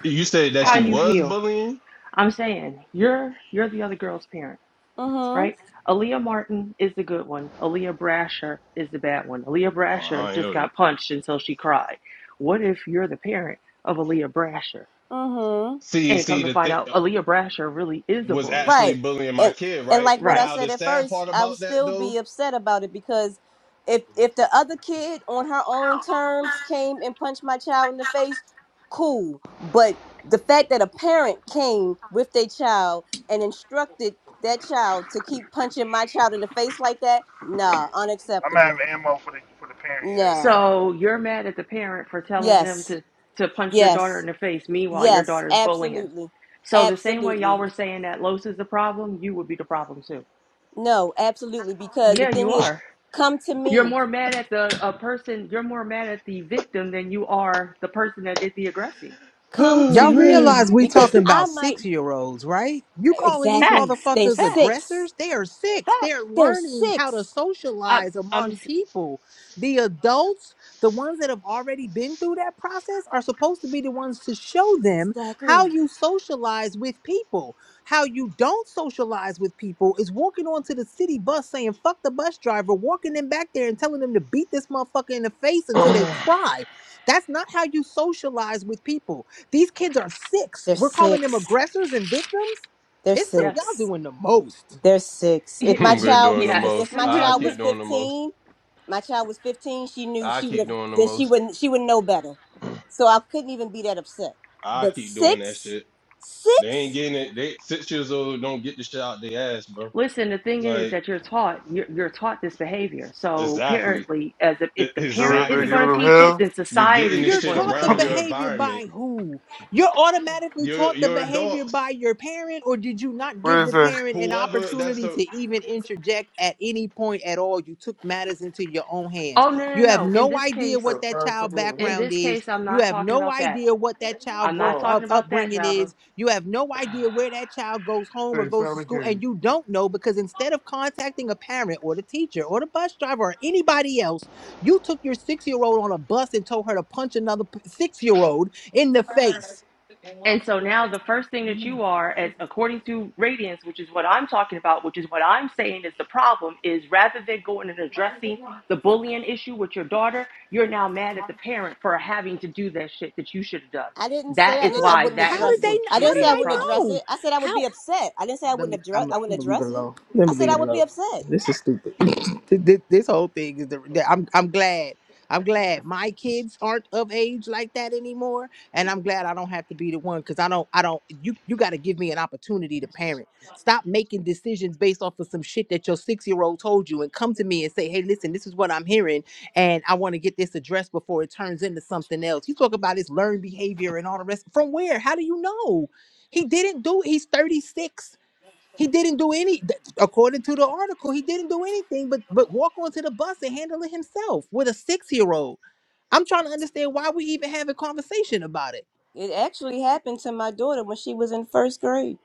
S5: You said that
S10: How
S5: she
S10: do you
S5: was
S10: feel?
S5: bullying.
S10: I'm saying you're you're the other girl's parent
S3: mhm
S10: right? Aaliyah Martin is the good one. Aaliyah Brasher is the bad one. Aaliyah
S5: Oh,
S10: Brasher
S5: I ain't
S10: just
S5: know that.
S10: got punched until she cried. What if you're the parent of Aaliyah Brasher?
S3: Mm-hmm.
S5: See,
S10: And come
S5: see,
S10: to
S5: the
S10: find
S5: thing
S10: out, Aaliyah Brasher really is a
S5: was
S10: bully.
S5: actually
S3: Right.
S5: bullying my
S3: And
S5: kid,
S3: and
S5: right?
S3: like what I
S10: Right.
S5: Now the
S3: said at
S5: sad
S3: first,
S5: part
S3: I would
S5: about that
S3: still
S5: though,
S3: be upset about it because if if the other kid on her own terms came and punched my child in the face, cool. But the fact that a parent came with their child and instructed that child to keep punching my child in the face like that,
S4: I'm
S3: nah,
S4: I'm out of
S3: unacceptable.
S4: ammo for the for the parent. Yeah.
S3: Nah.
S10: So you're mad at the parent for telling them
S3: Yes.
S10: to, to punch your daughter
S3: Yes.
S10: in the face. Meanwhile, your
S3: Yes.
S10: daughter's bullying.
S3: Absolutely.
S10: So the same way
S3: Absolutely.
S10: y'all were saying that Los is the problem, you would be the problem too.
S3: No, absolutely. Because the
S10: Yeah,
S3: thing
S10: you
S3: is,
S10: are.
S3: come to
S10: You're
S3: me.
S10: more mad at the a person, you're more mad at the victim than you are the person that did the aggressing.
S3: Come
S1: Y'all
S3: to me.
S1: realize we
S3: Because
S1: talking
S3: I
S1: about
S3: might
S1: six year olds, right? You calling these
S3: exactly.
S10: Facts.
S3: There's
S1: motherfuckers
S10: Facts.
S3: six.
S1: aggressors? They are six. They're
S10: Facts.
S3: There's
S1: learning how to
S3: six.
S10: I
S1: socialize
S10: I'm
S1: among
S10: s-
S1: people. The adults, the ones that have already been through that process, are supposed to be the ones to show them how
S3: Exactly.
S1: you socialize with people. How you don't socialize with people is walking onto the city bus saying, fuck the bus driver, walking them back there and telling them to beat this motherfucker in the face until they cry. That's not how you socialize with people these kids are six.
S3: There's
S1: We're calling them
S3: six.
S1: aggressors and victims.
S3: There's
S1: It's too,
S10: yes.
S1: y'all
S3: six.
S1: doing the most.
S3: There's six. If my
S5: we're
S3: child
S5: doing the
S3: was
S10: yes.
S3: fi- if
S5: most.
S3: my
S5: I
S3: child was
S5: keep doing the most.
S3: fifteen, my child was fifteen, she knew
S5: I
S3: she would
S5: keep
S3: have
S5: doing the
S3: then she
S5: most.
S3: wouldn't she would know better. So I couldn't even be that upset.
S5: I
S3: But
S5: keep doing that
S3: six?
S5: shit. They
S3: Six?
S5: ain't getting it. They six years old don't get the shit out their ass, bro.
S10: Listen, the thing is
S5: Like
S10: that you're taught you're, you're taught this behavior. So
S5: exactly,
S10: apparently as if, if
S5: E-
S10: the parent
S11: Junior been
S10: isn't
S5: exactly.
S10: going
S11: giving
S10: to
S11: them
S10: teach it,
S11: hell.
S10: then
S5: You're getting
S10: society
S5: this
S1: You're
S10: is
S5: shit
S10: going to
S1: taught the
S5: around
S10: teach
S5: your
S10: it.
S1: behavior
S5: environment.
S1: by who? You're automatically
S5: You're
S1: taught the
S5: you're
S1: behavior by
S5: adults.
S1: your parent, or did you not
S11: What
S1: give
S11: is
S1: the
S11: that?
S1: parent an
S5: Whoever that's
S1: opportunity
S5: the
S1: to even interject at any point at all? You took matters into your own hands.
S10: Oh no, no,
S1: You have
S10: no. In
S1: no
S10: this
S1: idea
S10: case,
S1: what
S11: Oh,
S1: that
S11: find
S1: child
S11: something over
S10: in
S11: here?
S1: background
S10: this
S1: is.
S10: case I'm
S1: You
S10: not
S1: have
S10: talking
S1: no
S10: about that.
S1: idea what that child
S10: I'm
S1: go,
S10: not
S11: Oh,
S1: up,
S10: talking about that,
S1: upbringing
S10: Java.
S1: is. You have no idea where that child goes home or
S11: they
S1: goes to
S11: finally
S1: school, and
S11: came.
S1: you don't know because instead of contacting a parent or the teacher or the bus driver or anybody else you took your six year old on a bus and told her to punch another six year old in the face.
S10: And so now the first thing that you are, as according to radiance, which is what I'm talking about, which is what I'm saying is the problem, is rather than going and addressing the bullying issue with your daughter, you're now mad at the parent for having to do that shit that you should have done.
S3: I didn't say
S10: That
S3: I
S10: is
S3: did. I
S10: why
S3: wouldn't
S10: that
S1: How did
S3: address
S1: they?
S3: it.
S10: would
S3: I
S10: she
S1: How
S3: didn't say
S1: did
S10: be
S3: I
S10: the
S1: I
S3: wouldn't address
S10: problem.
S1: know?
S3: it. I said I would
S1: How?
S3: be upset. I didn't say I
S1: Let
S3: wouldn't
S1: me.
S3: address.
S1: I'm,
S3: I
S1: I'm
S3: wouldn't
S1: gonna leave it
S3: address it.
S1: alone. Let
S3: I
S1: me
S3: said
S1: leave
S3: I
S1: it
S3: would be
S1: alone.
S3: upset.
S1: This is stupid. Th- th- this whole thing is. The, the- I'm. I'm glad. I'm glad my kids aren't of age like that anymore, and I'm glad I don't have to be the one because I don't. I don't. You. You got to give me an opportunity to parent. Stop making decisions based off of some shit that your six year old told you, and come to me and say, "Hey, listen, this is what I'm hearing, and I want to get this addressed before it turns into something else." You talk about his learned behavior and all the rest. From where? How do you know? He didn't do it. He's 36. He didn't do any, th- according to the article, he didn't do anything but but walk onto the bus and handle it himself with a six year old. I'm trying to understand why we even have a conversation about it.
S3: It actually happened to my daughter when she was in first grade.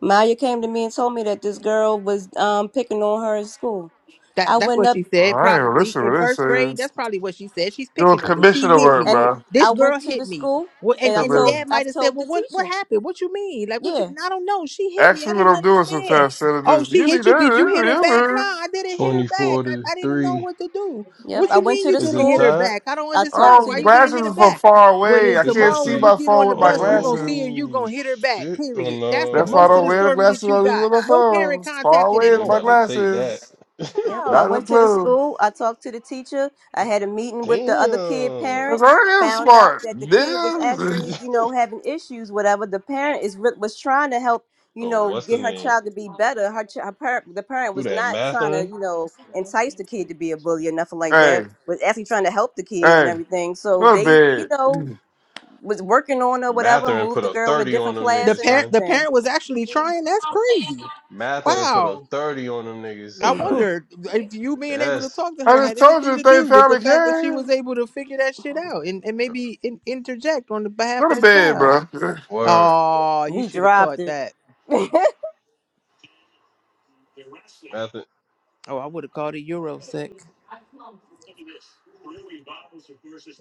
S3: Maya came to me and told me that this girl was um, picking on her in school.
S1: That
S3: I
S1: that's
S3: went
S1: what
S3: up
S1: she
S11: Oh,
S1: said,
S11: I ain't even
S1: probably
S11: listen
S1: in
S11: to this.
S1: first grade.
S11: Thing.
S1: That's probably what she said. She's
S11: Doing
S1: picking on me. She
S11: commissioner
S1: hit me.
S3: and
S11: work,
S3: I
S1: This
S3: went
S1: girl
S3: to
S1: hit
S3: the
S1: me.
S3: school
S1: Well, and,
S3: and I
S1: and the
S11: bro.
S3: told
S1: dad
S3: I
S1: might have said,
S3: told
S1: Well,
S3: the
S1: what what
S3: teacher.
S1: happened? What you mean? Like what you
S3: Yeah.
S1: I don't know. She hit me.
S11: Ask me
S1: I
S11: what
S1: didn't
S11: I'm doing
S1: understand.
S11: sometimes, Santa.
S1: Oh,
S11: This
S1: she
S11: you be
S1: hit you. Did you hit her back? No,
S11: there.
S1: I didn't hit her
S5: twenty
S1: back.
S5: four to
S1: I, I didn't know
S5: three.
S1: what to do.
S3: Yep,
S1: What
S3: I
S1: you
S3: went
S1: mean
S3: to
S1: you
S3: the
S5: Is
S1: didn't
S5: it
S1: hit
S3: school.
S1: her
S5: tied?
S1: back? I don't
S3: I talked
S1: understand.
S11: Oh,
S3: to
S1: Why
S3: the
S1: you didn't hit
S11: glasses
S1: her
S11: is from
S1: back?
S11: far
S1: Well,
S11: away.
S1: then
S11: I
S5: It's
S11: can't
S1: tomorrow
S11: see
S1: when
S5: actually
S1: we
S11: my
S1: get on
S11: phone
S1: the
S11: with my
S1: bus, you gonna see
S11: glasses.
S1: her, you
S5: oh
S1: gonna hit her back.
S5: shit. Oh
S1: Period. That's
S5: no,
S1: the
S11: That's
S5: they
S11: why I
S1: most of
S11: don't
S5: about
S1: the
S11: wear the
S5: to
S1: story
S11: glasses
S1: that you
S11: on these
S1: got.
S11: little
S1: No parent
S11: phones. Far
S1: contacted
S11: away
S5: yeah,
S1: at
S5: they
S11: is my
S1: all.
S5: about to take that.
S11: glasses.
S3: Yep, I
S1: Child,
S11: Not
S3: went
S11: up
S3: to the
S11: close.
S3: school. I talked to the teacher. I had a meeting with the other kid
S11: Cause
S3: parent.
S5: Damn.
S11: I am
S3: Found out
S11: smart,
S3: that the kid was
S11: nigga.
S3: actually, you know, having issues. Whatever the parent is re- was trying to help, you
S5: Oh,
S3: know,
S5: what's the
S3: get her
S5: name?
S3: child to be better. Her, ch- her parent, the parent
S5: Who
S3: was
S5: that
S3: not trying to,
S5: Matherin?
S3: you know, entice the kid to be a bully or nothing like
S11: hey,
S3: that. Was actually trying to help the kid and
S11: hey,
S3: everything. So
S11: go to
S3: they, you
S11: bed.
S3: know, was working on her whatever.
S5: Matherin
S3: Moved
S5: put
S3: the
S5: a
S3: girl in a
S5: 30 on
S3: different
S5: them
S1: the
S3: class
S5: niggas,
S3: and
S1: parent
S5: son.
S1: the
S3: everything.
S1: parent was actually trying. That's crazy.
S5: Matherin put a
S1: Wow.
S5: 30 on them niggas.
S1: I
S5: Like,
S1: wonder if you being able to
S5: that's
S1: talk to
S11: I
S1: her had
S11: just told you
S1: anything to
S11: that they
S1: do with the
S11: finally
S1: fact that she was
S11: came.
S1: able to figure that shit out and, and maybe in, interject on the behalf
S11: Go
S1: of
S11: to
S1: the
S11: bed,
S1: child.
S11: bro.
S5: word.
S1: Oh, you
S3: he
S1: should have
S3: dropped
S1: caught
S3: it.
S1: that.
S5: Matherin.
S1: Oh, I would have called it Eurosec.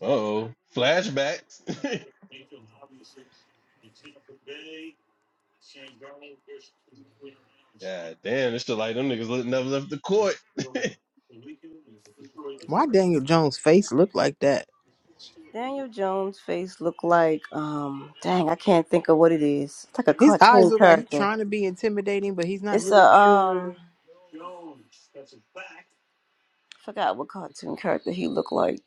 S5: Uh-oh. Flashbacks. God damn, it's just like them niggas li- never left the court.
S1: Why Daniel Jones' face look like that?
S3: Daniel Jones' face looked like um dang, I can't think of what it is. It's like a
S1: His eyes
S3: cartoon
S1: look like he's
S3: character.
S1: trying to be intimidating, but he's not
S3: It's a
S1: really sure.
S3: um forgot what cartoon character he looked like.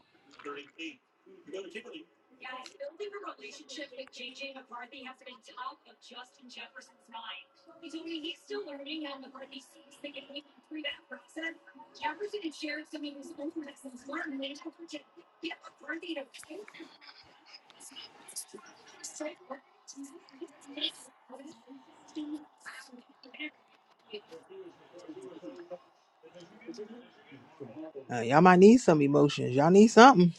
S1: Uh, y'all might need some emotions. Y'all need something.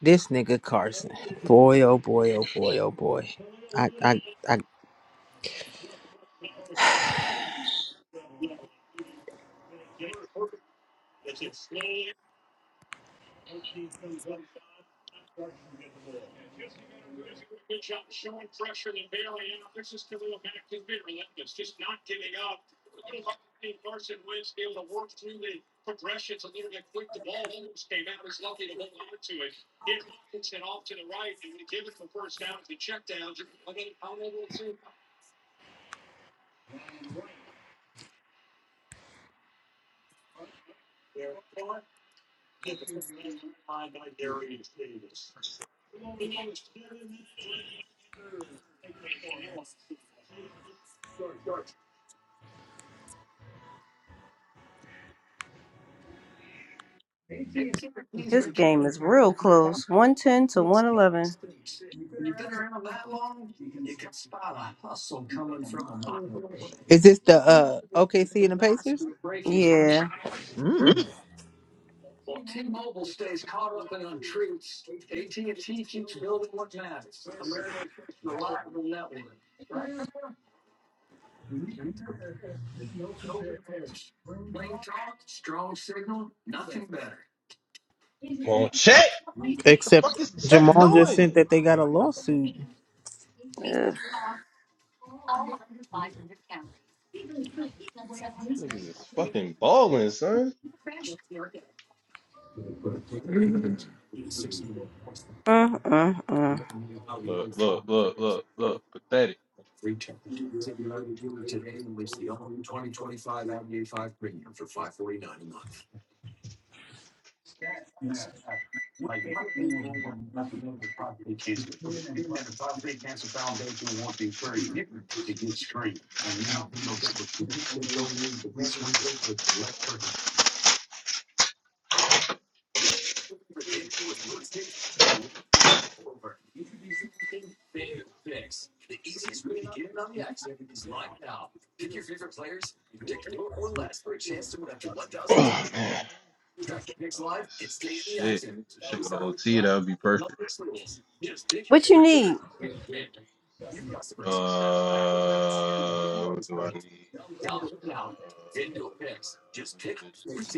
S1: This nigga Carson, boy, oh boy, oh boy, oh boy. I, I, I.
S3: His game is real close. One ten to one eleven.
S1: Is this the uh OKC and the Pacers?
S3: Yeah.
S1: Mm.
S5: Come on, Chet. The
S1: Except
S5: fuck is Chet
S1: Jamal just
S5: doing?
S1: sent that they got a lawsuit.
S3: Ugh.
S5: Niggas is fucking balling, son.
S3: Mm, mm, mm.
S5: Look, look, look, look, look. Pathetic. Oh, man. Oh, this shit. This shit go to OT, that would be perfect.
S3: What you need?
S5: Uh, what do I need? Uh, I need a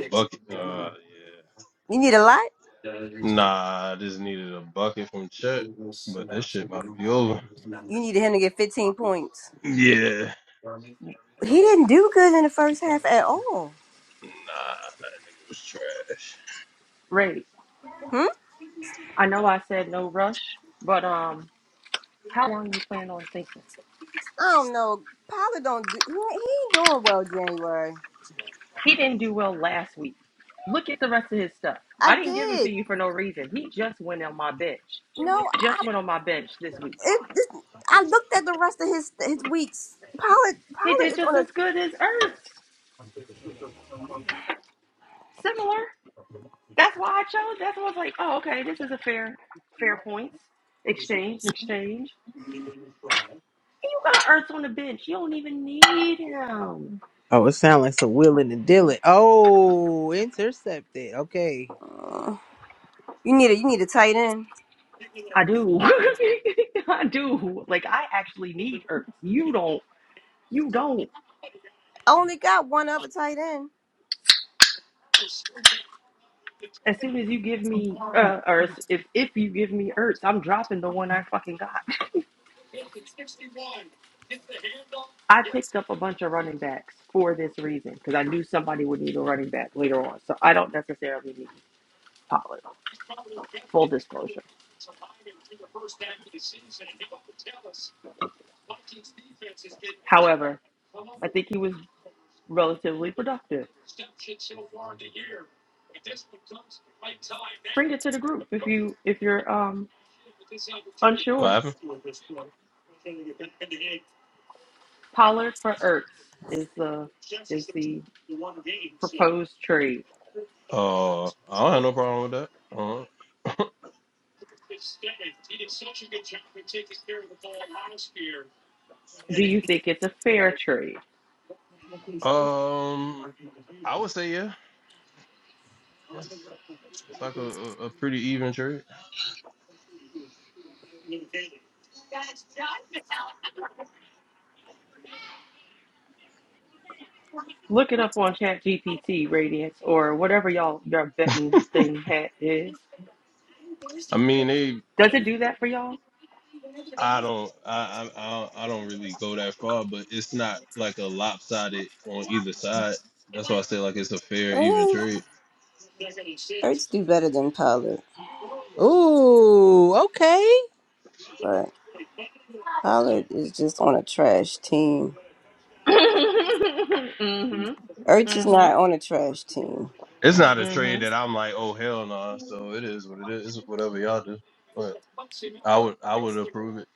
S5: bucket. Uh, yeah.
S3: You need a lot?
S5: Nah, I just needed a bucket from Chet, but this shit about to be over.
S3: You needed him to get fifteen points.
S5: Yeah.
S3: He didn't do good in the first half at all.
S5: Nah, that nigga was trash.
S10: Ray,
S3: Hmm?
S10: I know I said no rush, but um, how long you plan on thinking?
S3: I don't know. Pollard don't do he he ain't doing well January.
S10: He didn't do well last week. Look at the rest of his stuff.
S3: I
S10: I didn't give him to
S3: did.
S10: you for no reason. He just went on my bench.
S3: No,
S10: Just went on my bench this week.
S3: It, it, I looked at the rest of his his weeks. Pollard
S10: He did
S3: Pollard is on
S10: just
S3: a.
S10: as good as Earth. Similar. That's why I chose. That's why I was like, oh, okay, this is a fair, fair points exchange, exchange. And you got Earth on the bench. You don't even need him.
S1: Oh, it sounds like some willing and dealing. Oh, intercepted. Okay.
S3: Uh, you need a you need a tight end.
S10: I do. I do. Like I actually need Earth. You don't. You don't.
S3: I only got one other tight end.
S10: As soon as you give me uh, Earth, if if you give me Earth, I'm dropping the one I fucking got. I picked up a bunch of running backs for this reason because I knew somebody would need a running back later on. So I don't necessarily need Pollard. Full disclosure. However, I think he was relatively productive. Bring it to the group if you if you're um
S5: What
S10: unsure.
S5: happened?
S10: Pollard for Ertz is the is the proposed trade.
S5: Uh, I don't have no problem with that.
S10: Do you think it's a fair trade?
S5: uh um, I would say yeah. It's it's like a, a, a pretty even trade.
S10: Look it up on Chat GPT, Radiance, or whatever y'all your betting thing hat is.
S5: I mean, they.
S10: Does it do that for y'all?
S5: I don't. I, I I don't I don't really go that far, but it's not like a lopsided on either side. That's why I say like it's a fair even
S3: Uh,
S5: trade.
S3: Ertz do better than Pollard,
S1: Ooh, okay.
S3: but Pollard is just on a trash team.
S10: hmm
S3: Ertz is
S10: hmm
S3: not on a trash team.
S5: It's not a
S10: hmm
S5: trade that I'm like, oh hell no. Nah. So it is what it is. It's whatever y'all do. But I would I would approve it.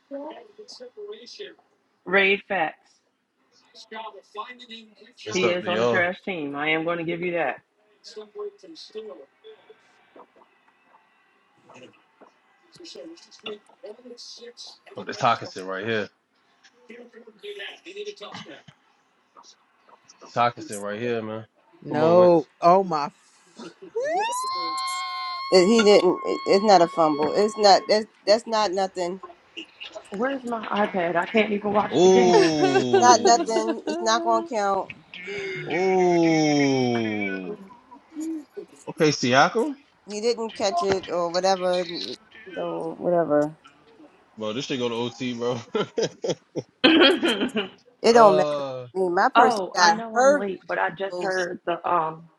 S10: Raid facts.
S5: It's
S10: He
S5: up
S10: is
S5: to
S10: on the
S5: y'all.
S10: trash team. I am going to give you that.
S5: But it's Hawkinson right here. Sakasin right here, man. Come on,
S1: No.
S5: Wentz.
S1: Oh my.
S3: It- he didn't. It, it's not a fumble. It's not. That's that's not nothing.
S10: Where's my
S4: Do do
S10: iPad? I can't even
S4: do do
S10: watch
S5: Ooh.
S10: the game.
S3: It's
S4: do do.
S3: not nothing. It's not gonna count.
S4: Do do do do do do do.
S5: Ooh. Okay, Siakam.
S3: He didn't
S4: Do
S3: catch
S4: do do
S3: it
S4: do
S3: or
S4: do
S3: whatever. So whatever.
S4: do. do.
S5: Bro, this should go to OT, bro.
S3: It don't matter.
S5: uh
S3: I mean, my person
S10: oh, I
S3: got
S10: know I'm
S3: hurt
S10: late, but I just
S3: Oh,
S10: heard the um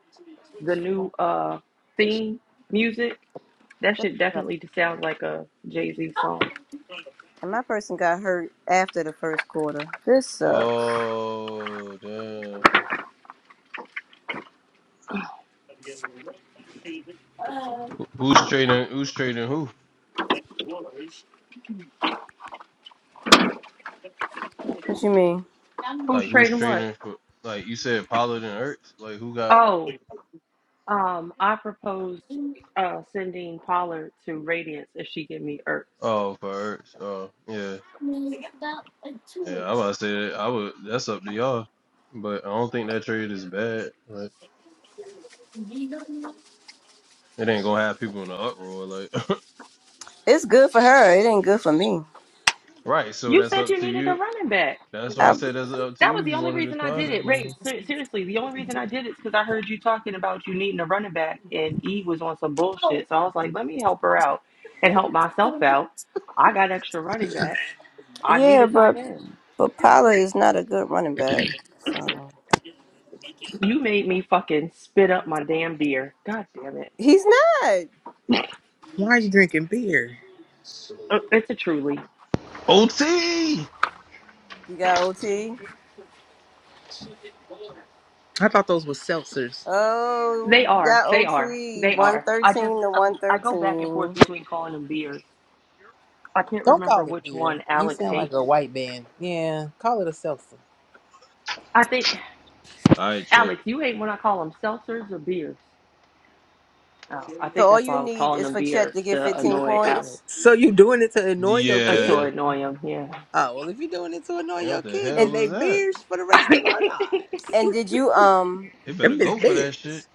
S10: the new uh theme music. That
S3: that
S10: shit
S3: sucks.
S10: definitely sounds like a Jay Z song.
S3: And my person got hurt after the first quarter. This sucks.
S5: oh damn. Who- Who's trading who's trading who?
S3: What you mean?
S10: Who's
S5: Like who's
S10: trading what?
S5: trading for like you said Pollard and Ertz? Like who got
S10: Oh, um, I proposed uh sending Pollard to Radiance if she give me Ertz.
S5: oh for Ertz. Oh yeah. Yeah, I was about to say that. I would that's up to y'all. But I don't think that trade is bad. Like it ain't gonna have people in the uproar like
S3: It's good for her. It ain't good for me.
S5: Right, so
S10: You
S5: that's
S10: said
S5: up
S10: you
S5: to
S10: needed a
S5: you.
S10: running back.
S5: That's why I
S3: I,
S5: said that's up to
S10: That
S5: you
S10: was
S5: if
S10: the
S5: you
S10: only
S5: want to
S10: reason I
S5: decline
S10: did
S5: that
S10: it.
S5: mother.
S10: Ray, ser- seriously, the only reason I did it is because I heard you talking about you needing a running back, and E was on some bullshit. So I was like, let me help her out and help myself out. I got extra running backs. I need
S3: yeah,
S10: a tight
S3: but
S10: end.
S3: but Paula is not a good running back. So
S10: You made me fucking spit up my damn beer. God damn it.
S3: he's not.
S1: Why are you drinking beer?
S10: Uh, It's a truly.
S5: OT.
S3: You got OT.
S1: I thought those were seltzers.
S10: They
S3: Oh, you
S10: are.
S3: got
S10: They are.
S3: OT.
S10: They
S3: One
S10: are. I just,
S3: thirteen to
S10: I
S3: one
S10: I go back and forth
S3: thirteen.
S10: between calling them beers. I can't
S1: Don't
S10: remember
S1: call it
S10: which
S1: beer.
S10: one
S1: You
S10: Alex
S1: sound like
S10: hates.
S1: a white man. Yeah, call it a seltzer.
S10: I think,
S5: All right, check.
S10: Alex, you hate when I call them seltzers or beers. Oh, I
S3: So
S10: think
S3: all
S10: that's why I
S3: you
S10: was
S3: need
S10: calling
S3: is
S10: them
S3: for Chet
S10: beers
S3: to get
S10: to
S3: fifteen
S10: annoy Alex.
S3: points.
S1: So you doing it to annoy your
S10: Uh, to
S1: kid?
S5: Yeah.
S10: annoy him, yeah.
S1: Oh well, if you're doing it to annoy
S5: Yeah,
S1: your
S5: What the
S1: kid,
S5: hell
S1: then
S3: And
S1: they
S5: was that?
S1: beers for the rest of our lives.
S3: and did you um
S5: They better
S1: Them is
S5: go for that shit.
S1: beers.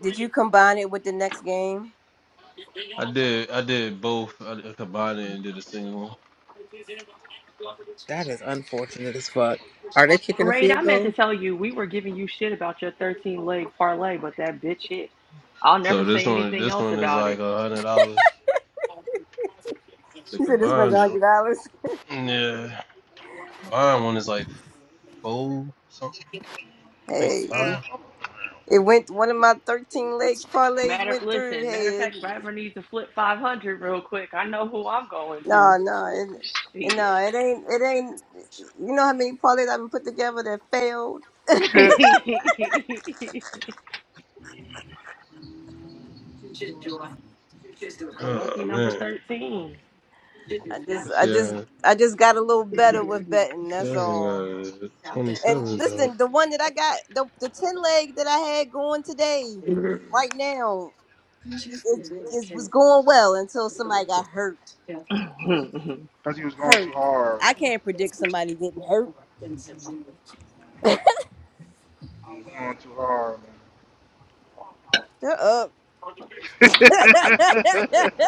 S3: did you combine it with the next game?
S5: I did. I did both. I did- I combined it and did a single one.
S1: That is unfortunate as fuck. Are they kicking a
S10: Raid,
S1: field
S10: I meant to
S1: goal?
S10: tell you, we were giving you shit about your 13 leg parlay, but that bitch hit. I'll
S5: So
S10: never
S5: this
S10: say
S5: one,
S10: anything
S5: this
S10: else
S5: one is
S10: about
S5: like
S10: it.
S5: a hundred dollars. The
S3: You said this was a
S5: combined, jo-
S3: hundred dollars.
S5: yeah, combined one is like four something. I think
S3: Hey.
S5: five.
S3: It went one of my thirteen leg parlays
S10: Matter,
S3: went through.
S10: listen,
S3: Hey,
S10: matter of
S3: it,
S10: fact, if I ever need to flip 500 real quick, I know who I'm going to.
S3: no, no, it, it-
S10: Shit.
S3: no, it ain't, it ain't. You know how many parlays I've put together that failed. I
S4: Shit,
S10: Lucky
S5: Oh
S10: number
S5: man.
S10: 13.
S3: just, I just,
S5: Yeah.
S3: I just got a little better with betting. That's
S5: Seven
S3: all.
S5: got a
S3: And
S5: twenty-seven jump.
S3: listen, the one that I got, the the ten leg that I had going today, right now, it, it was going well until somebody got hurt.
S4: cause he was going
S3: Hurt.
S4: too hard.
S3: I can't predict somebody getting hurt.
S4: You was going too hard,
S3: Shut up.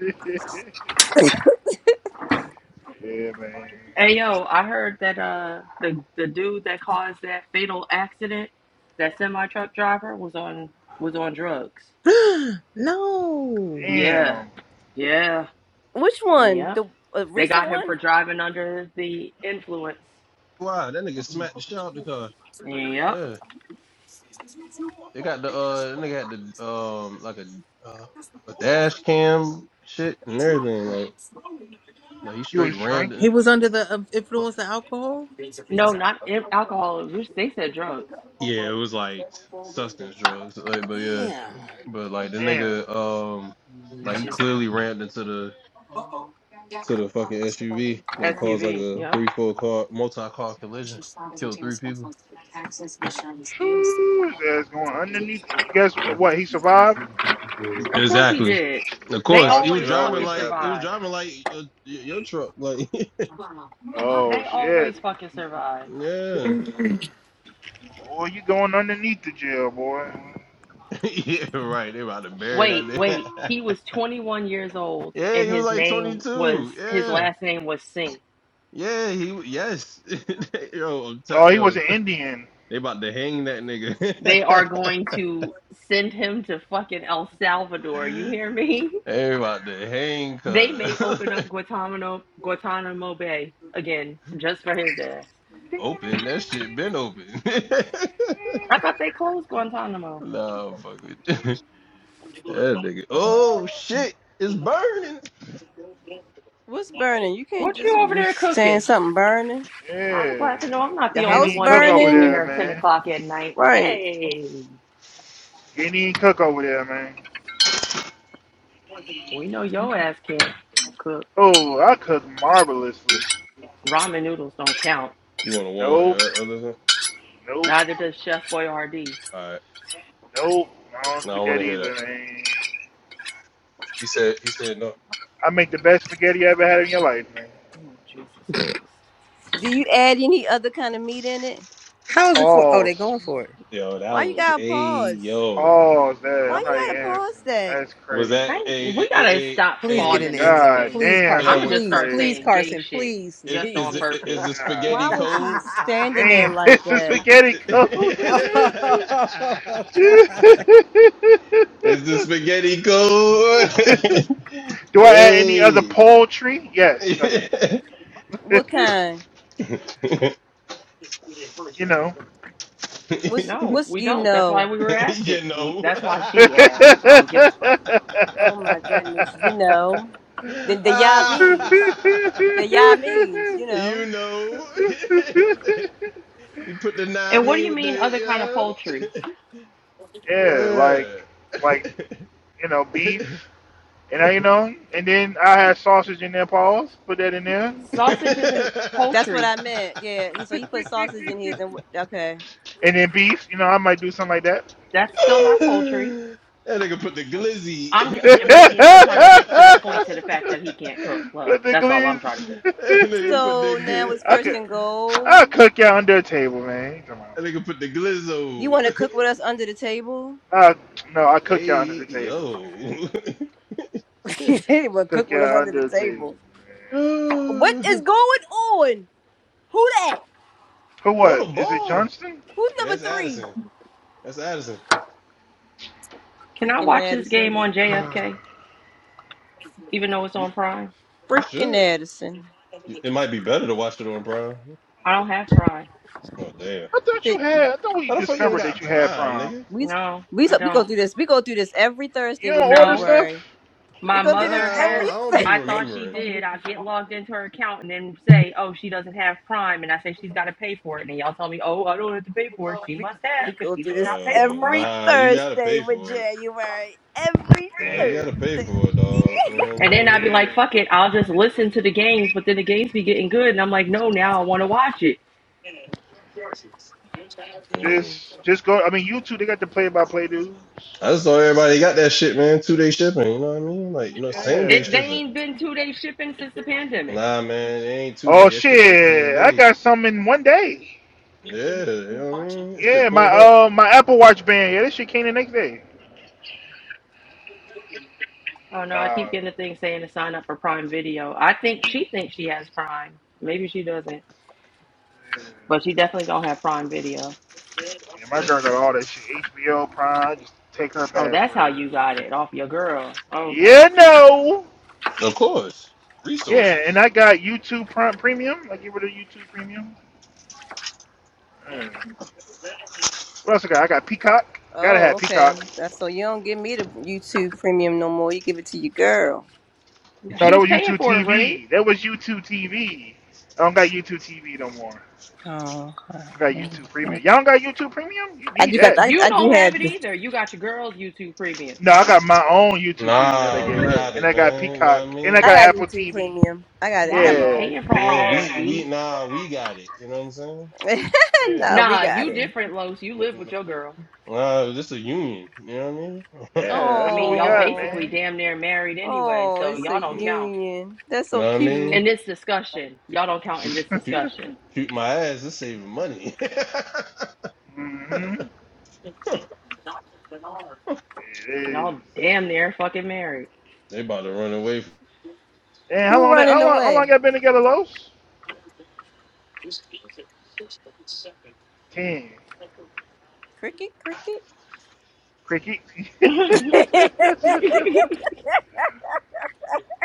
S4: man. yeah, man.
S10: Hey yo, I heard that uh the the dude that caused that fatal accident, that semi truck driver was on was on drugs.
S1: no.
S10: Yeah.
S4: Damn.
S10: Yeah.
S3: Which one?
S10: Yep.
S3: The uh,
S10: They
S3: recent
S10: got him for
S3: one?
S10: driving under the influence.
S5: Wow, that nigga smacked the shit out the car.
S10: Yep.
S5: Yeah, they got the uh, they got the um, like a uh, a dash cam shit and everything. Like, like he
S4: You
S5: straight
S4: was
S5: random.
S1: He
S4: drinking?
S1: was under the uh, influence of alcohol.
S10: No, not in- alcohol. It was- They said drugs.
S5: Yeah, it was like s- substance drugs. Like, but yeah,
S1: Damn.
S5: but like the
S4: Damn.
S5: nigga um, like he clearly rammed into the to the fucking SUV that caused like
S10: SUV.
S5: a
S10: Yep.
S5: three four car multi car collision, killed three people.
S4: Phew, his ass going underneath. Guess what? He survived?
S10: Of course he
S5: Exactly.
S10: did.
S5: Of
S10: They
S5: course,
S4: Oh,
S5: he was
S4: shit
S10: always
S5: driving
S10: fucking
S4: always
S5: like he
S4: happen.
S5: was
S10: survive.
S5: driving like your your truck. Like
S4: Oh,
S10: They
S4: shit.
S10: always fucking survive.
S5: yeah,
S4: Boy, you going underneath the jail, boy.
S5: yeah, right. They about to bury
S10: Wait,
S5: that nigga.
S10: wait.
S4: Shoo.
S10: He was 21 years old,
S5: yeah, he
S10: and
S5: was
S10: his
S5: like twenty
S10: name was
S5: two.
S10: his
S5: Yeah,
S10: last name was Singh.
S5: yeah, he w- yes. yo, I'm
S4: Oh,
S5: t-
S4: he was
S5: yo,
S4: an Indian.
S5: they about to hang that
S10: They are
S5: nigga.
S10: going to send him to fucking El Salvador. You hear me?
S5: they about to hang.
S10: They may
S5: Cause
S10: open up Guantanamo Guantanamo Bay again just for his ass.
S5: open that shit been open.
S10: I thought they closed Guantanamo.
S5: nah, fuck it. That nigga. Oh shit, it's burning.
S3: What's burning? You can't
S10: What you
S3: just
S10: over
S3: was
S10: there
S3: saying
S10: cooking?
S3: something burning.
S10: I'm
S4: Yeah.
S10: glad to know I'm not
S3: The
S10: the
S4: Can't
S10: only
S3: house
S4: even
S10: one
S4: cook over
S10: making
S4: there,
S3: burning,
S10: dinner at 10
S4: man.
S10: o'clock at night.
S3: right?
S10: Hey,
S4: Any cook over there, man.
S10: we know your ass can't cook.
S4: Oh, I cook
S5: You,
S4: marvelously.
S10: Ramen noodles don't count.
S5: you want to warm up
S4: Nope,
S5: your other thing?
S4: nope,
S10: Neither does Chef Boyardee.
S5: All right.
S4: nope. I don't
S5: No,
S4: cook
S5: I want
S4: that
S5: to hear that.
S4: either, man.
S5: He said. He said no.
S4: I make the best spaghetti you ever had in your life, man.
S10: Oh, Jesus Christ.
S3: Do you add any other kind of meat in it?
S1: How is it for? Oh, they
S4: Pause.
S1: going for it.
S5: Yo, that
S3: Why you
S5: was
S3: gotta
S5: a
S3: pause?
S5: yo.
S4: Pause that.
S3: Why
S4: I'm
S3: you
S4: not even
S3: gotta
S4: answering.
S3: pause that?
S4: That's
S5: Was
S4: crazy.
S5: that
S10: Hey,
S5: a
S10: we gotta
S5: a
S10: stop
S1: Please get
S5: a
S1: in
S5: a
S1: the
S10: pausing
S5: is
S1: end zone.
S4: God
S10: everything.
S1: Please,
S4: damn,
S10: I'm
S1: Carson.
S4: that
S10: gonna
S5: a
S4: was
S10: just
S1: Please,
S10: start
S4: crazy.
S1: please,
S10: saying gay
S1: Carson.
S10: shit
S1: Please,
S5: is
S10: just
S5: is
S10: on
S1: Jesus
S5: the- is
S10: purpose.
S5: the spaghetti
S3: Why
S1: Christ.
S4: God
S3: was he
S5: cold?
S3: standing there
S4: damn,
S3: like
S4: this is
S3: that?
S4: spaghetti cold.
S1: oh
S4: do
S1: God.
S5: Is the spaghetti cold?
S4: I add any other
S5: hey.
S4: poultry? Yes, I do.
S3: What kind?
S4: you know.
S3: What's
S10: No,
S3: what's
S10: we
S3: you
S10: don't. That's why
S3: know?
S10: we were asking.
S5: you
S10: We,
S5: know.
S10: that's why she asked, because I don't give a fuck.
S3: Oh my goodness, you know the the ya means
S5: Ah,
S3: the ya means you know
S5: you know, you put the
S10: And
S5: nine
S10: what do
S5: me
S10: you
S5: with
S10: mean,
S5: the
S10: other kind of
S5: yeah,
S10: poultry?
S4: yeah, like,
S5: yeah.
S4: like, you know, beef,
S5: that
S4: and I, you know, and then I had sausage in there. Pause. Put that in there.
S3: that's what
S10: Sausage
S3: that,
S10: isn't
S3: that's what
S10: poultry.
S3: I meant. Yeah, he so
S4: and
S3: he put sausage in his and wh- okay.
S4: then beef. You know, I might do something like that.
S10: That's still not poultry.
S5: nigga put the glizzy.
S10: I'm j-
S4: but
S10: Radiance. I'm trying to get to the point to the fact that he can't cook, love.
S4: the
S10: That's all
S4: glees,
S10: I'm trying to do.
S5: that nigga put the
S3: So now
S5: good.
S3: it's
S4: I
S3: first
S4: could,
S3: and
S4: I'll
S3: goal.
S4: cook y'all under the table, man. Come on.
S5: That nigga put the
S3: You
S5: glizzo.
S3: want to cook with us under the table?
S4: I, no, I cook y'all under
S5: Hey
S4: the table, man.
S5: yo,
S3: You well, cook
S4: Cook
S3: with us
S4: y'all
S3: under the
S4: under the table,
S3: table.
S4: man.
S3: What
S5: throw
S3: is going on? Who that?
S4: For
S5: the
S4: what? Is it
S5: ball.
S4: Johnston?
S3: Who's
S5: Yeah,
S3: number
S5: that's
S3: three?
S5: Addison. That's Addison.
S10: Can I
S3: Freaking
S10: watch this game
S3: Addison.
S10: on
S4: I
S10: JFK, even though it's on Prime?
S5: You
S3: Freaking
S5: should.
S3: Addison.
S5: It might be better to watch it on Prime.
S10: I don't have Prime.
S5: Oh damn!
S4: thought you
S3: Sit.
S4: had. I thought we
S5: How the fuck you don't
S4: discovered that
S5: got
S4: you had
S5: Prime,
S4: prom.
S5: nigga?
S3: We
S10: No,
S3: we
S10: I
S3: we go
S10: don't.
S3: through this. We go through this every
S4: You
S3: Thursday with
S4: don't order
S10: No,
S4: stuff.
S3: January. We
S10: my
S3: go
S5: Nah,
S3: through this
S10: mother
S5: I
S3: every
S5: don't,
S10: has.
S5: I don't be
S3: Thursday.
S10: I thought she
S5: remembering.
S10: did. I get logged into her account and then say, "Oh, she doesn't have Prime," and I say she's got to pay for it, and y'all tell me, "Oh, I don't have to pay for it. She
S3: we,
S10: must
S3: we
S10: have because
S3: go
S10: she
S3: through
S10: does
S3: this
S10: not pay for
S5: Uh,
S3: every
S10: Prime."
S5: nah, you gotta
S3: Thursday
S5: pay
S3: with
S5: for it.
S3: January. Every
S5: Nah, you
S4: Man,
S5: gotta pay
S3: Thursday.
S5: for it, dog. You know
S10: And then I'd be
S5: what
S4: yeah.
S10: like, "Fuck it, I'll just listen to the games." But then the games be getting good, and I'm like, "No, now I want to watch it."
S5: I mean? Mm.
S4: Just, just go. I mean, you two, they got the play-by-play dudes.
S5: I just thought everybody got that shit, man. Two day shipping. You know what I mean? Like, you know, same day
S10: It they
S4: Yeah.
S5: shipping.
S10: ain't been two days shipping since the pandemic.
S5: Nah, man, it ain't two
S4: Oh
S5: day. That shit like same
S4: shit! I
S5: day.
S4: got some in one day.
S5: Yeah, you know what I mean? That shit
S4: Yeah, my
S5: pulled up.
S4: uh my Apple Watch band. Yeah, this shit came the next day.
S10: Oh no, I keep
S4: Uh,
S10: getting a thing saying to sign up for Prime Video. I think she thinks she has Prime. Maybe she doesn't,
S4: yeah.
S10: but she definitely don't have Prime Video.
S4: yeah, my girl got all that shit. HBO Prime. Just take her
S10: Oh, that's how
S4: password.
S10: you got it off your girl. Okay.
S4: Yeah, no.
S5: Of course,
S4: Yeah, and
S5: resources.
S4: I got YouTube Prime Premium. I get rid of YouTube Premium. Mm. What else I got? I got Peacock. Gotta
S3: Oh,
S4: have Peacock.
S3: okay. That's so you don't give me the YouTube premium no more. You give it to your girl.
S4: No, that
S10: She's
S4: was
S10: paying
S4: YouTube
S10: for it, Ray.
S4: TV. That was YouTube TV. I don't got YouTube TV no more.
S3: Oh, okay.
S4: I got
S3: Mm,
S4: YouTube
S3: mm.
S4: Premium. Y'all don't got YouTube Premium? You
S3: I
S4: need
S3: do got.
S4: that.
S3: I,
S10: You
S3: I do
S10: don't have
S3: have.
S10: it
S3: The,
S10: either. You got your girl's YouTube premium.
S4: No, I got my own YouTube Premium that I
S5: Nah,
S4: gave
S5: we
S4: her,
S5: got
S4: and
S5: it,
S4: I got
S5: man. You know what I
S4: Peacock, and I
S5: mean?
S3: I
S4: got
S3: got
S4: Apple
S3: YouTube
S4: TV.
S3: premium. I got it.
S10: Why
S3: I
S10: are
S3: got my
S5: We,
S10: you
S4: Yeah,
S3: own.
S10: paying for all
S5: yeah,
S10: of that,
S5: we we
S10: E?
S5: nah, we got it. You know what I'm saying?
S4: yeah,
S3: no, we
S10: Nah,
S3: got
S10: you
S3: it.
S5: Mm,
S10: different, Los. You
S5: mm,
S10: live
S5: mm.
S10: with your girl.
S5: Nah, this a union. You know what I mean?
S4: yeah
S10: I
S4: that's what
S10: mean,
S4: we
S10: y'all
S4: got,
S3: Oh,
S10: basically
S4: man.
S10: damn near married anyway,
S3: oh,
S10: so
S3: it's a
S10: y'all don't
S5: you
S10: count
S3: union. That's so
S5: know what I
S3: cute.
S5: mean?
S10: in this discussion. Y'all don't count in
S5: Shoot,
S10: this
S5: shoot,
S10: discussion.
S5: shoot my ass. It's saving money.
S4: hmm It is.
S10: Y'all damn near fucking married.
S5: they about to run away. From...
S4: And how
S3: Who
S4: long? that?
S3: running
S4: How long? How long
S3: away?
S4: y'all been together, Los? Ten.
S3: Cricket, cricket.
S4: Cricket. yeah,
S10: he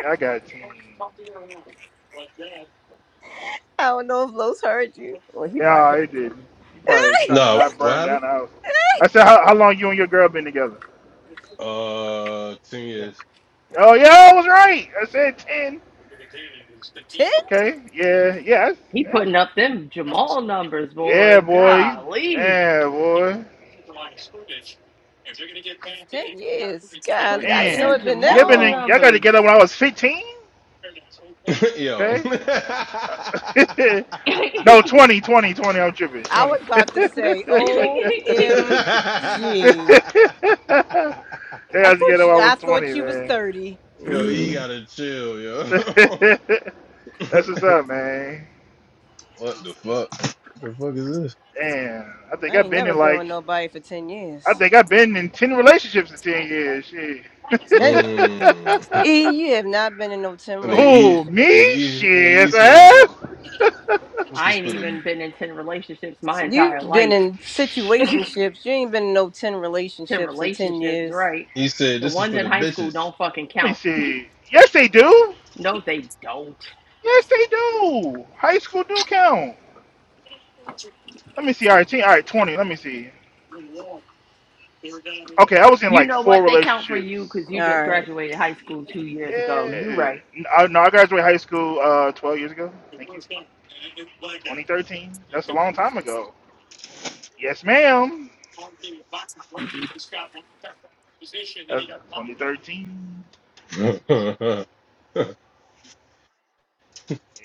S4: I got ten.
S3: I don't know if Los heard you. Well, he
S4: Yeah,
S3: probably
S4: I
S3: heard
S4: didn't.
S3: you.
S4: You probably trying to
S5: No,
S4: not
S5: what
S4: burn
S5: happened?
S4: down the house. I said, how, how long you and your girl been together?
S5: Uh, ten years.
S4: Oh yeah, I was right. I said ten. Okay. Yeah. Yeah. Yeah.
S10: putting up them Jamal numbers,
S4: Yeah,
S10: boy.
S4: boy. He's-
S10: Golly.
S4: Yeah, boy.
S3: Ten years. God,
S10: Putting
S3: I
S10: up
S3: didn't know
S10: them
S3: it'd
S4: Man.
S3: been
S4: So
S3: that
S4: y'all
S10: Jamal
S4: been in,
S3: long.
S4: y'all got
S10: numbers.
S4: together when I was 15.
S5: Yo.
S4: Okay.
S10: I
S4: no, twenty, twenty, twenty. I'm tripping.
S3: I was
S4: 20.
S3: about to say, O M G.
S4: yeah,
S3: I
S4: I was
S3: thought
S4: together
S3: you,
S4: when I
S3: I
S4: was 20,
S3: thought you was
S4: man.
S3: 30.
S5: yo, he gotta chill, yo.
S4: That's what's up, man.
S5: what the fuck? The fuck is this?
S4: Damn. I
S3: I
S4: think I've
S3: ain't
S4: been
S3: never
S4: in
S3: been
S4: like
S3: with nobody for 10
S4: I
S3: years.
S4: think I've been in ten relationships in ten years. Shit.
S3: And
S5: Mm.
S3: E, you have not been in no 10
S5: And the E
S4: oh,
S5: and the
S3: relationships.
S4: me?
S5: E and the E
S4: Shit, yes, I
S5: said
S4: have.
S5: this is
S10: ain't
S5: for the
S10: even been in 10 relationships my
S3: You've
S10: entire
S3: been
S10: life.
S3: in
S4: Shit.
S3: situationships. You ain't been in no 10
S10: 10
S3: relationships in 10
S10: relationships,
S3: years.
S10: right?
S5: he said
S10: The
S5: this is
S10: ones
S5: for
S10: in
S5: the
S10: high school
S5: bitches.
S10: don't fucking
S4: Let me
S10: count.
S4: see. Yes, they do.
S10: No, they don't.
S4: Yes, they do. High school do count. Let me see. All right, ten, all right, twenty. Let me see. Okay, I was in
S10: You
S4: like
S10: know what?
S4: four
S10: They count for you
S4: relationships.
S10: because
S3: All
S10: you just
S3: right.
S10: graduated high school two years ago. You
S4: Yeah.
S10: right.
S4: No, I, no, I graduated high school uh, twelve years ago. Thank you. Twenty thirteen. That's a long time ago. Yes, ma'am. That's twenty thirteen.
S5: that,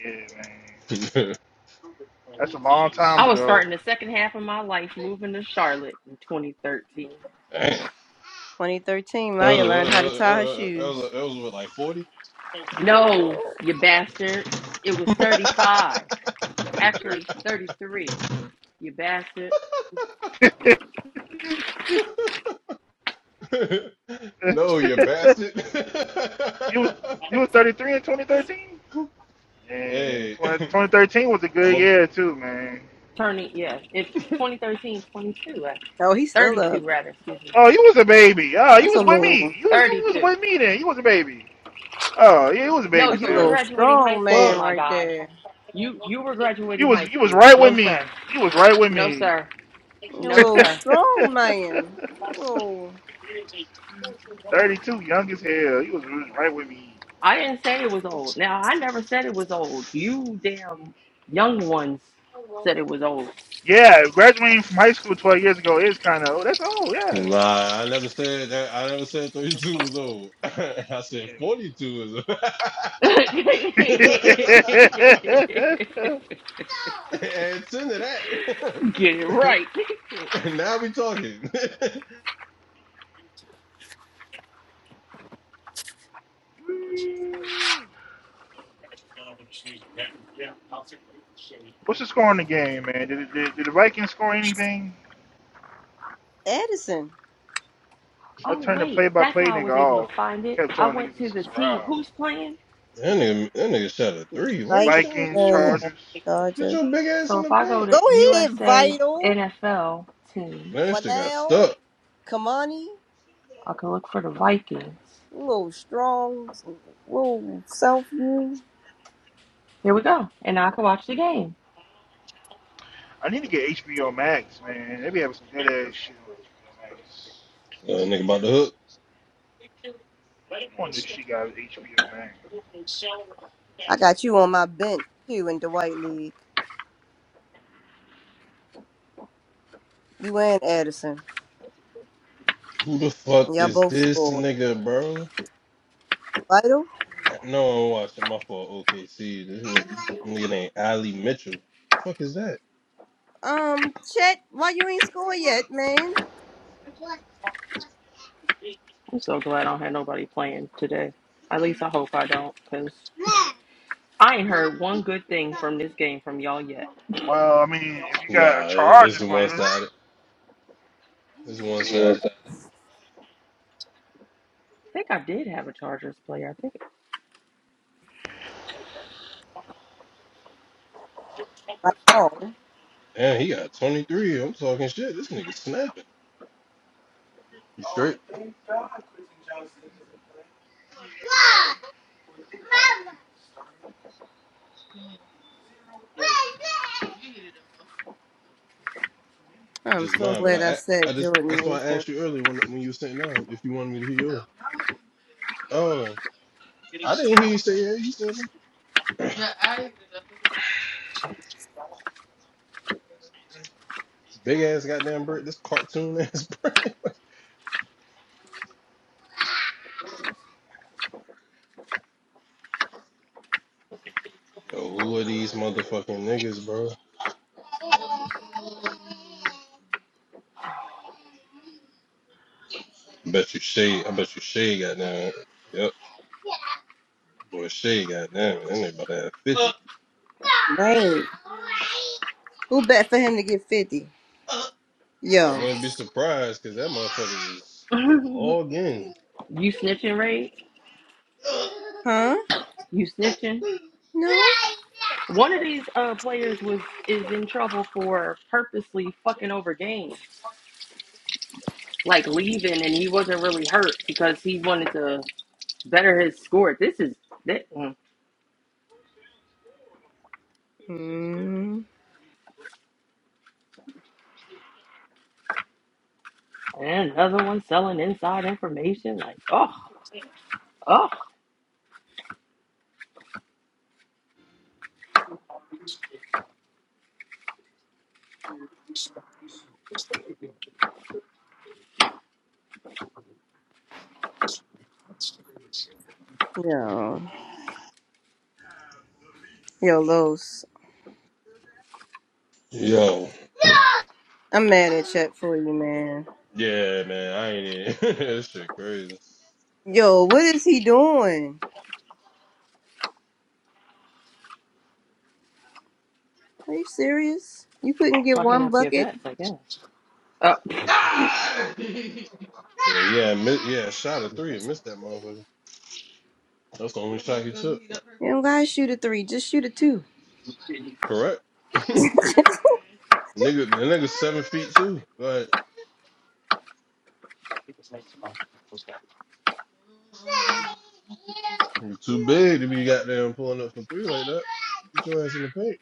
S4: Yeah, man. That's a long time
S10: I was
S4: ago.
S10: starting the second half of my life moving to Charlotte in 2013.
S3: 2013,
S5: was,
S3: Maya learned how to tie her
S5: uh, that, was,
S3: shoes.
S5: that was what like forty.
S10: No,
S3: oh,
S10: you bastard. It was 35. Actually,
S4: 2013.
S10: 33. You bastard.
S5: no, you bastard.
S4: you was you was 33 in 2013. Yeah,
S5: hey,
S4: 20, 2013 was a
S5: I'm
S4: good
S5: a
S4: year too, man.
S10: Turning, yeah, it's 2013, uh,
S3: he's still up.
S10: 32 rather, excuse me,
S4: Oh, you was a baby. Oh, you
S3: That's a
S4: was with me.
S3: little,
S4: You you was
S10: 32.
S4: with me then. You was a baby. Oh, yeah, you was a
S10: No,
S4: baby
S3: that's a
S10: you were
S4: still.
S3: little
S10: graduating high
S3: strong
S10: school,
S3: man
S5: fuck.
S10: my
S3: right
S10: guy.
S3: there.
S10: You you were
S4: You
S10: graduating
S4: was
S10: high
S4: you was
S10: school.
S4: right with
S10: No sir,
S4: me. You was right with
S10: no
S4: me.
S10: sir,
S3: A
S10: no
S3: little
S10: sir.
S3: strong man. A little
S4: 32, young as hell. You was, you was right with me.
S10: I didn't say it was old. Now I never said it was old. You damn young ones said it was old.
S4: Yeah, graduating from high school 12 years ago is kind of, oh, that's old, yeah.
S5: Nah, I never said that. I never said 32 was old. I said 42 is
S10: Get
S4: Yeah.
S5: old. No. and send it
S10: it
S5: that.
S10: right.
S5: and now we talking. that
S4: What's the score on the game, man? Did, did, did the Vikings score anything?
S3: Edison.
S4: I
S10: Oh
S4: turned the
S10: wait,
S4: play by
S10: that's
S4: play
S10: how I
S4: nigga
S10: was able to
S4: off.
S10: find it.
S4: Kept
S10: I
S4: telling
S10: went
S4: niggas
S10: to
S4: to
S10: the team.
S4: subscribe.
S10: Who's playing?
S5: nigga, that nigga shot a three. Why you
S3: Vikings
S5: shooting
S4: Vikings,
S3: and uh,
S5: threes?
S4: Chargers.
S5: Get
S3: Dodgers.
S5: your big ass
S10: So
S5: in
S10: if
S5: the
S10: I go
S5: paint.
S3: Go
S10: to
S3: ahead,
S10: USA
S3: Vital.
S10: NFL
S5: Man,
S10: teams,
S5: that shit got
S3: Vidal.
S5: stuck.
S3: Kamani.
S10: I can look for the Vikings.
S3: You little strong. Little self you.
S10: Here we go. And now I can watch the game.
S4: I need to get HBO Max, man. They be having some good ass shit on HBO Max.
S5: Uh, nigga about the hook.
S4: I wonder if she got HBO Max.
S3: I got you on my bench too in Dwight League. You and Edison.
S5: Who the fuck
S3: Y'all
S5: is
S3: both
S5: this
S3: scored.
S5: nigga, bro?
S3: Vital?
S5: Uh, No, I'm watching my fault. OKC. This nigga, nigga named Ali Mitchell. Fuck is that?
S3: Um, Chet, why you ain't score yet, man?
S10: I'm so glad I don't have nobody playing today. At least I hope I don't, because I ain't heard one good thing from this game from y'all yet.
S4: Well, I mean, if you got
S5: Nah, it's
S4: Chargers
S5: the one sided.
S4: players,
S5: It's one sided.
S10: I think I did have a Chargers player. I think
S3: I know.
S5: And he got 23. I'm talking shit. This nigga snapping. You straight?
S3: I'm
S5: just
S3: so
S5: mine. But
S3: glad I
S5: I, I
S3: said
S5: just
S3: Jordan
S5: that's why I
S3: Mason.
S5: asked you earlier when when you were sitting down if you wanted me to hear yours. Oh, I didn't hear you say yeah. You said it. big ass goddamn bird. This cartoon ass. Bird. Yo, who are these motherfucking niggas, bro? Bet you Shay. I bet you Shay Goddamn. Yep. Boy, Shay Goddamn. down. That nigga about to have 50.
S3: Right. Who bet for him to get 50?
S5: I
S3: Yo.
S5: wouldn't be surprised because that motherfucker is all in.
S10: you snitching, Ray?
S3: Huh?
S10: You snitching?
S3: No?
S10: One of these uh, players was is in trouble for purposely fucking over games, like leaving, and he wasn't really hurt because he wanted to. Better his score. This is thi- mm,
S3: Mm.
S10: and another one selling inside information. Like, oh, oh,
S3: Yo. Yo, Los.
S5: Yo.
S3: I'm mad at Chet for you, man.
S5: Yeah, man. I ain't in. that shit crazy.
S3: Yo, what is he doing? Are you serious? You couldn't get
S10: fucking
S3: one
S10: up your
S3: bucket?
S10: bets, I guess. Oh,
S5: Yeah, yeah, mi- yeah, shot of three and missed that motherfucker. That's the only shot he took.
S3: You don't gotta shoot a three, just shoot a two.
S5: Correct. nigga, the nigga's seven feet too. Like you too big to be goddamn pulling up from three like that. Get your ass in the paint.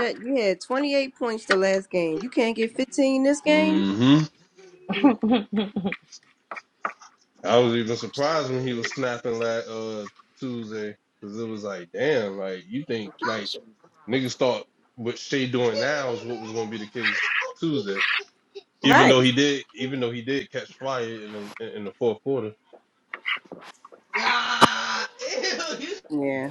S3: Chet, you had 28 points the last game. You can't get 15 this game?
S5: hmm I was even surprised when he was snapping like uh Tuesday because it was like, damn, like you think like niggas thought what Shea doing now is what was gonna be the case Tuesday. Even
S3: Right.
S5: though he did, even though he did catch fire in the in the fourth quarter.
S3: Yeah.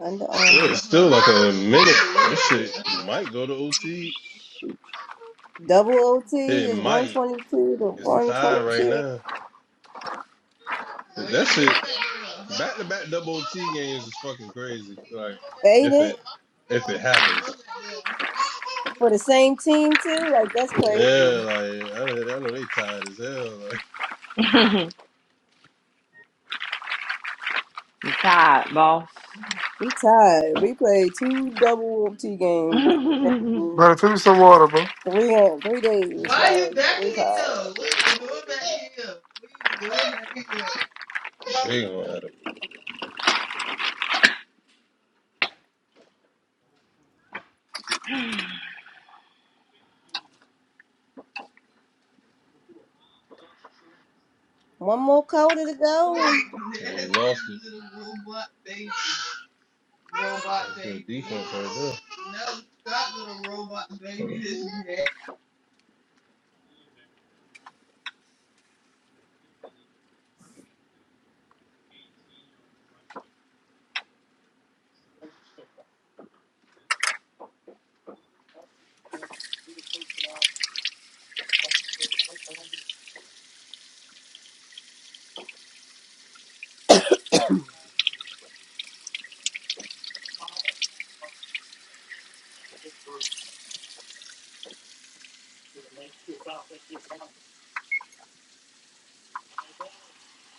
S3: Under
S5: Yeah,
S3: Armour.
S5: It's still like a minute. This shit might go to OT.
S10: shoot.
S3: Double OT
S5: It
S3: is
S5: might.
S3: 122 to
S5: It's tied right
S3: 122.
S5: now. That shit, back to back double OT games is fucking crazy. Like
S3: Ain't
S5: if it
S3: it?
S5: if it happens.
S3: For the same team too? Like that's crazy.
S5: Yeah, like I, know- I know they tired as hell. Like,
S10: I'm tired, boss.
S3: We tied. We played two double T games in
S11: Better drink some water, bro.
S3: three uh, three days. Like we tied.
S5: they gonna have a,
S3: One more quarter to go.
S5: they lost it. That's good defense right there.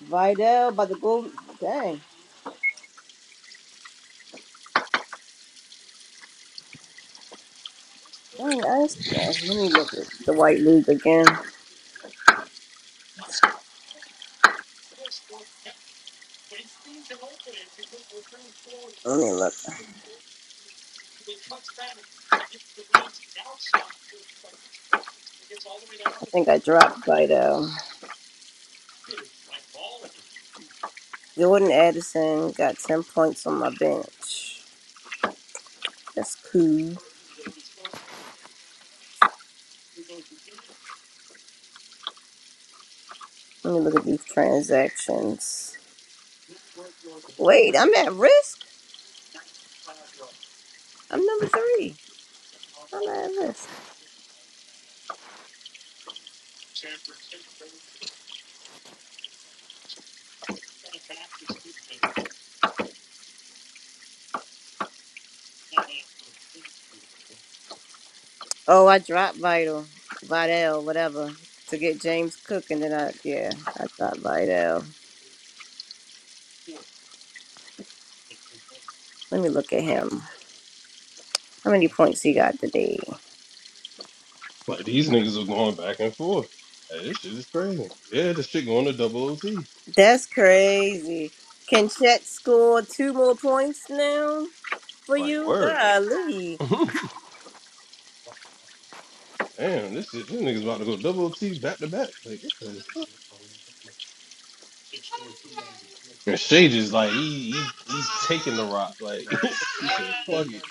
S3: Vidal by the goal. Dang. Dang, I just, let me look at the White League again. Let me look. I think I dropped Vidal. Jordan Addison got ten points on my bench. That's cool. Let me look at these transactions. Wait, I'm at risk? I'm number three. I'm at risk. Oh, I dropped Vital, Vidal, whatever, to get James Cook, and then I, yeah, I dropped Vidal. Let me look at him. How many points he got today?
S5: Like these niggas are going back and forth. Like, this shit is crazy. Yeah, this shit going to double OT.
S3: That's crazy. Can Chet score two more points now for
S5: Like
S3: you?
S5: word.
S3: Golly.
S5: Damn, this is this nigga's about to go double T back to back. Like what the fuck? and Shay just like he, he he's taking the rock. Like he said, fuck it.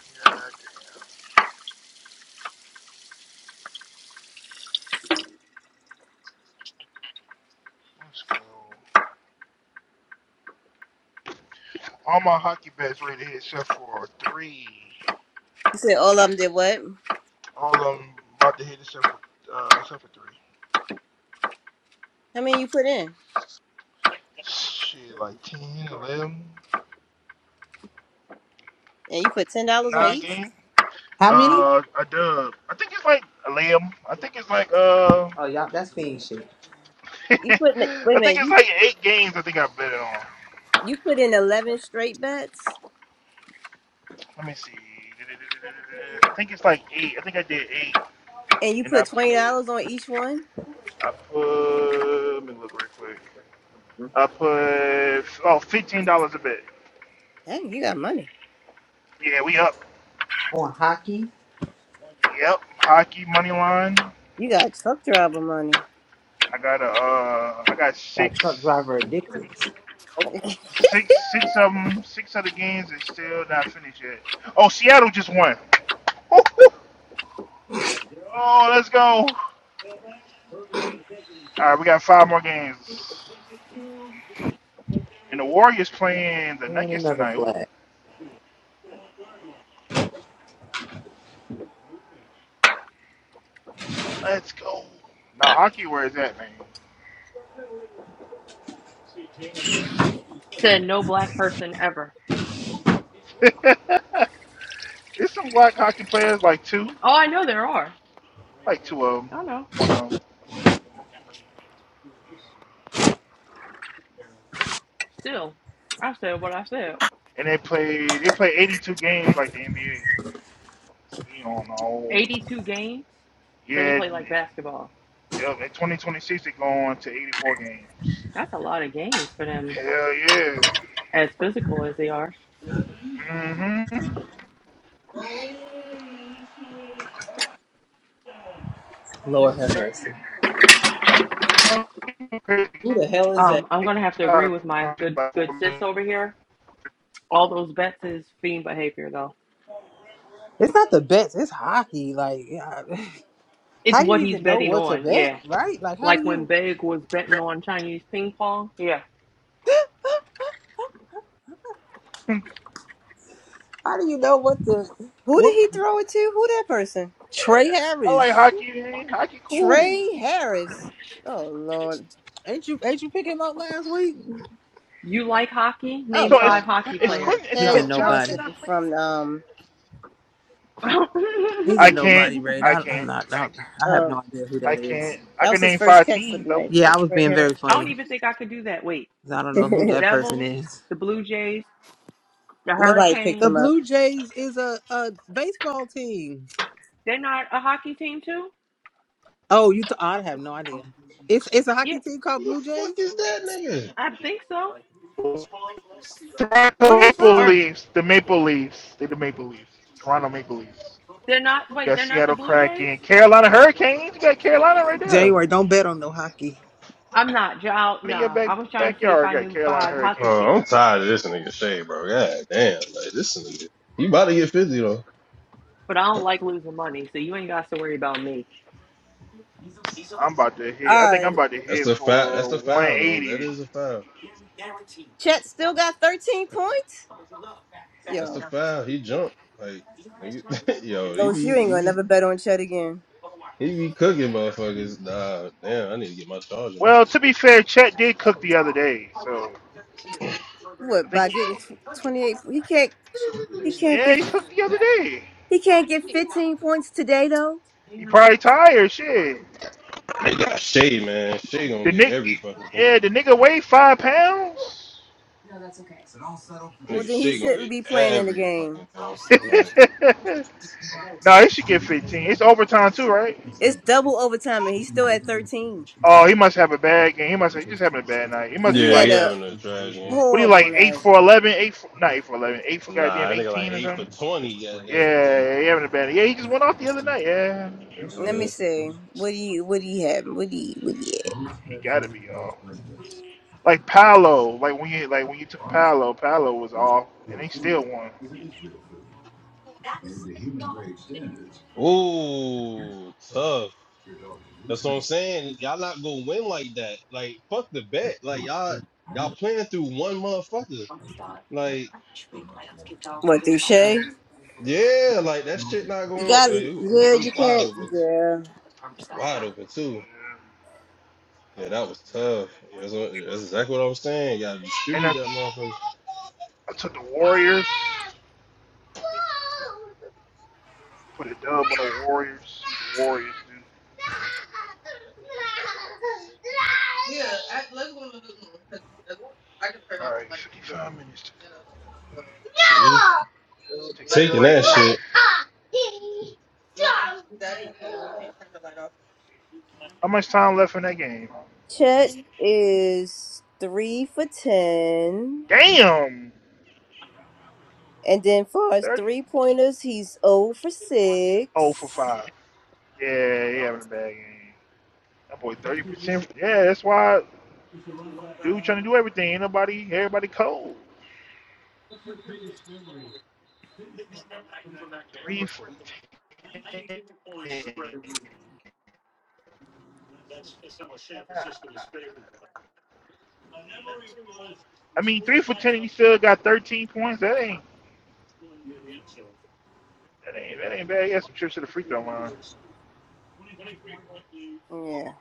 S4: yeah, that's cool. All my hockey bets ready to hit except for three.
S3: You said all of them did what?
S4: All of them about to hit except for uh except for three.
S3: How many you put in?
S4: Shit, like ten, eleven,
S3: And you put ten dollars on
S4: nine 11,
S3: each.
S4: game.
S1: How many?
S4: Uh, a dub. I think it's like eleven. I think it's like uh,
S1: Oh, y'all, that's fiend shit.
S3: You put in, wait a
S4: I think
S3: minute.
S4: it's
S3: You
S4: like eight games. I think I bet it on.
S3: you put in eleven straight bets,
S4: Let me see. I think it's like eight. I think I did eight,
S3: and you
S4: and I
S3: put twenty
S4: put
S3: dollars on each one.
S4: I put. Let me look real quick. I put oh fifteen dollars a bet.
S3: Dang, you got money.
S4: Yeah, we up.
S1: On hockey,
S4: Yep, hockey money line.
S3: You got truck driver money.
S4: I got a, uh, I got
S1: got truck
S4: six,
S1: driver addictions.
S4: six, six of them. Six of the games is still not finished yet. Oh, Seattle just won. Woo-hoo. Oh, let's go. All right, we got five more games, and the Warriors playing the
S1: And
S4: Nuggets
S1: another
S4: tonight. Ooh,
S1: flag.
S4: let's go. Now hockey, where is that
S10: said no black person ever.
S4: man? There's some black hockey players, like two,
S10: Oh, I know there are.
S4: like two of them,
S10: I know.
S4: one of them,
S10: Still, I said what I said.
S4: and they play they play 82 games like the NBA. So we don't know.
S10: 82 games. So they
S4: Yeah,
S10: play like basketball.
S4: yep. In 2026, they're going to 84 games.
S10: That's a lot of games for them,
S4: Hell yeah.
S10: as physical as they are.
S4: Mm-hmm.
S1: Lord have mercy. Who the hell is that?
S10: Um, I'm gonna have to agree with my good
S4: like
S10: good sis over here. All those bets is fiend behavior, though.
S1: It's not the bets. It's hockey. Like, I-
S10: It's
S1: how do you
S10: what he's
S1: even know
S10: betting
S1: what to
S10: on,
S1: bet,
S10: yeah.
S1: right? Like, how do
S10: Like when
S1: you,
S10: Big was betting on Chinese ping pong, yeah.
S1: how do you know what the,
S3: Who did
S1: what?
S3: he throw it to? Who that person?
S1: Trey
S4: I like
S1: Harris.
S4: hockey, man. Hockey, cool.
S3: Trey Harris. Oh Lord.
S1: Ain't you, ain't you pick him up last week?
S10: You like hockey?
S3: Oh
S10: Name
S4: So
S3: no.
S10: five
S4: it's
S10: hockey
S4: it's
S3: Mm-mm.
S10: players.
S4: Quentin it's
S1: He's a
S3: Terrence
S4: Quentin
S10: Go.
S3: Johnson
S4: Johnston
S1: nobody.
S4: not playing.
S3: from um
S10: I
S1: He's
S4: I
S1: a
S4: can't.
S1: nobody, Ray.
S4: I
S1: I, I'm
S4: can't.
S1: not. I, I have
S3: uh
S1: no idea who
S4: I
S1: that
S4: can't.
S1: is.
S4: I
S3: that was
S4: can
S3: his
S4: name
S3: first
S4: five
S3: catch for
S4: teams
S3: the
S4: though.
S3: night. The
S1: Yeah, I was
S3: Trey
S1: being
S3: Harris
S1: very funny
S10: don't even
S1: 'cause
S10: think I could do that. Wait,
S1: I don't know who
S3: person.
S1: that person
S10: Devils,
S1: is.
S10: the Blue Jays, the
S3: Nobody picked
S1: The
S10: Hurricanes,
S3: him up.
S1: Blue Jays is a, a baseball team.
S10: they're not a hockey team, too?
S1: Oh, you? Th- I have no idea. It's it's a
S10: Yeah,
S1: hockey team
S5: Who
S1: called
S5: the
S1: Blue
S5: fuck
S1: Jays.
S5: is that nigga?
S10: I think so.
S1: Where
S4: Toronto
S1: they
S4: Maple
S10: Or
S1: from?
S4: Leafs. The Maple Leafs. They are the Maple Leafs. Toronto Maple Leafs.
S10: they're not,
S4: You
S10: wait,
S4: got
S10: they're not the
S4: Seattle
S10: Blue Jays?
S4: Kraken, Carolina Hurricanes. You got Carolina right there.
S1: January. Don't bet on no hockey.
S10: I'm not, Jal.
S4: In your
S10: Nah,
S4: back
S10: I was trying to see if
S4: backyard,
S10: I
S4: you got
S10: knew
S4: Carolina
S10: five hockey
S4: Hurricanes.
S5: Bro, I'm
S10: teams.
S5: tired of this nigga Shay, bro. God damn, like this nigga. He about to get fifty though.
S10: But I don't like losing money, so you ain't got to worry about me.
S4: I'm about to hit. I
S3: All
S4: think I'm
S3: right.
S4: about to
S5: That's
S4: hit
S5: a foul.
S4: for
S5: That's a foul though. That
S4: 180.
S5: is a foul.
S3: Chet still got thirteen points.
S5: That's a
S3: Yo,
S5: foul. He jumped. Like nigga, yo, he
S3: Los,
S5: be
S3: you ain't
S5: he
S3: gonna
S5: be
S3: never bet on Chet again.
S5: He be cooking motherfuckers. Nah, damn, I need to get my charger. My
S4: Well,
S5: shit
S4: to
S5: about
S4: be fair, Chet did cook the other day, so I
S3: What
S4: think
S3: by
S4: he,
S3: getting twenty eight? He can't. He can't
S4: yeah,
S3: get.
S4: he cooked the other day.
S3: He can't get fifteen points today though.
S4: He probably tired. Shit,
S5: to- They got Shay, man. Shay gonna
S4: the
S5: get
S4: nick,
S5: every fucking thing.
S4: yeah, the nigga weighed five pounds.
S3: Well,
S5: Nigga,
S3: then he
S5: Shay gonna
S3: shouldn't
S5: get
S3: be playing in the
S5: every
S3: game.
S5: fucking thing. Like,
S4: no, nah, he should get 15. It's overtime too, right?
S3: It's double overtime, and he's still at thirteen.
S4: Oh, he must have a bad game. He must. have, He just having a bad night. He must be
S3: He
S5: yeah,
S3: had
S5: he
S4: like
S3: a
S5: having a trash game.
S4: What are you
S3: horrible
S4: like? Eight
S3: night.
S4: for eleven? Eight for not eight for eleven? Eight for
S5: Nah,
S4: goddamn
S5: that nigga like
S4: eighteen or
S5: 8 for
S4: something?
S5: 20, goddamn it.
S4: Yeah, he having a bad. Yeah, he just went off the other night. Yeah,
S3: Let me
S5: Look,
S3: see. What do you? What do you have? What do you? What do you? Have?
S4: he got to be off. Like Paolo, like when you like when you took Paolo, Paolo was off, and they still won.
S5: uh, ooh, tough. That's what I'm saying. Y'all not gonna win like that. Like, fuck the bet. Like, y'all y'all playing through one motherfucker. Like,
S3: What through
S4: Yeah,
S3: Shay?
S5: yeah, like that shit not
S3: You
S5: going.
S3: got
S5: Uh,
S3: it.
S5: ooh,
S3: Yeah,
S5: ooh,
S3: you
S5: wide
S3: can't.
S5: open,
S3: Yeah.
S5: wide open too.
S4: yeah.
S5: Yeah, that was tough. That's, what, that's exactly what I was saying. You gotta
S4: And
S5: distribute that
S4: that's
S5: motherfucker.
S4: I took the Warriors. Put a dub on the Warriors. See the Warriors do. All right, fifty-five minutes to go.
S5: Yeah.
S4: Take a
S5: Taking
S4: break.
S5: that shit.
S4: How much time left in that game?
S3: Chet is three for ten,
S4: Damn,
S3: and then far as
S4: thirty.
S3: three pointers, he's zero for
S4: Oh for
S3: six.
S4: five. Yeah, he having a bad game. That boy thirty percent. Yeah, that's why dude trying to do everything. Ain't nobody, everybody cold. Three for ten. I mean, three for ten. and He still got thirteen points. That ain't that ain't that ain't bad. He had some trips to the free throw line.
S3: Yeah.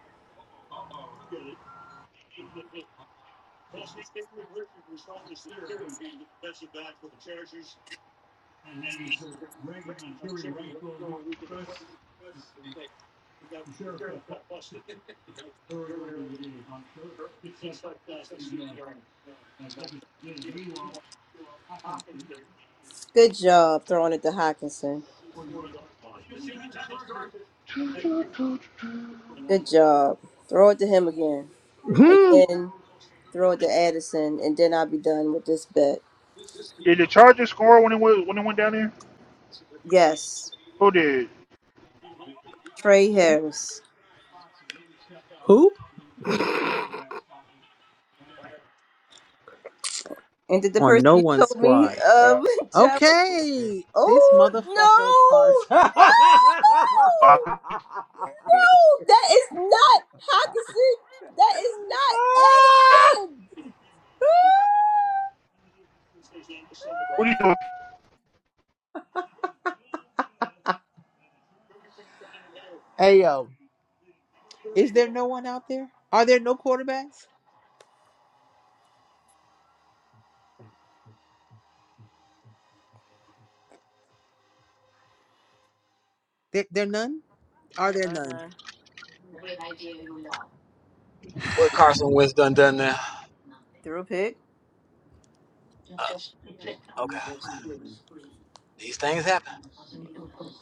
S3: Good job throwing it to Hawkinson. Good job. Throw it to him again, and
S1: Hmm.
S3: then throw it to Addison, and then I'll be done with this bet.
S4: Did the Chargers score when it went when it went down there?
S3: Yes,
S4: Who did?
S3: Trey Harris.
S1: Who?
S3: And did the
S1: On
S3: person
S1: no
S3: you
S1: one
S3: told me
S1: squad.
S4: Uh,
S3: um Java?
S1: Okay. This
S3: Oh
S1: motherfucker,
S3: no,
S1: Carson.
S3: no, no! That is not Hawkinson. That is not Edison.
S4: what do you doing?
S1: hey yo. Is there no one out there? Are there no quarterbacks? There, there none? Are
S3: There
S1: there
S3: are
S1: none?
S3: none.
S2: What Carson Wentz done done now?
S3: Throw pick.
S2: Uh, okay, these things happen.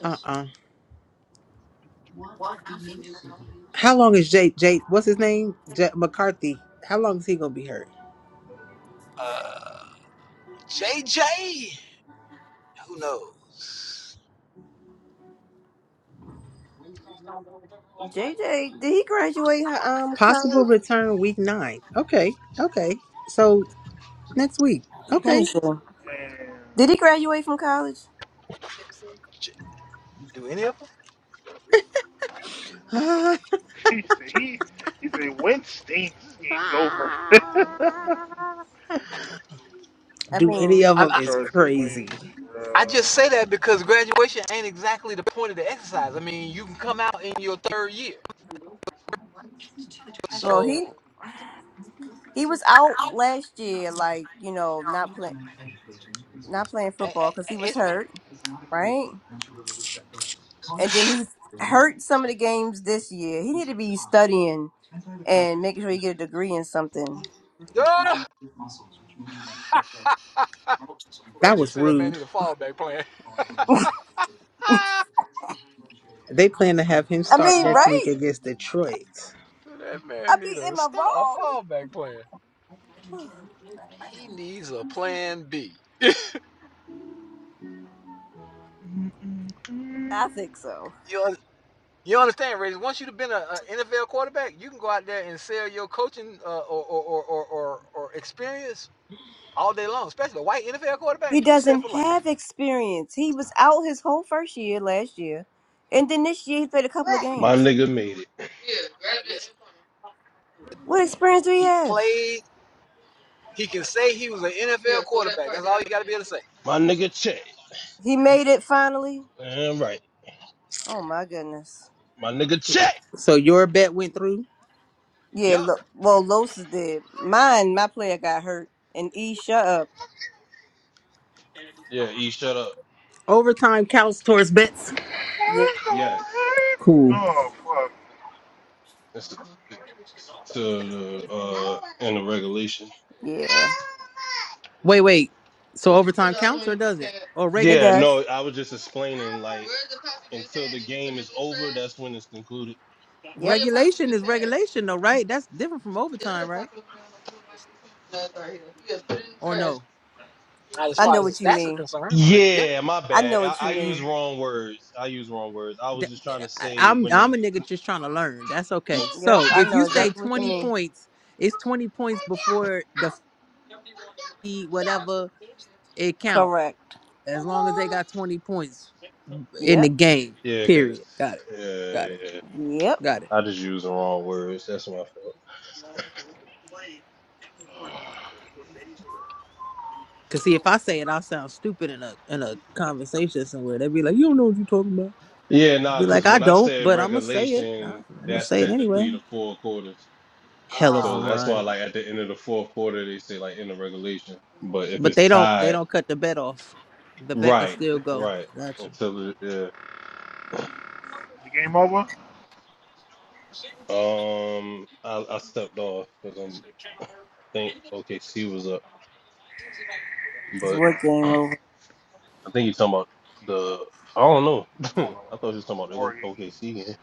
S1: Uh uh How long is Jake? Jake, what's his name? J- McCarthy. How long is he gonna be hurt?
S2: JJ. Who knows?
S3: J J. did he graduate hi- um
S1: Possible
S3: college?
S1: return week nine. Okay, okay. So next week.
S3: Let me
S1: Okay.
S3: see.
S4: Man,
S3: Did he graduate from college?
S2: J- Do any of them?
S4: he said he he said Wentz stinks. This game's over.
S3: I
S1: Do
S3: mean,
S1: any of
S2: I,
S1: them
S2: I,
S1: is
S4: Carson Wentz,
S1: crazy.
S2: I just
S4: bro.
S2: say that because graduation ain't exactly the point of the exercise. I mean, you can come out in your third year.
S3: well,
S2: So
S3: he He was out last year, like you know, not playing, not playing
S2: a- a-
S3: football because he
S2: a-
S3: was
S2: it's
S3: hurt, right? And then he's hurt some of the games this year. He need to be studying and making sure he get a degree in something.
S2: ah,
S1: That
S2: Randy
S1: was
S2: said that man
S1: rude.
S2: need a fallback plan.
S1: They plan to have him
S3: I
S1: start
S3: mean,
S1: next
S2: Ah,
S1: week
S3: right?
S1: against Detroit.
S2: that
S3: I
S2: man need
S3: mean,
S2: a
S3: am I
S2: start a
S3: wrong?
S2: fallback plan. He needs a plan B.
S3: I think so.
S2: You un- you understand, Randy? Once you've been an NFL quarterback, you can go out there and sell your coaching uh, or, or, or, or, or or experience all day long, especially the white NFL
S3: He
S2: quarterback. He said
S3: doesn't
S2: for life.
S3: have experience. He was out his whole first year last year, and then this year he played a couple of
S5: My
S3: games.
S5: nigga made it.
S2: Hey, listen,
S3: What experience do he
S2: he
S3: have?
S2: played. He can say he was an NFL quarterback. That's all you got to be able to say.
S5: My nigga check.
S3: He made it finally.
S5: Damn right.
S3: Oh my goodness.
S5: My nigga check.
S1: So your bet went through.
S3: Yeah,
S5: Yup.
S3: Lo- well, Los did. Mine, my player got hurt. And E, shut up.
S5: Yeah, E, shut up.
S1: Overtime counts towards bets.
S3: Yeah,
S5: Yes.
S1: Cool.
S4: Oh fuck.
S5: It's, it's to the uh in the regulation.
S3: yeah,
S1: Wait, wait. So overtime counts or doesn't? Or reg-
S3: it
S5: Yeah,
S3: does.
S5: no, I was just explaining like until the game is over, that's when it's concluded.
S3: Yep,
S1: regulation is regulation though, right? That's different from overtime, right? Or no?
S2: Not as
S3: I
S2: far
S3: know
S2: as his
S3: what you
S2: stats are
S3: mean.
S2: concerned, but yeah.
S5: Yeah, my
S3: I
S5: bad.
S3: know
S5: I,
S3: what you
S5: I use
S3: mean.
S5: wrong words. I use wrong words. I was
S1: Th-
S5: just trying to
S1: I-
S5: say
S1: I'm
S5: when the
S1: I'm a nigga just trying to learn. That's okay.
S3: Yep,
S1: So
S3: I
S1: if
S3: know
S1: you say
S3: exactly what you
S1: 20
S3: mean.
S1: points, it's 20 points before the fee, whatever it count.
S3: Correct.
S1: As long as they got 20 points in the
S3: Yep,
S1: game.
S5: yeah, cause
S1: Period. Got it.
S5: yeah,
S1: Got it.
S5: yeah.
S3: yep.
S1: Got it.
S5: I just use the wrong words. That's what I felt.
S1: Cause see, if I say it, I'll sound stupid in a in a conversation somewhere. They'd be like, "You don't know what you're talking about."
S5: Yeah,
S1: I'd
S5: nah,
S1: be like,
S5: cause
S1: I
S5: when I
S1: don't,
S5: said
S1: but I'm gonna say it.
S5: regulation,
S1: I'm gonna
S5: that's
S1: say it
S5: technically
S1: anyway.
S5: the four quarters.
S1: Hell of a
S5: So
S2: Ah,
S5: that's why,
S1: run,
S5: like at the end of the fourth quarter, they say like in the regulation. But if
S1: but
S5: it's
S1: they don't. They
S5: tied,
S1: don't cut the bet off. The bet can
S5: right,
S1: still go.
S5: right,
S1: Gotcha.
S5: until it, yeah.
S4: The game over?
S5: Um, I, I stepped off because I'm. I think OKC was up.
S3: It's
S5: But
S3: what game
S5: I
S3: over.
S5: think you're talking about the. I don't know.
S4: I'm on a
S5: I thought you was talking about the
S4: warrior.
S5: O- OKC game.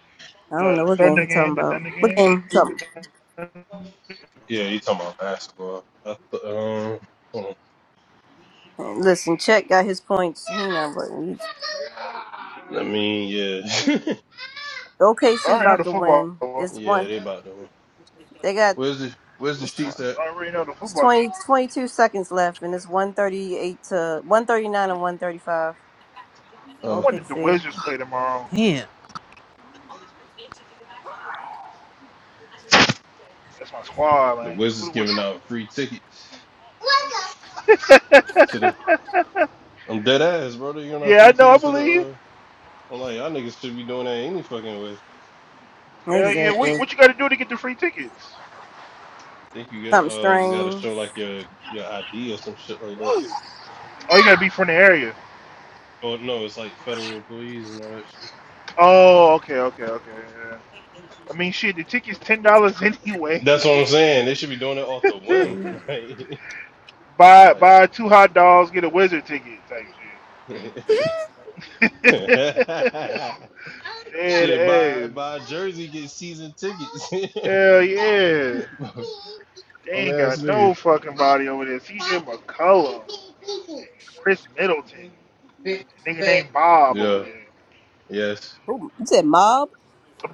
S3: I don't
S4: The
S3: know what game
S4: Thunder
S3: he talking
S4: game, the
S3: about.
S4: Thunder
S3: What
S4: game?
S3: game he
S4: The
S3: talking
S4: Thunder...
S5: Yeah, you talking about basketball. I th- um, hold on.
S3: about? Listen, Chet got his points. He not but he-
S5: I mean, yeah,
S4: I
S3: OKC
S4: already know
S3: about
S4: the
S3: to
S4: football.
S3: win.
S4: over.
S3: It's
S5: yeah,
S3: one.
S5: they about to.
S3: They got
S5: Where's the Where's the
S3: it's
S5: sheets
S3: tw-
S5: at?
S4: I already know the
S3: it's
S4: football game.
S3: 20, 22 seconds left, and it's one thirty eight to one thirty nine and one thirty five.
S4: I
S5: Oh,
S4: wonder
S3: Okay,
S4: if the
S3: see.
S4: Wizards play tomorrow.
S1: Damn.
S4: That's my squad,
S5: the
S4: man. Who
S5: Wizards
S4: the
S5: giving
S4: Wizards?
S5: out free tickets to the. I'm dead ass, brother. You're not
S4: yeah, I
S5: free
S4: know, I
S5: tickets to the.
S4: believe.
S5: uh I'm like, y'all niggas should be doing that any fucking way.
S4: Hell yeah. Wait,
S3: Exactly.
S4: what you got to do to get the free tickets?
S5: Think you get
S3: Something
S5: uh just gotta
S3: strange.
S5: show like your your ID or some shit like that.
S2: woo.
S4: Oh, you got to be from the area.
S5: Oh no, it's like federal employees and all that
S4: Oh, okay, okay, okay. Yeah. I mean, shit, the ticket's $10 anyway.
S5: That's what I'm saying. They should be doing it off the whim.
S4: buy
S5: Like,
S4: buy two hot dogs, get a wizard ticket type
S5: like,
S4: shit. there it
S5: shit, buy
S4: is.
S5: buy a jersey, get season tickets.
S4: Hell yeah. They
S5: I'm
S4: ain't
S5: ass
S4: got
S5: niggas.
S4: no fucking body over there. CJ McCullum and Chris Middleton. A nigga named Bob over
S5: Yeah.
S4: there.
S5: Yes.
S3: Who you said mob?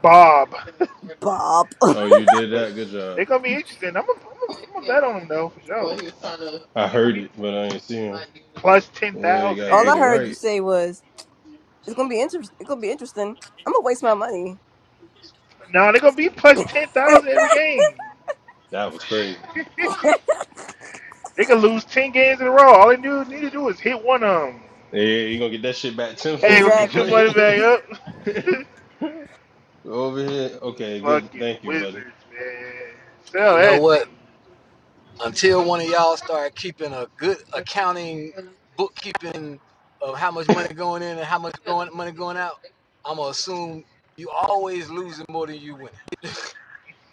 S4: Bob.
S3: Bob.
S5: Oh, you did
S4: but
S5: that. Good
S4: they
S5: job.
S4: are gonna be interesting. I'm gonna I'm gonna bet on them though for sure.
S5: I
S4: They are gonna
S5: heard
S4: be
S5: it, but I ain't seen it.
S4: plus ten
S5: Yeah, you
S4: thousand
S5: gotta
S3: All
S4: every
S5: get
S3: I
S5: it
S4: game.
S3: heard you
S5: right.
S3: say was it's gonna be interesting it's gonna be interesting. I'm gonna waste my money.
S4: No, they are gonna be plus ten thousand every game.
S5: That was crazy.
S4: They could lose ten games in a row. All they do, need to do is hit one of them.
S5: Yeah, you gonna get that shit back
S4: You ain't gonna
S5: tenfold.
S4: get your
S3: exactly.
S4: money back up.
S5: Over here. Okay, good.
S4: Fucking
S5: Thank you,
S4: Wizards,
S5: buddy.
S4: man. Sell
S2: you know
S4: that
S2: what?
S4: team.
S2: Until one of y'all start keeping a good accounting, bookkeeping of how much money going in and how much going money going out, I'm gonna assume you always losing more than you winning.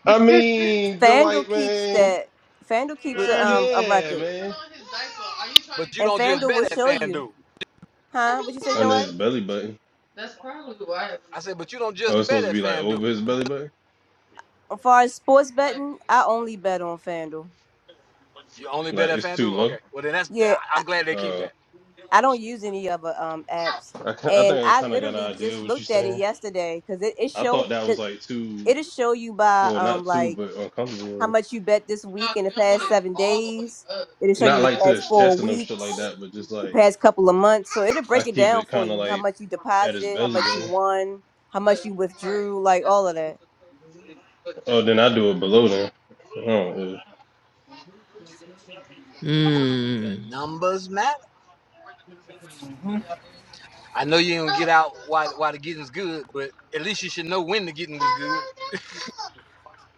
S5: I mean, the
S3: FanDuel
S5: white
S3: keeps
S5: man.
S3: that FanDuel keeps
S5: Look,
S3: a um a
S5: yeah,
S3: record.
S5: man. Are you trying to
S2: But you
S5: keep
S3: And
S2: don't
S5: it
S2: just
S3: FanDuel
S5: Under
S2: bet
S3: will
S5: his
S2: at
S3: show
S5: stomach?
S3: you.
S2: FanDuel.
S3: Huh? What you say,
S5: Under
S3: Dwight?
S5: his belly button. That's probably why
S2: I
S5: we're
S2: said,
S5: doing
S2: but you don't
S5: that.
S2: just
S5: Oh, it's
S2: bet
S5: supposed to
S2: at
S5: be like over
S2: FanDuel.
S5: his belly button.
S3: As far as sports betting, I only bet on FanDuel.
S2: You only bet
S5: Like
S2: at
S5: it's too
S2: FanDuel?
S5: low.
S2: Okay. Well, then that's
S3: Yeah,
S2: I-
S3: I,
S2: am glad they keep
S5: Uh,
S2: that.
S3: I don't use any other um apps.
S5: I ki- I
S3: And
S5: think I
S3: I
S5: kind of got
S3: literally
S5: an idea
S3: just
S5: of what you're
S3: looked at it
S5: saying.
S3: yesterday because it, it
S5: I
S3: showed.
S5: thought that was like too,
S3: it'll show you by
S5: well,
S3: um
S5: not too,
S3: like
S5: but
S3: how
S5: uncomfortable.
S3: much you bet this week in the past seven days. It'll show
S5: Not
S3: you the
S5: like to
S3: past
S5: his
S3: four
S5: chest and no shit like
S3: weeks,
S5: that, but just
S3: the
S5: like
S3: past couple of months. So it'll
S5: I
S3: break it
S5: keep
S3: down
S5: it
S3: for
S5: kind of
S3: you how
S5: like
S3: much you
S5: at his
S3: deposited, how
S5: belly
S3: much you
S5: button.
S3: won, how much you withdrew, like all of that.
S5: Oh, then I do it below then. Oh, yeah.
S2: The
S1: Mm.
S2: numbers matter.
S4: hmm
S2: I know you ain't gonna get out why why the getting's good, but at least you should know when the getting was good.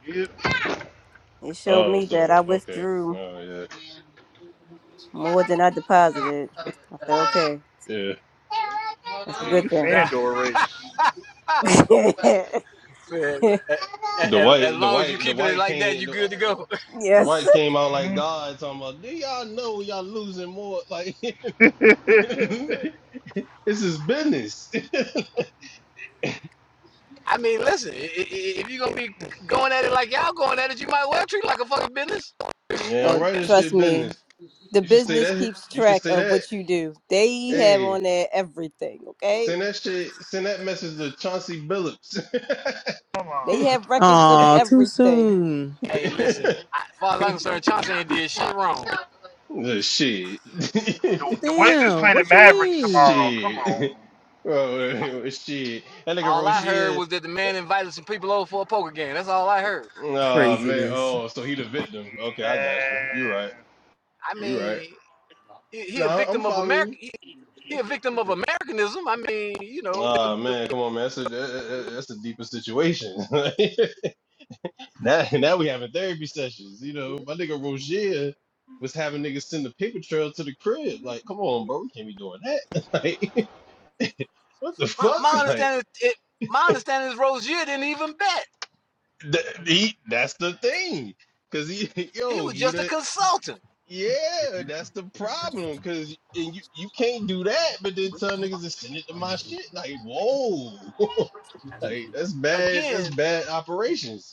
S4: Yep.
S3: It showed
S5: oh
S3: me that
S5: so
S3: I
S5: okay.
S3: withdrew
S5: Oh
S3: more than I deposited. I said, okay,
S5: yeah, yeah.
S3: that's a
S4: Yeah,
S3: good
S4: you
S3: thing.
S2: right?
S4: Fandor race.
S2: So, a- a-
S5: The
S2: as
S5: white, the
S2: long as you
S5: white, the
S2: keeping it
S5: white
S2: like that,
S5: came.
S2: you are good to go.
S5: The, the
S3: yes.
S5: white came out like
S4: hmm
S5: God talking about. Do y'all know y'all losing more? Like this is business.
S2: I mean, listen, if you're gonna be going at it like y'all going at it, you might well treat it like a fucking business.
S5: Yeah,
S3: Oh,
S5: right. This
S3: trust
S5: shit
S3: me.
S5: business.
S3: The
S5: You should say
S3: business
S5: that.
S3: keeps
S5: You should
S3: track
S5: say
S3: of
S5: that.
S3: what you do. They have
S5: Hey,
S3: on there everything, okay?
S5: send that shit. Send that message to Chauncey Billups.
S4: Come
S3: They
S4: on.
S3: have records of
S1: Oh,
S2: Hey,
S1: too
S3: everything.
S1: soon.
S2: hey, listen. I, as far as I'm concerned, Chauncey ain't did shit wrong.
S5: Uh, Shit.
S4: The, the Wizards
S1: Damn.
S4: playing the
S1: What you
S4: Mavericks
S1: mean?
S4: tomorrow. Come on.
S5: shit. Oh, shit. That nigga
S2: All I heard
S5: Rozier.
S2: was that the man invited some people over for a poker game. That's all I heard.
S5: Oh, man.
S1: Craziness.
S5: Oh, so he the victim. Okay, I got you. You right.
S4: Man.
S2: I
S5: You right.
S2: mean, he, he a
S5: No, I'm
S2: victim of America.
S5: following
S2: He, he a victim
S5: you.
S2: of Americanism. I mean, you know, the,
S5: Oh,
S2: the,
S5: man. Come on, man. That's a, that- that- that's a deeper situation. now, now we having therapy sessions. You know, my nigga Rozier was having niggas send a paper trail to the crib. Like, come on, bro. We can't be doing that. like, what the
S2: my,
S5: fuck?
S2: my understanding it, my understanding is Rozier didn't even bet.
S5: Th- he, that's the thing, cause he,
S2: He
S5: yo,
S2: was
S5: he
S2: just a
S5: the,
S2: consultant.
S5: yeah, that's the problem, cause and you, you can't do that, but then tell niggas to send it to my shit, like, whoa, like that's bad, that's
S2: Again,
S5: bad operations.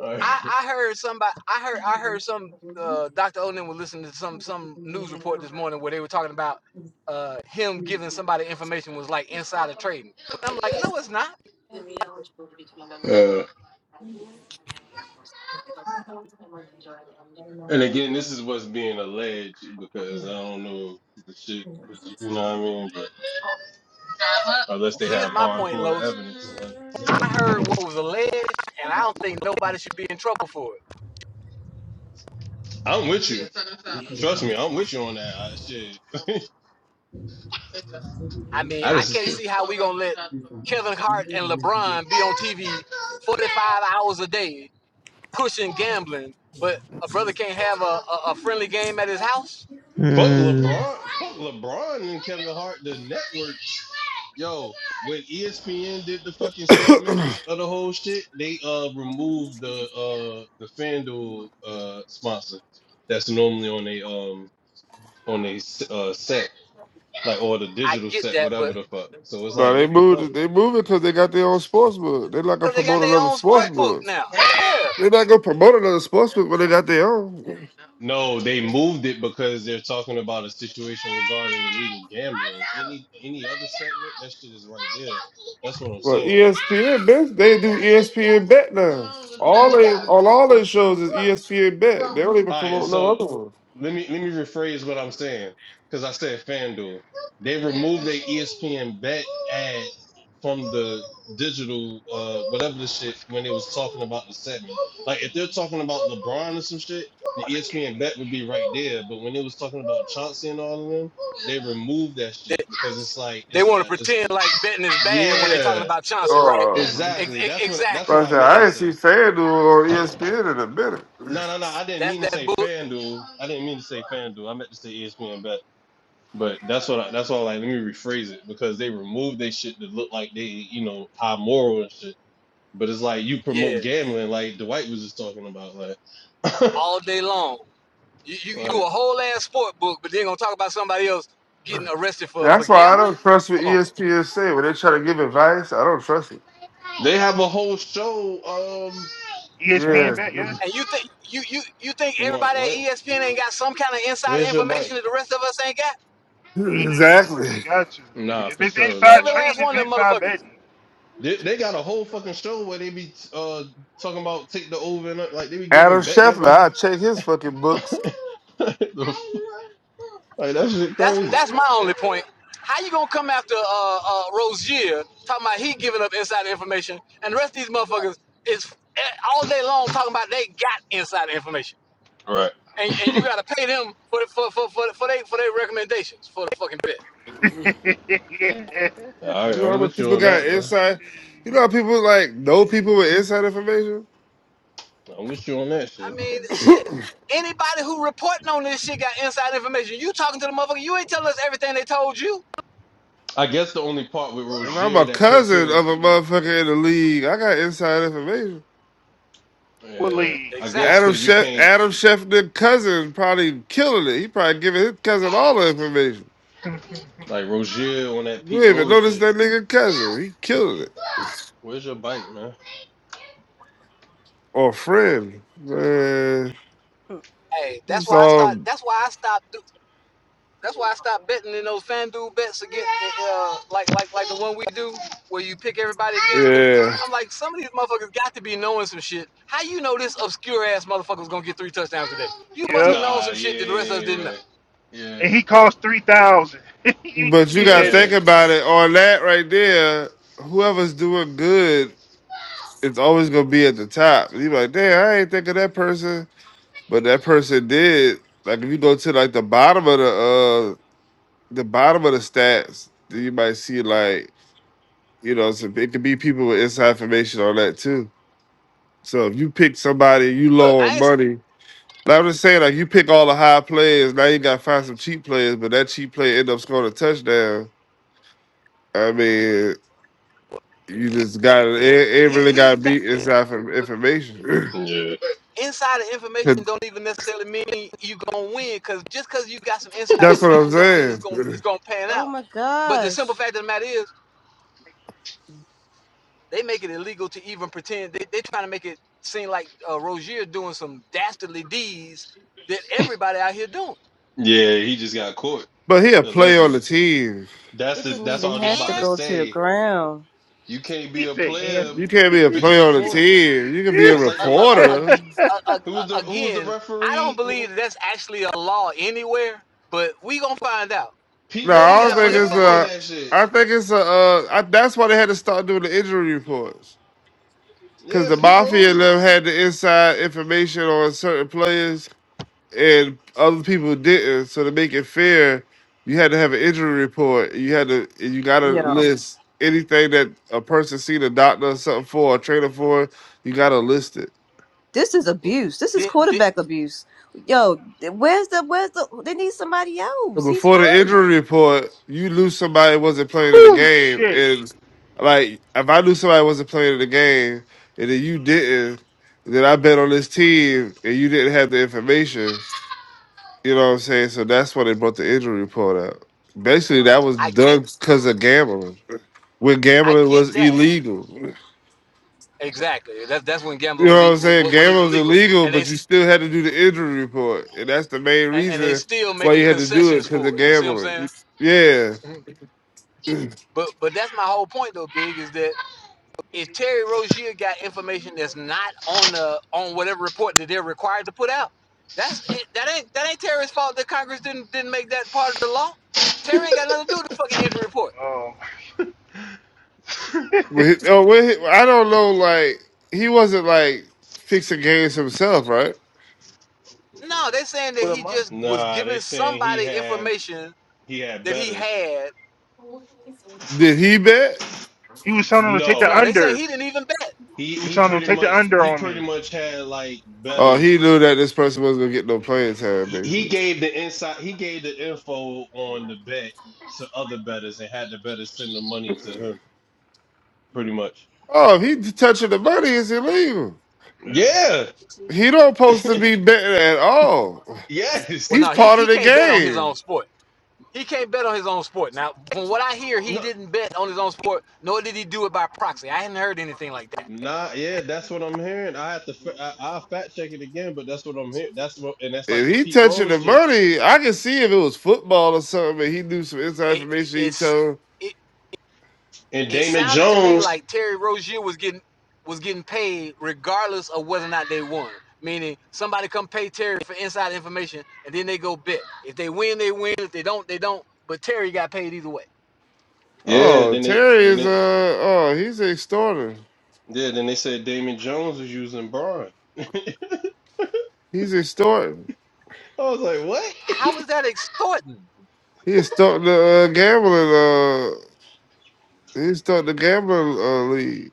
S5: Alright.
S2: I, I heard somebody. I heard I heard some uh, Dr. Oden was listening to some some news report this morning where they were talking about uh, him giving somebody information was like insider trading. And I'm like, no, it's not.
S5: Uh, and again, this is what's being alleged because I don't know if the shit, you know what I mean, but unless they
S2: Here's
S5: have
S2: my point,
S5: hardcore
S2: Los.
S5: evidence, like,
S2: I heard what was alleged, and I don't think nobody should be in trouble for it.
S5: I'm with you. Trust me, I'm with you on that. I, shit.
S2: I mean,
S5: I
S2: I
S5: just
S2: can't see how we gonna let Kevin Hart and LeBron be on TV 45 hours a day pushing gambling, but a brother can't have a, a, a friendly game at his house.
S5: Toro. fuck
S1: Mm.
S5: LeBron, fuck LeBron and Kevin Hart. The network, yo, when ESPN did the fucking segment of the whole shit, they uh removed the uh the FanDuel uh sponsor that's normally on they um on they uh set like or the
S2: I
S5: digital
S2: get
S5: set,
S2: that,
S5: whatever
S2: but
S5: the fuck. So it's
S11: No,
S5: like,
S11: they
S5: what the
S11: moved.
S5: fuck?
S11: it- They moved it because they got their own sports book. They like to
S2: because they got
S11: promote
S2: their
S11: another
S2: own
S11: sports
S2: sports book
S11: book.
S2: now. Yeah,
S11: They're not gonna promote another sports book when they got their own.
S5: No, they moved it because they're talking about a situation regarding illegal gambling. Any any other segment, that shit is right there. That's what I'm
S11: Well,
S5: saying.
S11: ESPN bet they do ESPN bet now. All they on all their shows is ESPN bet. They don't even
S5: All right,
S11: promote no
S5: so
S11: other one.
S5: let me let me rephrase what I'm saying because I said FanDuel. They removed their ESPN bet ad from the digital uh whatever the shit
S4: Let's
S5: when
S4: go.
S5: they was talking about the segment. Like if they're talking about LeBron or some shit, the
S4: Holiday.
S5: ESPN bet would be right there. But when they was talking about Chauncey and all of them. they removed that
S2: they,
S5: shit because it's like
S2: they
S5: it's
S2: want to
S5: the it's
S2: pretend
S5: the
S2: like betting is bad when they're talking
S5: yeah
S2: about Chauncey, right?
S11: Oh,
S2: Ex-
S5: exactly
S2: ex-
S5: that's what that's
S2: exactly.
S5: what
S11: right
S5: I
S11: there,
S5: meant
S2: That
S5: to
S11: I ain't see
S5: say.
S11: FanDuel on ESPN in a
S5: No
S11: minute.
S5: no no I didn't
S2: that's
S5: mean to
S2: that
S5: say
S2: book.
S5: FanDuel I didn't mean to say FanDuel I meant to say ESPN bet but that's what I, that's why like let me rephrase it because they removed they shit that look like they you know high moral and shit but it's like you
S2: Yeah,
S5: promote gambling like Dwight was just talking about like
S2: all day long. You you, you a
S5: like
S2: whole ass sport book, but then gonna talk about somebody else getting arrested for for
S11: That's why I
S2: gambling?
S11: don't trust what
S2: Come on.
S11: ESPN say when they try to give advice. I don't trust it.
S5: they have a whole show um huh
S4: ESPN
S11: Yeah,
S4: bet, yeah?
S2: And you think you you you think
S5: you want
S2: everybody at
S5: what
S2: ESPN ain't got some kind of insider
S5: where's your bike
S2: information that the rest of us ain't got?
S4: They do.
S11: exactly.
S4: They got you. If,
S5: Nah,
S4: if
S5: for
S4: it's
S5: sure.
S4: inside
S5: Like
S2: Every last
S4: trading, it's
S2: one of them
S4: inside
S2: motherfuckers.
S4: betting.
S5: they, they got a whole fucking show where they be uh talking about take the over and uh, like they be
S11: Adam
S5: giving betting
S11: Scheffler,
S5: advice.
S11: I check his fucking
S5: like
S11: books.
S5: that shit
S2: That's
S5: crazy.
S2: that's my only point. How you gonna come after uh, uh, Rozier talking about he giving up insider information, and the rest of these motherfuckers is eh, all day long talking about they got insider information,
S5: Right.
S2: and and you gotta pay them for for for for for they for their recommendations for the fucking bit.
S4: yeah.
S5: All right,
S11: You know how
S5: I'm
S11: much
S5: with you
S11: people
S5: on that
S11: got
S5: though.
S11: inside. You know how people like know people with inside information.
S5: I'm with you on that
S2: I
S5: shit.
S2: mean, shit. Anybody who reporting on this shit got inside information. You talking to the motherfucker? You ain't telling us everything they told you.
S5: I guess the only part with
S11: And I'm
S5: Rozier
S11: a
S5: that puts
S11: cousin
S5: him,
S11: of a motherfucker in the league. I got inside information.
S5: yeah,
S4: Believe.
S5: I guess
S11: Adam
S2: Exactly.
S5: because you
S11: Chef
S5: can't
S11: Adam Scheffner's cousin probably killing it. He probably giving his cousin all the information.
S4: yep.
S5: like Rozier on that
S11: You
S5: Pete
S11: ain't even
S5: Rose
S11: notice
S5: shit.
S11: that nigga cousin. He killing it.
S5: Where's your bike, man?
S11: Or friend. Man,
S3: Mm.
S2: Hey, that's
S11: it's
S2: why I start.
S11: all
S2: That's why I stopped. Do, that's why I stopped betting in those FanDuel bets against, uh, like like like the one we do, where you pick everybody against. Cause
S11: yeah.
S2: I'm like, some of these motherfuckers got to be knowing some shit. How you know this obscure ass motherfucker's gonna get three touchdowns today? You must have known
S5: Nah,
S2: some shit
S5: yeah,
S2: that the rest of us didn't know.
S5: yeah, yeah,
S4: And he costs three thousand. you
S11: But
S4: just
S11: you
S4: get
S11: gotta
S4: that
S5: yeah,
S11: think
S4: nigga.
S11: about it on that right there. Whoever's doing good is always gonna be at the top. You like, damn, I ain't think of that person, but that person did. Like if you go to like the bottom of the uh, the bottom of the stats, you might see like you know some, it could be people with inside information on that too. So if you pick somebody, you
S2: Look,
S11: low
S2: I
S11: on
S2: ain't.
S11: money. Now I'm just saying, like you pick all the high players, now you got to find some cheap players, but that cheap player end up scoring a touchdown. I mean, you just got it. It
S2: Here,
S11: really
S2: here's
S11: got to
S2: the thing.
S11: be inside for information.
S5: yeah.
S2: Insider
S11: 'Cause
S2: information don't even necessarily mean you gonna win. Cause just cause you got some inside
S11: That's what I'm
S2: information don't mean it's
S11: saying.
S2: gonna it's gonna pan
S3: Oh
S2: out.
S3: my
S2: But the simple
S3: gosh.
S2: fact of the matter is They make it illegal to even pretend. They, they're trying to make it seem like uh, Rozier doing some dastardly deeds that everybody out here doing.
S5: Yeah, he just got caught
S11: But he a play on the
S5: allegedly.
S11: team.
S5: That's
S3: It
S5: the
S3: didn't
S5: that's all
S3: even
S5: I was just
S3: have to
S5: about to
S2: And
S3: go to the
S5: say.
S3: ground.
S5: You can't be
S4: He
S5: a
S4: said,
S5: player
S11: You
S4: "And."
S11: can't be a play
S5: fixing
S11: on the
S5: points.
S11: team. You can be a
S5: That's like
S2: uh,
S5: the
S2: uh, uh,
S5: referee.
S11: reporter.
S2: uh, uh,
S5: Who was
S2: uh,
S5: the who was the
S2: again, I don't
S5: referee?
S2: believe
S5: Who,
S2: that that's actually a law anywhere, but we gonna find out
S5: Pete
S11: No,
S2: because he
S11: I
S5: Rose
S11: don't
S2: got
S5: got
S11: think
S2: money
S11: it's
S2: for
S5: banned from
S11: a.
S5: that
S2: lawyers.
S5: shit.
S11: I think it's a. Uh, I, that's why they had to start doing the injury reports because
S5: Yeah,
S11: the
S5: Pete
S11: mafia and
S5: Rose.
S11: them had the inside information on certain players and other people didn't. So to make it fair, you had to have an injury report. You had to. and You got to
S3: Yo,
S11: list anything that a person seen a doctor or something for, a trainer for. You got to list it.
S3: this is abuse. This is
S2: Did, did,
S3: quarterback abuse. Yo, th- where's the where's the they need somebody
S11: So
S3: else. He's
S11: Before the
S3: hurt.
S11: injury report, you knew somebody wasn't playing in the
S4: Whew,
S11: game,
S4: shit.
S11: and like if I knew somebody wasn't playing in the game, and then you didn't, then I bet on this team, and you didn't have the information. You know what I'm saying? So that's why they brought the injury report out. Basically, that was
S2: I get
S11: done because of gambling. When
S2: I
S11: gambling
S2: get
S11: was
S2: that
S11: illegal, you
S2: exactly. That's that's when gambling was
S11: know what
S2: e-
S11: I'm saying?
S2: wasn't
S11: Gambling
S2: even
S11: was
S2: legal,
S11: illegal,
S2: and they
S11: but you still had to do the injury report, and that's the main
S2: and, and they
S11: reason
S2: still
S11: why
S2: making
S11: you had to do it
S2: concessions
S11: because
S2: for
S11: of
S2: it. You see what I'm
S11: gambling.
S2: saying?
S11: Yeah.
S2: Mhm. But but that's my whole point though, Big, is that If Terry Rozier got information that's not on the on whatever report that they're required to put out, that's that ain't that ain't Terry's fault that Congress didn't didn't make that part of the law. Terry ain't got nothing to do with the fucking injury report.
S4: Oh my.
S11: But his, oh, what his, I don't know. Like he wasn't like fixing games himself, right?
S2: No, they're saying that
S4: for the
S2: he
S4: month.
S2: just was
S5: Nah, they
S2: giving
S5: saying he
S2: somebody
S5: had
S2: information
S5: he had
S2: that he
S5: betters.
S2: had.
S11: Did he bet?
S4: He was telling him to take the
S2: No,
S5: No,
S2: they saying he didn't
S4: unders.
S2: even bet.
S5: he
S4: He was
S5: he
S4: telling him
S5: pretty
S4: to take the
S5: much
S4: under
S5: he
S4: on
S5: pretty
S4: me.
S5: much had like
S11: Oh, he
S5: betters.
S11: knew that this person wasn't gonna get no playing time,
S5: He, he
S11: basically.
S5: gave the inside. He gave the info on the bet to other betters and had the betters send the money to him. pretty much.
S11: Oh, if he touching the money, it's illegal.
S4: Yeah.
S5: Yeah.
S11: He don't supposed to be betting at all.
S2: Well,
S5: Yes.
S11: He's
S2: no, he,
S11: part
S2: he
S11: of the
S2: can't bet on his own
S11: game.
S2: sport. He can't bet on his own sport. Now, from what I hear, he
S5: no.
S2: didn't bet on his own sport, nor did he do it by proxy. I hadn't heard anything like that.
S5: Nah. Yeah. That's what I'm hearing. I have to. fa- I, I'll fact check it again, but that's what I'm hearing. That's what, and that's like
S11: If
S5: the
S11: he
S5: Pete
S11: touching
S5: Rose
S11: the
S5: shit
S11: money, I can see if it was football or something, and he knew some inside
S2: It
S11: information. He
S2: is.
S11: told,
S2: it.
S5: and
S2: It
S5: Damon
S2: sounded to me
S5: Jones.
S2: like Terry Rozier was getting was getting paid regardless of whether or not they won. Meaning somebody come pay Terry for inside information and then they go bet. If they win, they win. If they don't, they don't. But Terry got paid either way.
S5: Yeah.
S11: oh,
S5: Then they.
S11: Terry
S5: Then
S11: is uh,
S5: it.
S11: oh, he's extorting.
S5: Yeah. Then they said Damon Jones was using Braun.
S11: He's extorting.
S5: I was like, what?
S2: How is that extorting?
S11: He started the uh, gambling. Uh, he started the gambling uh, league.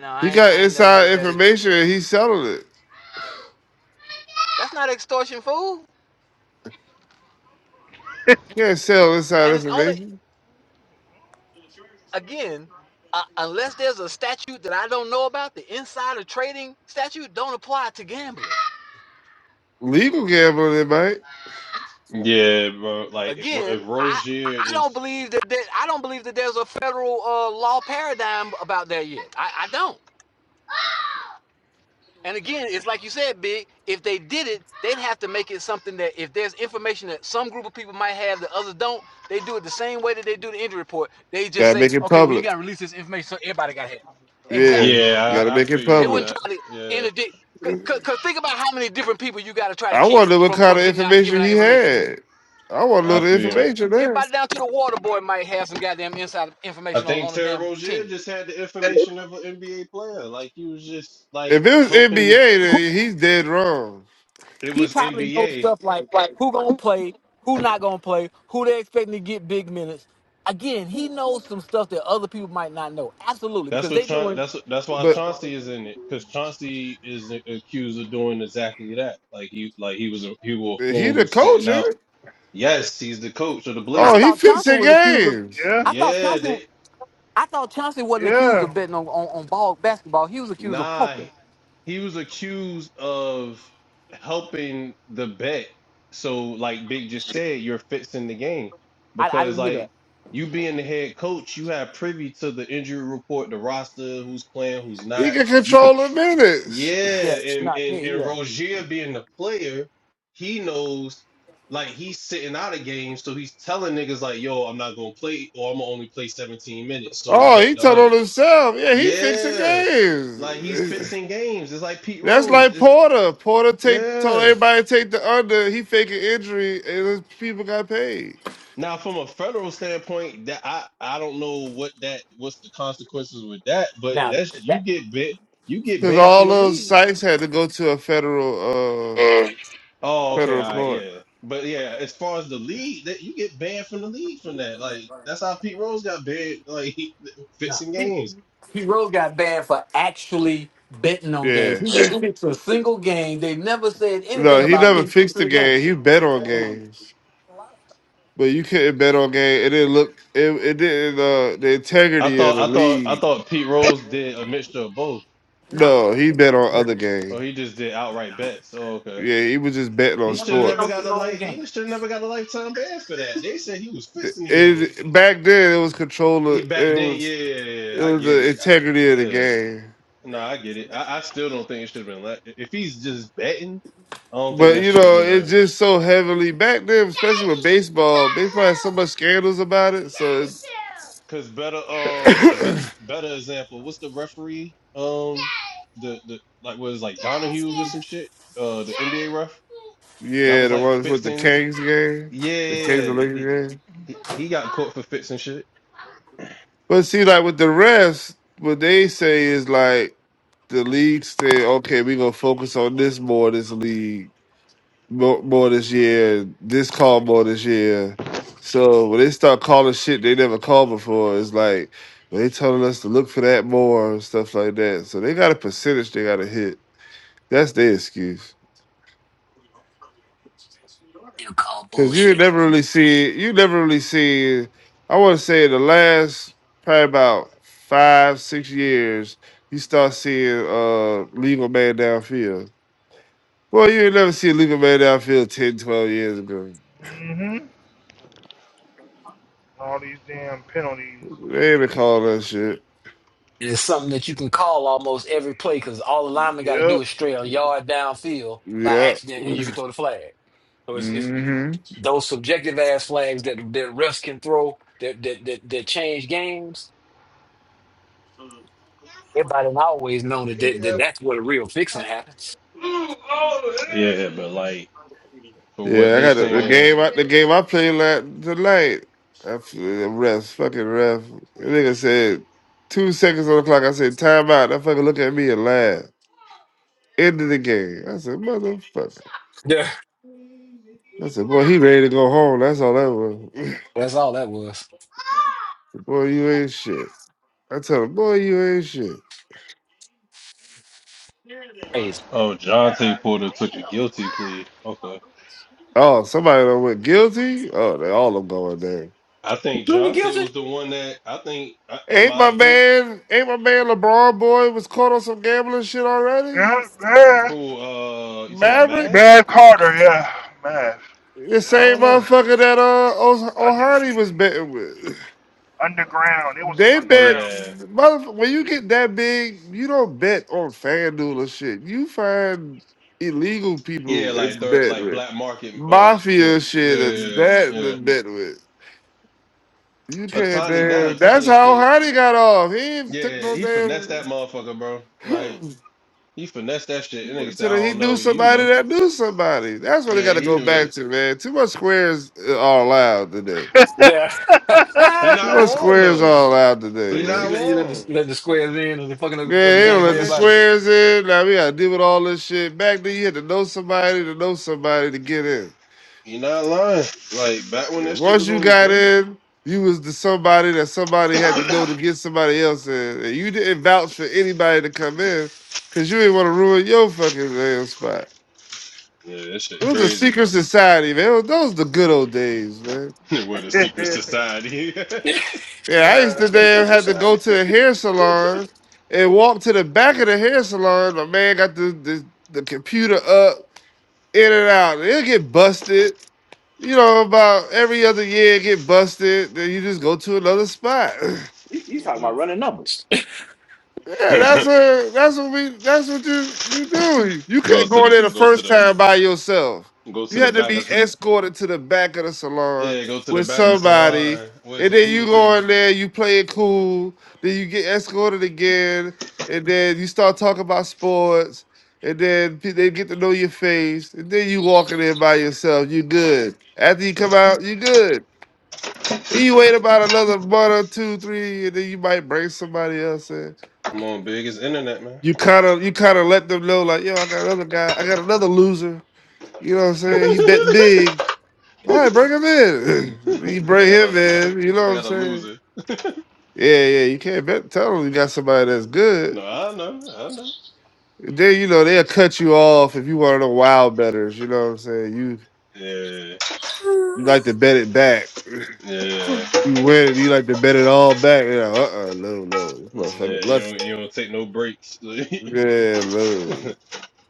S2: No,
S11: He
S2: I ain't,
S11: got
S2: I ain't never
S11: inside
S2: heard that either.
S11: information
S2: So
S11: and he's selling it.
S2: that's not extortion, fool.
S11: You can't sell inside
S2: And it's only
S11: information.
S2: again uh, unless there's a statute that I don't know about, the insider trading statute don't apply to gambling.
S11: Legal gambling, it might.
S5: Yeah, bro. Like if, Ro-
S2: again,
S5: if
S2: I I
S5: Rozier is.
S2: don't believe that, that I don't believe that there's a federal uh, law paradigm about that yet. I, I don't. And again, it's like you said, Big. If they did it, they'd have to make it something that if there's information that some group of people might have that others don't, they do it the same way that they do the injury report. They just
S11: Gotta
S2: say,
S11: make it
S2: okay, well, you
S11: public.
S2: got to release this information so everybody got to have it.
S11: Yeah,
S2: Exactly.
S5: Yeah,
S11: gotta
S5: I, I
S11: make
S5: feel
S11: it
S5: you
S2: They
S5: on
S11: public.
S2: wouldn't
S5: that.
S2: try to
S5: Yeah,
S2: interdict. 'cause- 'cause think about how many different people you got to try to
S11: I
S2: keep
S11: wonder what
S2: from
S11: kind
S2: from
S11: of
S2: getting out, giving
S11: information
S2: out
S11: he
S2: information.
S11: had. I want to know
S5: I
S11: the
S5: feel you.
S11: information there.
S2: Everybody down to the water boy might have some goddamn inside
S5: I
S2: information on, on
S5: think
S2: the
S5: Terry
S2: damn
S5: Rozier
S2: team.
S5: just had the information of an NBA player. Like he was just like
S11: If it was
S5: helping
S11: NBA,
S2: Who
S11: then he's dead wrong.
S5: It
S2: he
S5: was
S2: probably knows
S5: NBA.
S2: stuff like who gonna play, who not gonna play, who they expecting to get big minutes. Again, he knows some stuff that other people might not know. Absolutely,
S5: That's
S2: because
S5: what
S2: they
S5: Chaun
S2: doing.
S5: that's what, that's why
S11: But
S5: Chauncey is in it because Chauncey is a- accused of doing exactly that. Like he like he was a he was a
S11: he
S5: form
S11: the
S5: who's sitting
S11: coach, ain't
S5: out.
S11: it?
S5: Yes, he's the coach of the
S2: I
S11: Oh, he
S5: Blazers.
S2: thought Chauncey
S11: fixing
S2: was accused of.
S11: games.
S4: Yeah.
S2: I thought
S5: Yeah,
S2: Chauncey.
S5: they
S2: I thought Chauncey wasn't accused
S4: Yeah.
S2: of betting on, on, on ball basketball. He was accused of
S5: Nah,
S2: poker.
S5: he was accused of helping the bet. So, like Big just said, you're fixing the game
S2: I, I
S5: because,
S2: didn't hear
S5: like,
S2: that.
S5: you being the head coach, you have privy to the injury report, the roster, who's playing, who's
S11: He
S5: not.
S11: can
S5: You could,
S11: control the
S5: tr-
S11: minutes.
S5: yeah,
S2: Yeah,
S5: and
S2: not
S5: and
S2: me.
S5: and
S2: Yeah.
S5: Rozier being the player, he knows. Like he's sitting out of games, so he's telling niggas like, "Yo, I'm not gonna play, or I'm gonna only play 17 minutes." So
S11: Oh,
S5: bet
S11: he
S5: the
S11: told
S5: under.
S11: on himself. Yeah, he fixing
S5: Yeah. Like he's
S11: games.
S5: fixing games. It's like Pete
S11: That's
S5: Rose.
S11: like
S5: It's
S11: Porter. Porter take told
S5: yeah.
S11: everybody to take the under. He faking injury, and his people got paid
S5: Now from a federal standpoint, that I I don't know what that what's the consequences with that, but
S2: Now
S5: that's
S2: th-
S5: you
S2: that
S5: get bit you get
S11: because
S5: banned from
S11: all
S5: the
S11: those
S5: league.
S11: sites had to go to a federal uh
S5: Oh, okay,
S11: federal
S5: all right,
S11: court.
S5: yeah. But yeah, as far as the league, that you get banned from the league from that. Like that's how Pete Rose got banned, like he,
S2: Nah,
S5: fixing
S2: Pete,
S5: games.
S2: Pete Rose got banned for actually betting on games. He
S11: Yeah,
S2: didn't fix a single game. They never said
S11: no,
S2: anything
S11: he
S2: about
S11: never
S2: Pete
S11: fixed
S2: fixing
S11: the
S2: a game.
S11: game. He bet on games, but you couldn't bet on game. It didn't look. It, it didn't. Uh, the
S5: I
S11: integrity of the
S5: thought I thought I
S11: league.
S5: thought Pete Rose did a mixture of both.
S2: Nah,
S11: No, he bet on
S2: never
S11: other
S5: Or
S11: games.
S5: he just did outright bets. Oh, okay.
S11: Yeah, he was just betting on
S5: He
S2: never
S5: should have
S11: sports.
S2: bet
S5: never
S2: on
S5: got
S2: his
S5: a
S2: own
S5: light.
S2: game.
S5: He should have never got a lifetime ban for that. They said he was fixing the game.
S11: It back then it was
S5: He
S11: controller.
S5: back
S11: It
S5: then, yeah,
S11: was
S5: yeah,
S11: it
S5: yeah, I
S11: was
S5: get
S11: the
S5: it. I-
S11: integrity of the
S5: Yeah,
S11: game.
S5: no, I get it. I, I still don't think it should have been. Like, if he's just betting, I don't think
S11: But
S5: that
S11: you
S5: should have
S11: know,
S5: been
S11: it's
S5: a.
S11: just so heavily back then, especially with baseball. Baseball had so much scandals about it. So it's
S5: Cause better, um, be, better example. What's the referee? Um, the the like was like Donahue or some shit. Uh, the NBA ref that
S11: yeah,
S5: was
S11: the
S5: like
S11: ones with the
S5: fixing.
S11: Kings game,
S5: Yeah,
S11: the
S5: yeah,
S11: Kings and
S5: yeah. he,
S11: Lakers game.
S5: he he got caught for fixing shit.
S11: But see, like with the refs, what they say is like the league say, okay, we gonna focus on this more. This league. more, more this year. This call more this year. So when they start calling shit they never called before, it's like well, they telling us to look for that more and stuff like that. So they got a percentage they got to hit. That's their excuse.
S2: You call
S11: Cause you
S2: bullshit.
S11: never really see you never really see. I want to say in the last probably about five six years, you start seeing uh legal man downfield. Well, you ain't never see a legal man downfield 10, 12 years ago.
S4: Mm-hmm. All these damn penalties and
S11: They ain't been calling that shit.
S2: And it's something that you can call almost every play because all the linemen
S4: shit.
S2: got to do
S4: Yep.
S2: is stray a yard downfield by
S11: Yeah.
S2: accident, and you can throw the flag. So it's, it's
S11: hmm
S2: those subjective ass flags that that refs can throw that that that, that change games. Everybody always known that, that, that that's where the real fixing happens.
S5: Yeah, but like for what
S11: Yeah, I
S5: they
S11: got the, the
S5: saying,
S11: game. I, the game I played last tonight. I f- the ref, fucking ref. The nigga said two seconds on the clock. I said timeout. That fucker look at me and laugh. End of the game. I said motherfucker.
S2: Yeah.
S11: I said boy, he ready to go home. That's all that was.
S2: That's all that was.
S11: boy, you ain't shit. I tell him, boy, you ain't shit.
S2: Crazy.
S5: oh,
S4: Yeah.
S5: Jonte Porter took a guilty plea. Okay,
S11: Oh, somebody done went guilty. Oh, they all of them going there.
S5: I think
S2: Really
S5: Jonte
S2: guilty?
S5: was the one that I think, I- in
S11: Ain't
S5: my
S11: my
S5: opinion,
S11: man, ain't my man LeBron boy was caught on some gambling shit already?
S4: Yeah, Mav.
S5: who uh, you talking about
S11: Maverick,
S5: math?
S4: Mav Carter, yeah. Mav.
S11: the
S5: I
S4: Yeah.
S11: same
S5: don't know.
S11: motherfucker that uh O-
S4: Underground.
S11: O'Hara was betting with.
S4: Underground. It was some
S11: They
S5: Oh
S11: bet
S4: underground
S5: yeah,
S11: motherf- when you get that big, you don't bet on FanDuel or shit. You find illegal
S5: yeah,
S11: people
S5: like
S11: and
S5: third,
S11: bet
S5: like
S11: with
S5: black market uh
S11: mafia
S5: sports.
S11: shit and
S5: Yeah,
S11: that
S5: yeah.
S11: to bet with. You can't
S5: Atani,
S11: damn.
S5: that
S11: That's
S5: Atani
S11: how
S5: shit.
S11: Hardy got off. He ain't took
S5: Yeah,
S11: no
S5: he finessed
S11: damn.
S5: that motherfucker, bro. Like he finessed that shit.
S11: he
S5: And nigga
S11: went
S5: said,
S11: to
S5: I
S11: the- he
S5: don't
S11: knew
S5: know, you
S11: somebody
S5: know.
S11: that knew somebody. That's what they
S5: Yeah,
S11: got to
S5: he
S11: go
S5: knew
S11: back
S5: that.
S11: to, man. Too much squares uh, are allowed today.
S2: Yeah. but
S5: He
S11: See
S5: not
S11: what
S5: wrong
S11: squares
S5: though.
S11: all out today,
S5: You're
S2: she
S5: not
S11: man.
S2: let you let the,
S5: wrong.
S2: let the squares in and the fucking up,
S11: Yeah,
S2: up the
S11: they
S2: game
S5: Back
S11: don't
S2: for
S5: when
S11: let the
S5: that
S2: everybody.
S5: shit,
S11: squares in. Now we gotta deal with all this shit. Back then, you had to know somebody to know somebody to get in.
S5: you're not lying. Like back when that
S11: And
S5: shit
S11: once
S5: was
S11: you
S5: only
S11: got
S5: vague.
S11: in, you was the somebody that somebody had to
S5: yeah,
S11: know to get somebody else in. And you didn't vouch for anybody to come in because you didn't want to ruin your fucking damn spot.
S5: that shit
S11: It was a
S5: crazy,
S11: secret
S5: bro.
S11: society, man. Those were the good old days, man.
S5: what a secret
S4: shit.
S5: society.
S11: Yeah, I used
S4: yeah.
S11: to damn have to go to the hair salon and walk to the back of the hair salon. My man got the the, the computer up, in and out. It'll get busted. You know, about every other year it get busted. Then you just go to another spot.
S5: Yeah.
S11: Yeah, that's a that's what we that's what you you do. You
S5: go
S11: couldn't
S5: to
S11: go in
S5: the
S11: there the
S5: go to
S11: first
S5: the
S11: time by yourself.
S5: go
S11: You
S5: to the
S11: had to
S5: back
S11: be
S5: of
S11: escorted to the back of the salon
S5: yeah, go to the
S11: with
S5: back of the
S11: somebody,
S5: salon. Where's
S11: and
S5: a
S11: then
S5: pool
S11: you go
S5: table?
S11: in there, you play it cool, then you get escorted again, and then you start talking about sports, and then pe- they get to know your face, and then you walk in there by yourself. You good. After you come out, you good. And you wait about another month or two, three, and then you might bring somebody else in.
S5: Come on, big. It's internet, man.
S11: You kind of you kind of let them know like, yo, I got another guy, I got another loser. You know what I'm saying? He bet
S5: I
S11: big. All right, bring him in. you bring
S5: got
S11: him
S5: a
S11: in. You know
S5: I
S11: what I'm
S5: got a
S11: saying?
S5: loser.
S11: Yeah, yeah. You can't bet. Tell them you got somebody that's good.
S5: No, I know, I know.
S11: Then you know they'll cut you off if you want to wild betters. You know what I'm saying? You
S5: Yeah,
S11: you like to bet it back.
S5: yeah.
S11: You win, and you like to bet it all back. You know, uh, uh no, no, this
S5: And
S11: motherfucker
S5: uh, you
S11: lucky.
S5: don't you don't take no breaks. like
S11: Yeah, no,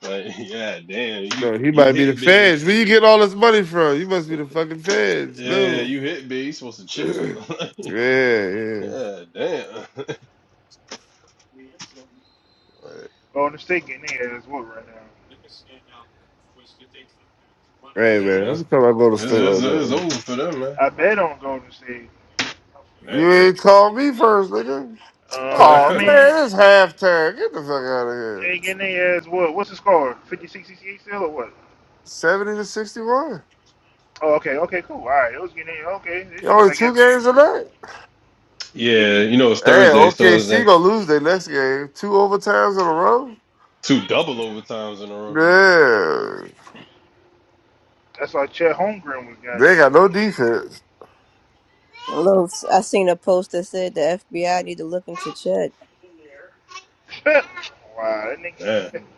S5: yeah, damn, you
S11: no. He
S5: you
S11: might be the
S5: hit big.
S11: feds. Where you get all this money from? You must be the fucking feds.
S5: Yeah,
S11: No.
S5: you hit big. You supposed to
S11: yeah,
S5: chill.
S11: yeah.
S5: Like, yeah, damn. Like,
S4: Golden State getting their ass whooped right now.
S11: Hey
S5: yeah, man,
S4: Mm.
S11: man, let
S5: it's,
S11: me come I go to state
S5: it's, it's,
S11: like that.
S5: it's
S11: man.
S5: over for them,
S4: I bet on Golden State.
S5: man.
S11: You ain't call me first, nigga.
S4: Uh, I
S11: Oh
S5: Damn.
S4: mean,
S11: man, it's halftime. Get the fuck out of
S4: they
S11: here.
S4: ain't getting their ass whooped. What's the score? 56, 68 still or what?
S11: Seventy to sixty-one.
S4: Oh, okay. Okay, cool. All right. It was getting their, okay. This shit was
S11: Only
S4: like
S11: two
S4: at
S11: games a night.
S5: yeah,
S4: Yeah,
S5: you know it's
S11: Hey,
S4: like
S5: Thursday, so it's then
S11: OKC gonna lose their next game. Two overtimes in
S5: two double overtimes in a row.
S11: a row. Yeah,
S4: that's why Chet Holmgren was
S11: they
S4: goddamn.
S11: ain't got no defense.
S3: Hello, s- I seen a post that said the FBI need to look into Chet.
S4: wow, that
S5: Damn.
S4: nigga.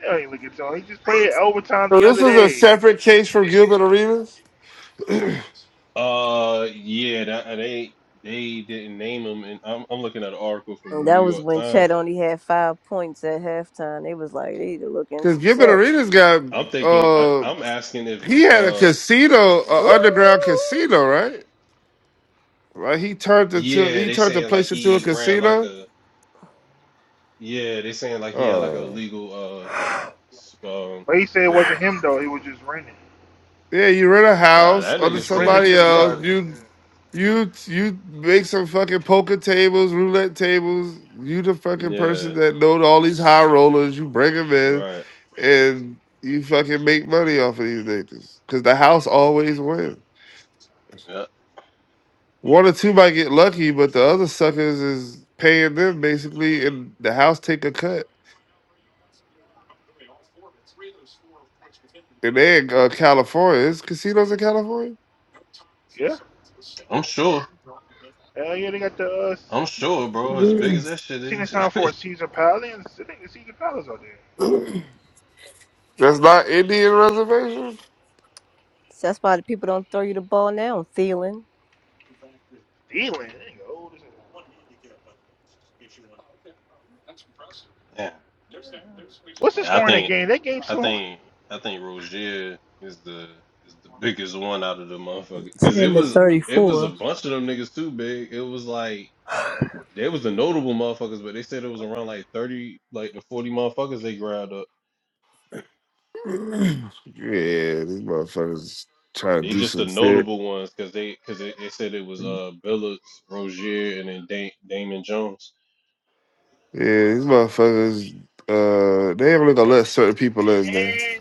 S4: They don't even look at Tony. He just played overtime
S11: So
S4: the
S11: this
S4: other
S11: is a
S4: day.
S11: separate case from Gilbert Arenas
S5: Uh, yeah, that, uh, they they didn't name them, and I'm I'm looking at an article
S3: And
S5: from New
S3: That was
S5: York
S3: when Chet
S5: Times.
S3: only had five points at halftime. They was like, they need to look
S11: because
S3: into
S11: Gilbert
S3: Chet.
S11: Arenas got
S5: I'm thinking I,
S11: uh
S5: I'm asking if
S11: He had a
S5: uh
S11: casino, a
S3: Ooh.
S11: underground casino, right? Right. he turned into
S5: Yeah,
S11: he
S5: they
S11: turned the
S5: saying like
S11: place into a
S5: he ran like
S11: casino.
S5: a yeah, they saying like he had like a
S11: Oh,
S5: legal uh s- um
S4: But he said it
S5: yeah.
S4: wasn't him though. He was just renting.
S11: yeah, you rent a
S5: Nah,
S11: house
S5: that
S4: He
S11: under
S5: nigga
S4: was
S5: said
S4: renting
S5: he
S11: somebody
S4: to the
S11: else.
S5: snitching.
S4: body.
S11: You you you make some fucking poker tables, roulette tables. You the fucking person
S5: Yeah,
S11: that know all these high rollers. You bring them in,
S5: right.
S11: and you fucking make money off of these niggas because the house always wins.
S5: Yeah.
S11: One or two might get lucky, but the other suckers is paying them basically, and the house take a cut. And they in uh, California. There's casinos in California.
S4: Yeah. yeah.
S5: I'm sure.
S4: Hell yeah, they got the. Uh,
S5: I'm sure, bro. As big as that
S4: I
S5: shit
S4: seen this
S5: is.
S4: sign for a Caesar Palace. I think the Caesar Palace out there.
S11: That's not Indian reservation.
S3: So that's why the people don't throw you the ball now, Thielen.
S4: Dealing. That nigga
S5: Yeah.
S4: What's the
S5: Yeah, I
S4: score in that
S5: think
S4: game? That game
S5: I
S4: so long.
S5: think I think Rozier is the is the biggest one out of the motherfucker. Cause
S3: 10
S5: it
S3: to
S5: was it was
S3: 34.
S5: a bunch of them niggas too big. It was like there was the notable motherfuckers, but they said it was around like thirty, like the forty motherfuckers they grabbed up.
S11: yeah, these motherfuckers trying to
S5: They
S11: do
S5: just the
S11: some shit.
S5: notable ones because they because they, they said it was uh Billups, Rozier, and then da- Damon Jones.
S11: Yeah, these motherfuckers. Uh, they ain't really gonna
S4: seven
S11: let certain
S4: to
S11: people in there.
S4: ten.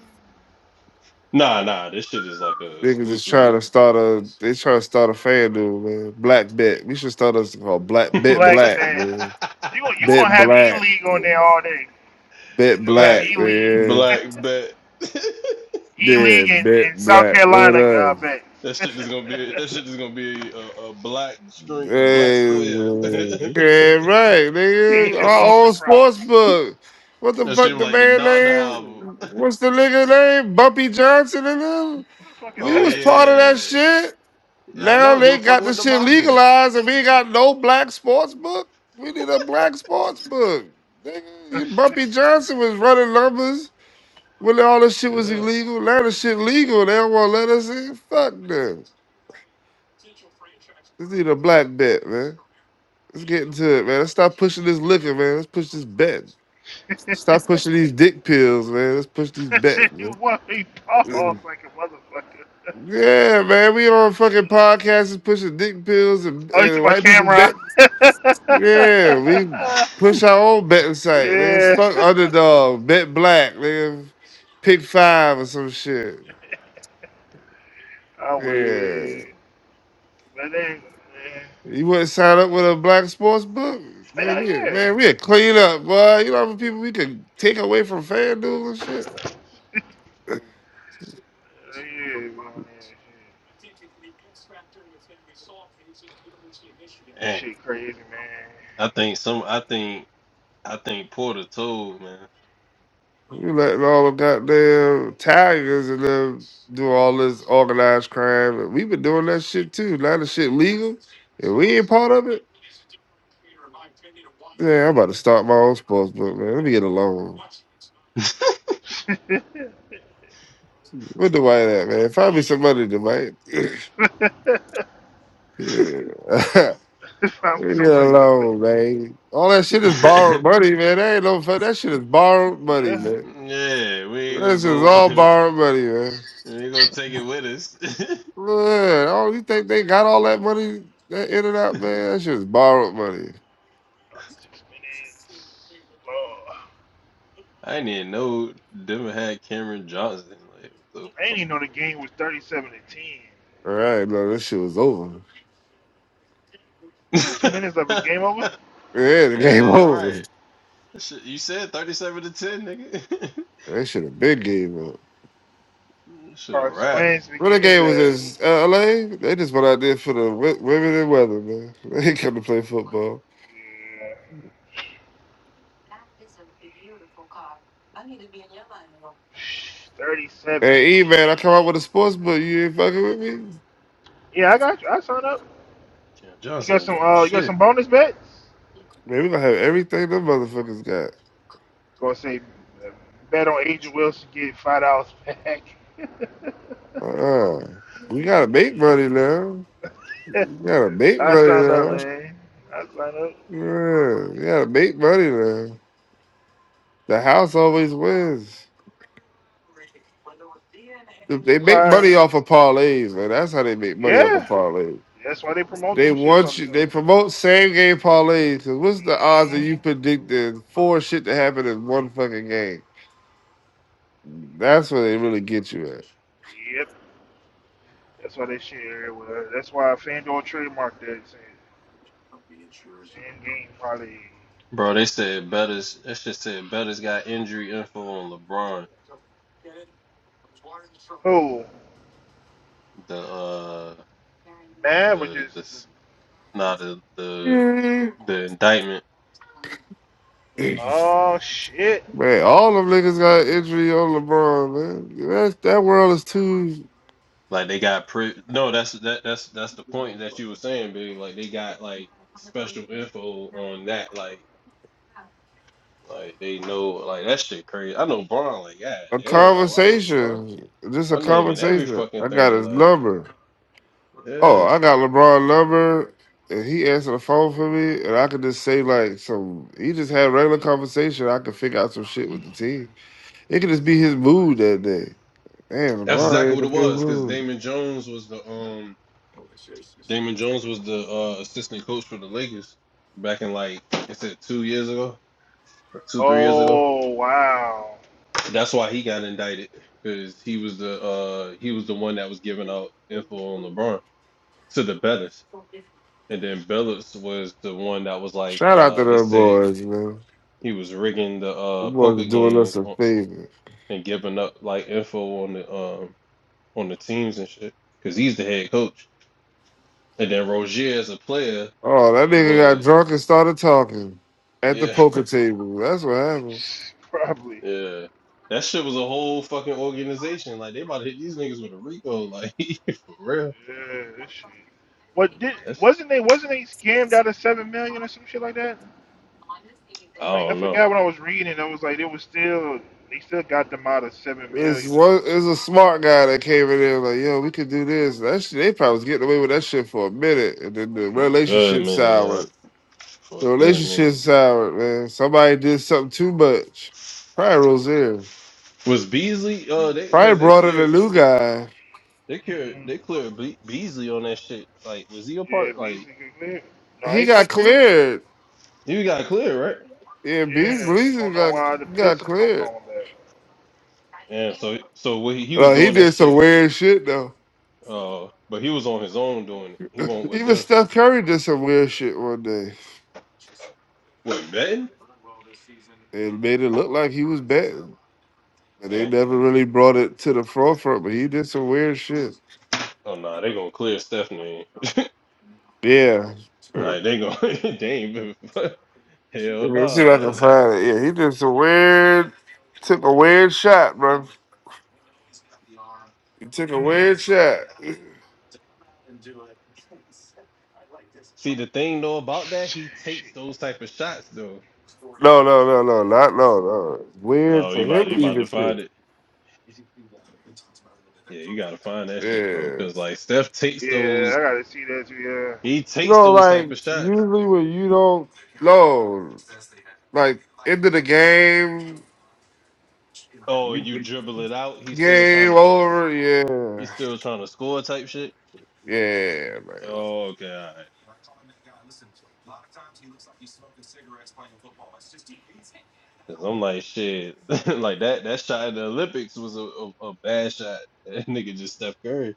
S5: Nah, nah, this shit is like a
S11: Niggas is
S5: exclusive.
S11: trying to start a they trying to start a fan dude, man. Black bet. We should start us called black bet
S4: Black
S11: black,
S4: bet.
S11: man.
S4: You gon' you
S11: Bet
S4: gonna have E
S11: black.
S4: League on there
S11: Man.
S4: all day. He's
S11: Bet
S4: just gonna have
S5: black,
S11: black,
S4: E League,
S11: man.
S5: black bet. that
S4: E
S11: Yeah,
S4: League, and,
S11: bet
S4: and South
S11: black. What
S4: Carolina
S11: it
S4: uh,
S11: is.
S4: bets.
S5: shit is gonna be that shit is gonna be a, a black string, a black
S11: Hey,
S5: square.
S11: man.
S5: that
S11: yeah, right, nigga.
S5: shit
S4: Asia
S11: Our
S4: Wilson
S11: own sports
S4: props.
S11: book. What the
S5: was
S11: fuck the
S5: like the
S11: man
S5: Donda
S11: name?
S5: album.
S11: What's the nigga name? Bumpy Johnson and them?
S4: What the fuck is
S11: We
S5: Oh
S11: was
S4: that?
S11: part of
S5: yeah,
S11: that shit.
S5: yeah I
S11: Now
S5: know he
S11: they
S5: was
S11: got
S5: fucking with
S11: this
S5: the
S11: shit
S5: mafia.
S11: legalized and we ain't got no black sports book. We need a black sports book. Nigga, Bumpy Johnson was running numbers when all this shit was
S5: Yeah,
S11: illegal. Now the shit legal. They don't want to let us in. Fuck them. Let's need a black bet, man. Let's get into it, man. Let's stop pushing this liquor, man. Let's push this bet. Stop pushing these dick pills, man. Let's push these bets,
S4: what he
S11: man.
S4: paused like a motherfucker.
S11: Yeah, man. We on fucking podcasts and pushing dick pills and,
S4: Oh, he's to
S11: and
S4: my
S11: white people
S4: camera.
S11: bet. Yeah, we push our own betting site. Nigga,
S4: yeah.
S11: fuck underdog, bet black, nigga, pick five or some shit.
S4: I'm with you.
S11: Yeah,
S4: yeah. But then,
S11: you wouldn't sign up with a black sports book,
S4: yeah,
S11: man.
S4: yeah,
S11: We man, we a clean up, boy. You know how many people we could take away from FanDuel and shit.
S4: yeah, yeah. We on that
S5: man.
S4: shit. Shit crazy, man.
S5: I think some. I think I think Porter told man.
S11: You letting all the goddamn tigers and them do all this organized crime. we been doing that shit too. Now the shit legal. If we ain't part of it, yeah, I'm about to start my own sports book, man. Let me get a loan. Where Dwight at, man? Find me some money, Dwight. yeah.
S4: Found
S11: Let me get a
S4: somebody to play.
S11: loan, man. All that shit is
S5: yeah,
S11: borrowed money, man. That ain't no fun. That shit is borrowed money,
S4: Yeah.
S11: man.
S5: we ain't gonna
S11: This is
S5: go.
S11: all borrowed money, man.
S5: we ain't gonna take it with us.
S11: Man, oh, you think they got all that money that in and out, man? That shit is borrowed money.
S4: 36 minutes. Oh,
S5: I didn't even know Denver had Cameron Johnson. Like,
S4: I didn't
S5: what
S4: even know the game was 37 to 10.
S11: All right, no, this shit was over.
S4: It's two
S5: the
S4: minutes left.
S5: fuck?
S4: It's game over?
S11: Yeah, the game
S5: yeah,
S11: over.
S5: right. Shit, you said thirty-seven to ten, nigga.
S11: That shit a big game
S5: Should have
S4: Or
S5: wrapped.
S4: Swain's begin his
S11: Renegade
S4: ass.
S11: was in uh, LA. They just went out there for the wo- women and weather, man. They ain't come to play football.
S4: Yeah. 37 to 10.
S11: Hey, E man, I come out with a sports book. You ain't fucking with me.
S4: Yeah, I got you. I signed up.
S5: Cameron
S4: You
S5: Johnson
S4: got
S5: ain't
S4: some
S5: doing
S4: uh you got
S5: shit,
S4: some bonus bets?
S11: Man, we gonna have everything them motherfuckers got.
S4: Gonna say uh, bet on Angel Wilson get five dollars back.
S11: Uh, we gotta make money now. We gotta make
S4: I
S11: money
S4: signed up,
S11: now.
S4: man. I signed up.
S11: Yeah, we gotta make money now. The house always wins. they make
S4: Surprise.
S11: money off of parlays, man. That's how they make money off of
S4: Yeah.
S11: parlays.
S4: That's why they promote
S11: They
S4: them shits all
S11: want
S4: the
S11: you. They promote same game parlays. Cause what's the
S4: time.
S11: odds of
S4: hmm
S11: you predicting four shit to happen in one fucking game? That's where they really get you at.
S4: Yep. That's why they share everywhere. That's why FanDuel trademarked that. Same game probably.
S5: bro. They said Bettis. That shit said Bettis got injury info on LeBron.
S4: Who?
S5: The uh,
S4: Mav or
S5: the
S4: just.
S5: this not nah, the the the indictment.
S4: Oh, shit.
S11: man, all them niggas got injury on LeBron. Man, that that world is too
S5: Like they got pre no, that's that that's that's the point that you were saying, big. Like they got like special info on that. Like like they know like that shit crazy. I know Braun, like, god
S11: a
S5: damn, like why they why
S11: conversation. Just a
S5: my name in every
S11: conversation.
S5: fucking
S11: I got
S5: thing,
S11: his
S5: like
S11: number. Oh,
S5: yeah.
S11: I got LeBron number, and he answered the phone for me, and I could just say like some. He just had regular conversation. I could figure out some shit with the team. It could just be his mood that day. Man,
S5: That's
S11: LeBron
S5: exactly
S11: ain't
S5: what
S11: in
S5: it
S11: a good
S5: was, because
S11: mood.
S5: Damon Jones was the um Damon Jones was the uh assistant coach for the Lakers back in like I said two years ago or two, three years ago.
S4: Oh, wow.
S5: That's why he got indicted because he was the uh he was the one that was giving out info on LeBron to the Bellis, and then Bellis was the one that was like
S11: Shout out to
S5: uh they
S11: them
S5: said
S11: boys, man.
S5: he was rigging the
S11: The
S5: uh
S11: boys are
S5: poker
S11: doing us
S5: games
S11: a
S5: on,
S11: favor.
S5: and giving up like info on the um on the teams and shit because he's the head coach, and then Rozier as a player
S11: Oh, that nigga got
S5: was
S11: drunk and started talking at the
S5: yeah
S11: poker table. That's what happened.
S4: probably.
S5: yeah. That shit was a whole fucking organization. Like they about to hit these niggas with a Rico, like for real.
S4: Yeah, this shit. What did
S5: That's
S4: wasn't they wasn't they scammed out of seven million or some shit like that?
S5: I
S4: Like I
S5: don't know.
S4: forgot what I was reading. I was like, it was still they still got them out of seven
S11: It's
S4: million or
S11: one. It's a
S4: something.
S11: smart guy that came in there like, yo, we could do this. That shit, they probably was getting away with that shit for a minute, and then the
S5: for a good
S11: relationship
S5: minute, yeah,
S11: soured.
S5: for
S11: The
S5: a good
S11: relationship
S5: minute.
S11: soured, man. Somebody did something too much. Probably Rozier.
S5: Was Beasley? Uh, they
S11: Probably
S5: because they
S11: brought in a
S5: cleared,
S11: new guy.
S5: they
S4: mm
S5: cleared,
S4: hmm
S5: they cleared Be- Beasley on that shit. Like, was he a part?
S4: Yeah, but
S5: Like,
S4: he's get clear. No,
S11: He
S4: he
S11: got
S4: got clear.
S11: cleared.
S5: he got cleared, right?
S11: Yeah, Beasley
S4: Yeah, so I
S11: Beasley
S4: don't know
S11: got
S4: why the
S11: got
S4: Pistons don't
S11: cleared.
S4: call him back.
S5: Yeah. So, so what he, he was
S11: No, he
S5: doing that
S11: did some
S5: shit.
S11: weird shit though.
S5: Uh, but he was on his own doing it. He won't with
S11: Even
S5: them.
S11: Steph Curry did some weird shit one day.
S5: With Madden?
S11: It made it look like he was betting, but they
S5: Damn.
S11: never really brought it to the forefront. But he did some weird shit.
S5: Oh nah, they gonna clear Stephanie.
S11: Yeah, Uh,
S5: Like they gonna they ain't even hell
S11: let's see if
S5: nah.
S11: I can
S5: That,
S11: find it. Yeah, he did some weird. Took a weird shot, bro. He took a
S5: damn.
S4: Mm.
S11: weird shot.
S5: See the thing though about that,
S4: Shit.
S5: he takes those type of shots though.
S11: No, no, no, no, not no, no. Weird
S5: Oh,
S11: for
S5: you about
S11: him
S5: you about
S11: even
S5: to
S11: too.
S5: find it. Yeah, you gotta find that shit, bro.
S11: Yeah.
S5: Cause like Steph takes
S4: Yeah,
S5: those,
S4: I gotta see that too. Yeah,
S5: he
S11: You
S5: takes
S11: know,
S5: those type
S11: like
S5: of shots.
S11: usually when you don't know, like end of the game,
S5: Oh, you dribble it out. He's still trying
S11: game
S5: to,
S11: over. Yeah,
S5: he's still trying to score type shit.
S11: yeah, man.
S5: Oh, okay, all right. Cause I'm like shit, like that that shot in the Olympics was a, a, a bad shot. That nigga just Steph Curry.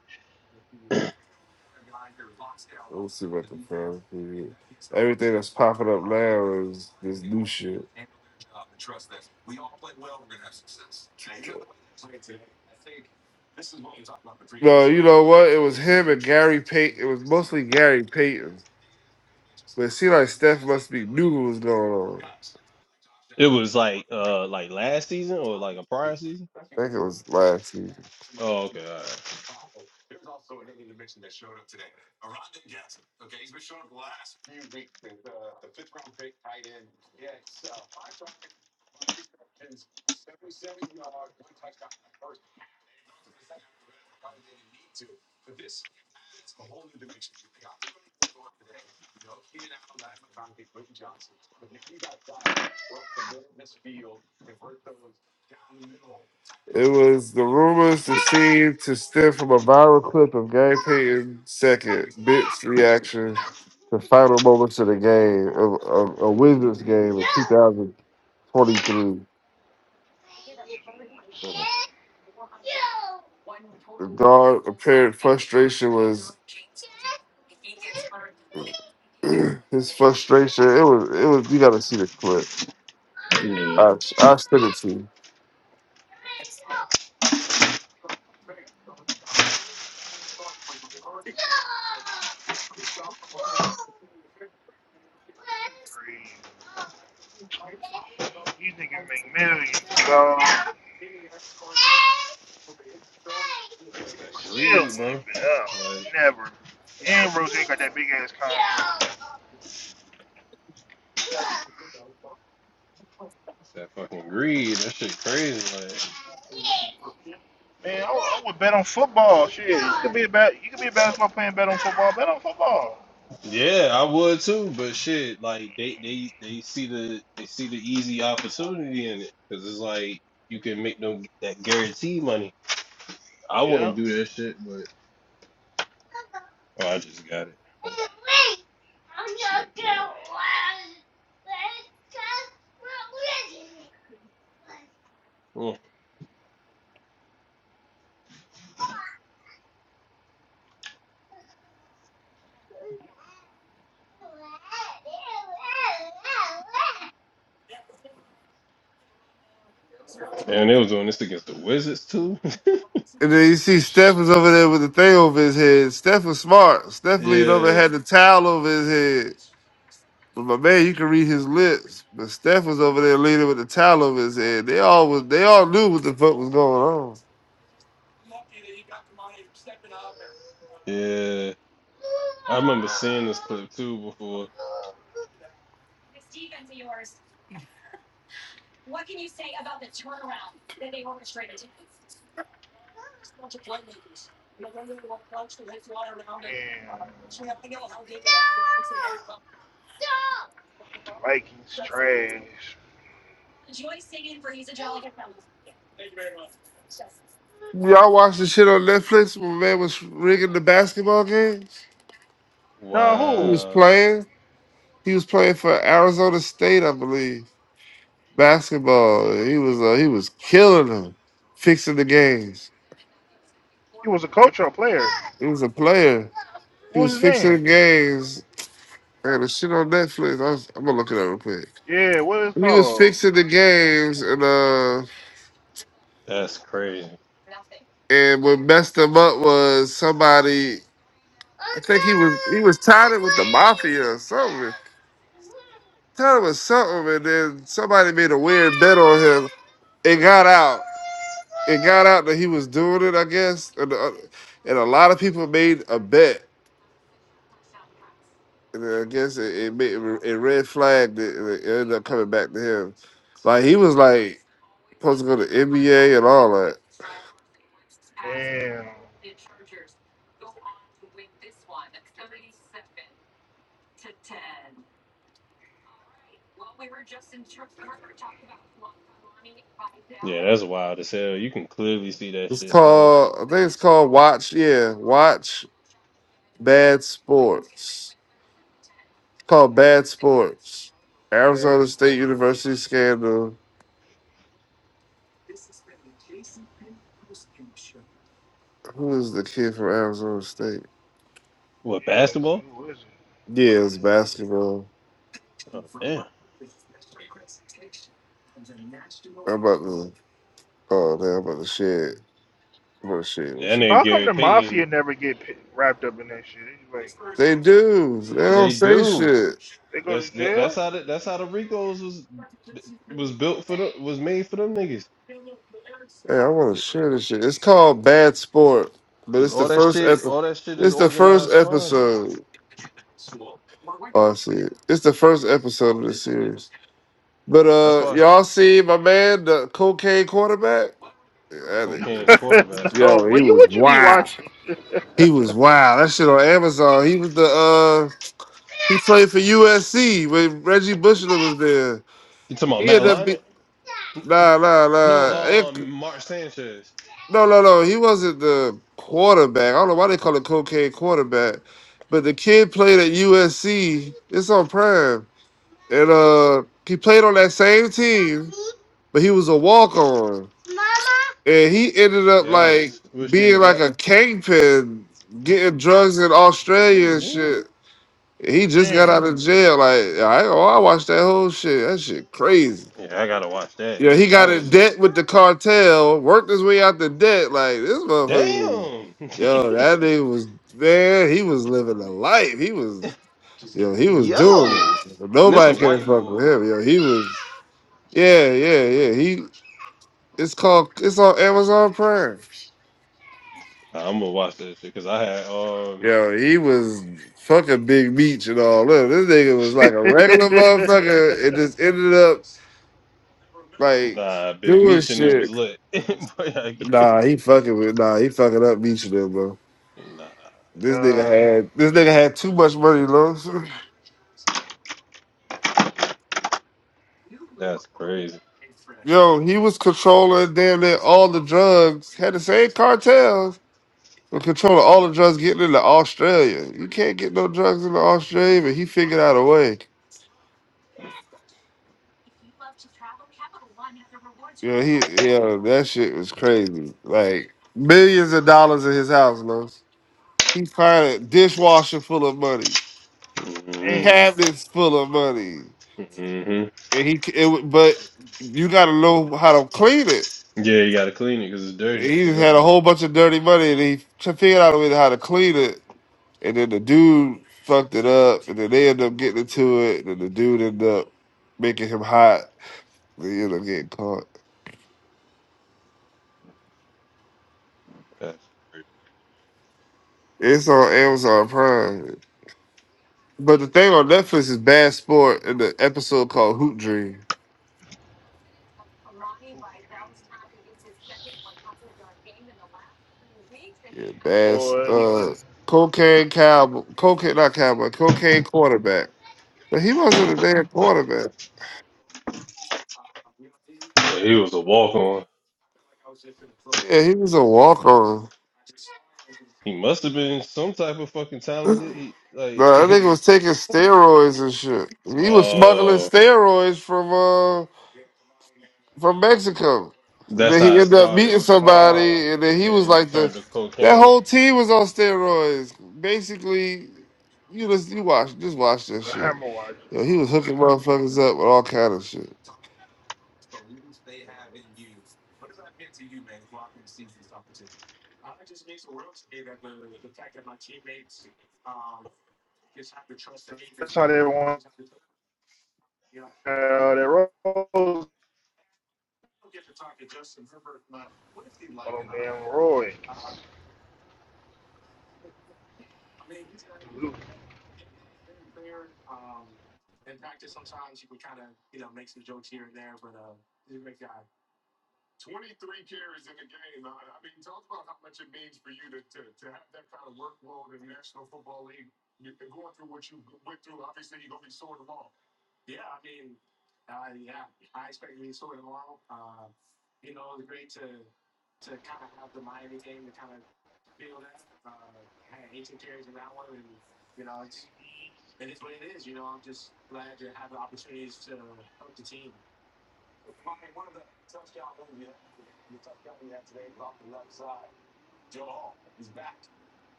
S11: Gary Payton.
S5: It was like uh like last season or like a prior season. Oh, okay, all
S11: It was the rumors that seemed to stem from a viral clip of Gary Payton second bit's reaction to final moments of the game of, of a Wizards game in 2023.
S4: these ones
S5: right.
S11: The guard apparent frustration was his frustration. It was it was you gotta see the clip.
S5: Yeah,
S11: I I sent it to you.
S4: crazy. These niggas make millions, dog. Still
S5: agreed, bro.
S4: went back. I
S5: Like,
S4: would never. And Roseanne got that big ass contract.
S5: It's that fucking greed. That shit crazy. Like,
S4: Man, I, would I would bet on football. Shit, you could be a ba- you could be a basketball player and bet on football. Bet on football.
S5: yeah, I would too. But shit, like they they they see the they see the easy opportunity in it because it's like you can make them that guarantee money. I
S4: Yeah.
S5: wouldn't do that shit, but oh, I just got it. Oh, And they was doing this against the Wizards too.
S11: And then you see Steph was over there with the thing over his head. Steph was smart. Steph leaned over and
S5: yeah,
S11: had the towel over his head. But my man, you can read his lips. But Steph was over there leaning with the towel over his head. They all was they all knew what the fuck was going on.
S5: yeah. I remember seeing this clip too before.
S4: Man, Vikings trash.
S11: Y'all watched the shit on Netflix when my man was rigging the basketball games?
S4: No,
S11: He
S4: who?
S11: was
S5: Wow,
S11: playing. He was playing for Arizona State, I believe. Basketball. He was uh, he was killing them, fixing the games.
S4: He was a coach or a player.
S11: He was a player. He
S4: What was
S11: was
S4: his
S11: fixing the
S4: name?
S11: games. Man, the shit on Netflix. I was, I'm gonna look it up real quick.
S4: Yeah, what is it
S11: He was
S4: called?
S11: fixing the games and uh
S5: that's crazy.
S11: And what messed him up was somebody. I think he was he was tied in with the mafia or something. Tied in with something, and then somebody made a weird bet on him. It got out. It got out that he was doing it. I guess, and, uh, and a lot of people made a bet. And I guess it it, made, it red flagged it, and it ended up coming back to him. Like he was like supposed to go to NBA and all that.
S4: Damn,
S5: Yeah, that's wild as hell. You can clearly see that
S11: It's
S5: shit. Like,
S11: called, I think it's called Watch. Yeah, Watch Bad Sports. It's called Bad Sports.
S4: bad
S11: Arizona State
S4: sport.
S11: University scandal. Who is the kid from Arizona State?
S5: what,
S4: Yeah, it was-
S5: basketball?
S4: who is it?
S11: Yeah, it's basketball.
S5: Oh damn.
S11: I'm about to. Oh, damn, I'm about to shit. I'm about to shit
S5: Yeah,
S11: with
S5: and
S4: So
S11: you.
S5: then
S4: how come
S5: Gary
S4: the
S5: Payton,
S4: mafia never get pi- wrapped up in that shit? It's like
S11: They do. They don't
S5: they
S11: say
S5: do.
S11: shit.
S4: they go to
S5: That's that, that's
S4: jail.
S5: how the, that's how the Ricos was was built for the was made for them niggas.
S11: Hey, I want to
S5: It-
S11: share this shit. It's called Bad Sport, but
S5: 'cause
S11: it's the
S5: all that
S11: first
S5: shit,
S11: epi-
S5: all that shit is
S11: It's the first
S5: organized crime.
S11: episode. Oh, I see it. It's the first episode of the series. But
S5: That's
S11: uh,
S5: why
S11: y'all see my man, the cocaine quarterback. Yeah, That
S5: cocaine
S11: nigga,
S5: quarterback.
S4: no,
S11: yo, he
S4: but you
S11: was
S4: what you be
S11: wild.
S4: watching?
S11: He was wild. That shit on Amazon. He was the uh, he played for USC when Reggie Bushler was there.
S5: You talking about
S11: He
S5: Matt
S11: ended up be
S5: Leinart?
S11: nah nah
S5: No,
S11: nah. It-
S5: um, Mark Sanchez.
S11: no no no. He wasn't the quarterback. I don't know why they call it cocaine quarterback. But the kid played at USC. It's on Prime, and uh, he played on that same team, but he was a walk on. and he ended up like
S5: Yes, was she in the
S11: being like
S5: back?
S11: a kingpin, getting drugs in
S5: Yeah,
S11: Australia and
S5: man.
S11: shit. He just got
S4: Damn.
S11: out of jail. Like I, oh, I watched that whole shit. That shit crazy.
S5: Yeah, I gotta watch that
S11: Yeah,
S5: because
S11: he
S5: that
S11: got in
S5: was
S11: debt with the cartel, worked his way out the debt. Like this motherfucker was,
S5: damn.
S11: yo, that nigga was man. He was living a life. He was, yo, he was
S5: Yo,
S11: doing it.
S5: and this a
S11: Nobody can
S5: white
S11: fuck
S5: boy.
S11: with him. Yo, he was, yeah, yeah, yeah. He, it's called, it's on Amazon Prime.
S5: Nah, I'm gonna watch that shit because I had um
S11: Yo, he was fucking Big Meech and all that. This nigga was
S4: uh,
S11: like a regular motherfucker and just ended up like
S5: nah Big
S11: doing
S5: Meech and it was
S11: shit.
S5: lit. But, like,
S11: Nah, he fucking with nah, he fucking up Meech and them, bro.
S5: nah,
S11: This
S5: man,
S11: nigga had this nigga had too much money, bro.
S5: that's crazy.
S11: Yo, he was controlling damn near all the drugs, had the same cartels, but controlling all the drugs getting into Australia. You can't get no drugs into Australia, but he figured out a way. Yeah, he yeah, that shit was crazy. Like millions of dollars in his house, Los. He found a dishwasher full of money,
S5: hmm
S4: damn.
S11: cabinets full of money,
S5: hmm
S11: and he c- it, wa- but you got to know how to clean it.
S5: Yeah, you gotta clean it because it's
S11: And
S5: dirty.
S11: he just
S5: Yeah,
S11: had a whole bunch of dirty money, and he t- figured out a way to how to clean it. And then the dude fucked it up, and then they ended up getting into it, and then the dude ended up making him hot. They ended up getting caught.
S5: that's crazy.
S11: It's on Amazon Prime. But the thing on Netflix is Bad Sport and the episode called Hoop Dream.
S4: Hoop dreams.
S11: Yeah, bad s-
S4: Boy,
S11: uh
S4: niggas.
S11: cocaine cowboy cocaine not cowboy, cocaine quarterback. But he wasn't a damn quarterback.
S5: But he was a walk on.
S11: Yeah, he was a walk on.
S5: He must have been some type of fucking
S11: No,
S5: talented. He like,
S11: that nigga was taking steroids and shit. He was smuggling
S5: oh,
S11: steroids from uh, from Mexico. And
S5: that's
S11: then he
S5: how it
S11: ended up
S5: started
S11: meeting
S4: Uh,
S11: somebody, and then he was
S5: and
S11: like
S5: turned
S11: the
S5: to
S11: that
S5: cocaine.
S11: whole team was on steroids. Basically, you just you watch just watch that
S4: the
S11: shit.
S4: hammer watch.
S11: Yo, he was hooking motherfuckers up with all kind of shit.
S4: That's how they want uh, that rose on them damn Roy. Dude.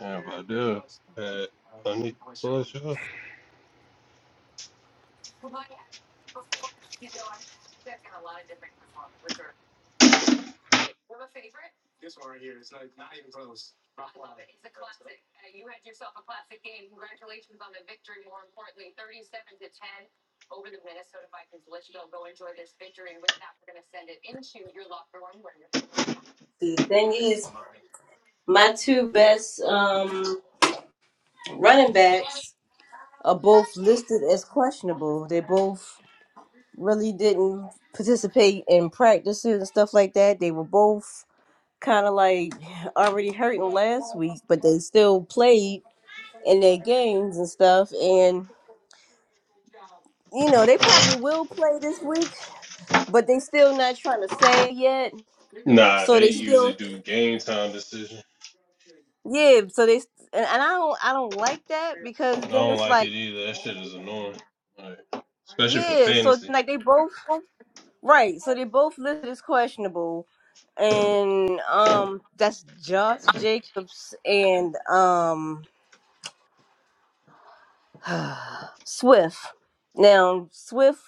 S5: And if I do, had honey push up.
S3: The thing is, my two best um, running backs are both listed as questionable. They both really didn't participate in practices and stuff like that. They were both kind of like already hurting last week, but they still played in their games and stuff. And you know, they probably will play this week, but they still not trying to say yet.
S5: Nah,
S3: So
S5: they
S3: they
S5: usually
S3: still,
S5: do game time decision.
S3: yeah. So they and, and I don't, I don't like that
S5: I
S3: because then
S5: don't
S3: it's
S5: like it
S3: like
S5: either. That shit is annoying. Like, especially for
S3: Yeah, so
S5: fantasy.
S3: like they both right, so they both listed as questionable, and um, that's Josh Jacobs and um Swift. Now Swift,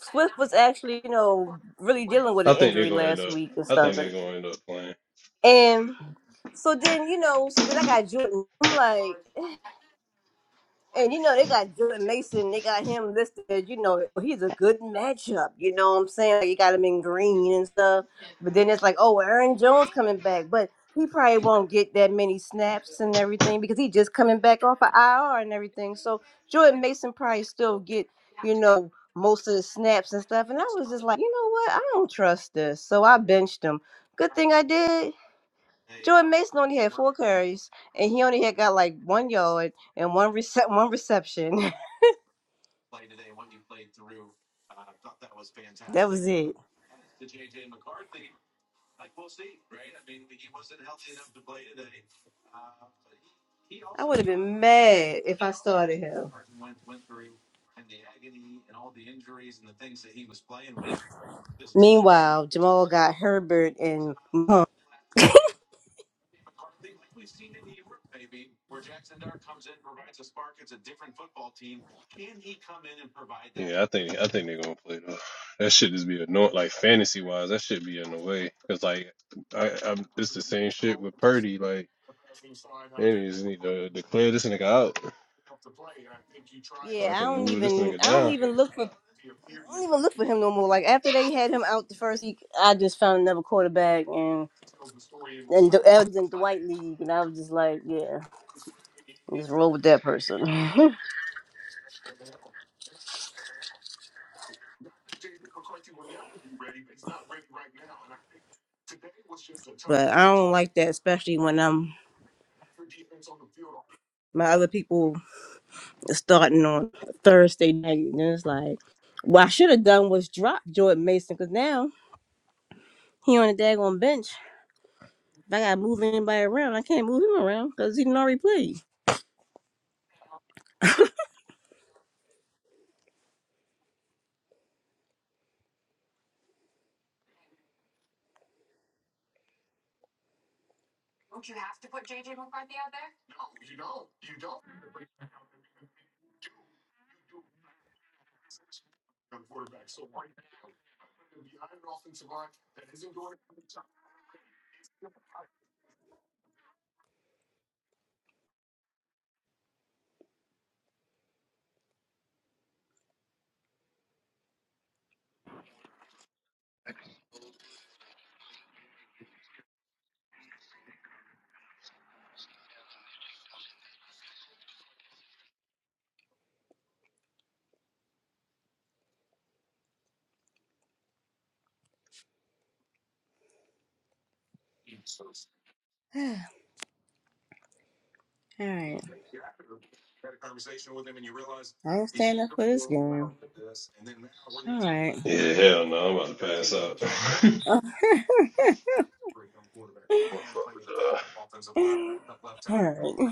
S3: Swift was actually you know really dealing with an
S5: I think they're
S3: injury
S5: gonna end
S3: last
S5: up
S3: week and
S5: I
S3: stuff,
S5: think they're gonna end up playing.
S3: and so then you know, so then I got Jordan. I'm like. And you know, they got Jordan Mason, they got him listed, you know, he's a good matchup, you know what I'm saying? Like, you got him in green and stuff. But then it's like, oh, Aaron Jones coming back. But he probably won't get that many snaps and everything because he just coming back off of IR and everything. So Jordan Mason probably still get, you know, most of the snaps and stuff. And I was just like, you know what? I don't trust this. So I benched him. Good thing I did Jordan Mason only had four carries, and he only had got like one yard and one rece- one reception. that was it. I would have been mad if I started him. Meanwhile, Jamal got Herbert and Mahomes.
S5: Yeah, I think I think they're gonna play though. That shit just be annoying. Like fantasy wise, that should be in the way. Cause like I, I it's the same shit with Purdy. Like they just need to declare this nigga out so
S3: Yeah,
S5: I
S3: I
S5: can
S3: don't
S5: move this
S3: even
S5: nigga
S3: I don't
S5: down.
S3: even look for I don't even look for him no more. Like after they had him out the first week, I just found another quarterback and and the, I was in the white League, and I was just like, yeah, just roll with that person. but I don't like that, especially when I'm my other people. starting on Thursday night. And it's like, what I should have done was drop Jordan Mason because now he on the daggone bench. If I gotta move anybody around, I can't move him around because he didn't already play. All right, I I'm stand up for this game. All right.
S5: Yeah, hell no, I'm about to pass out. What fuck with y'all?
S3: All right.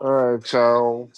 S11: All right, child.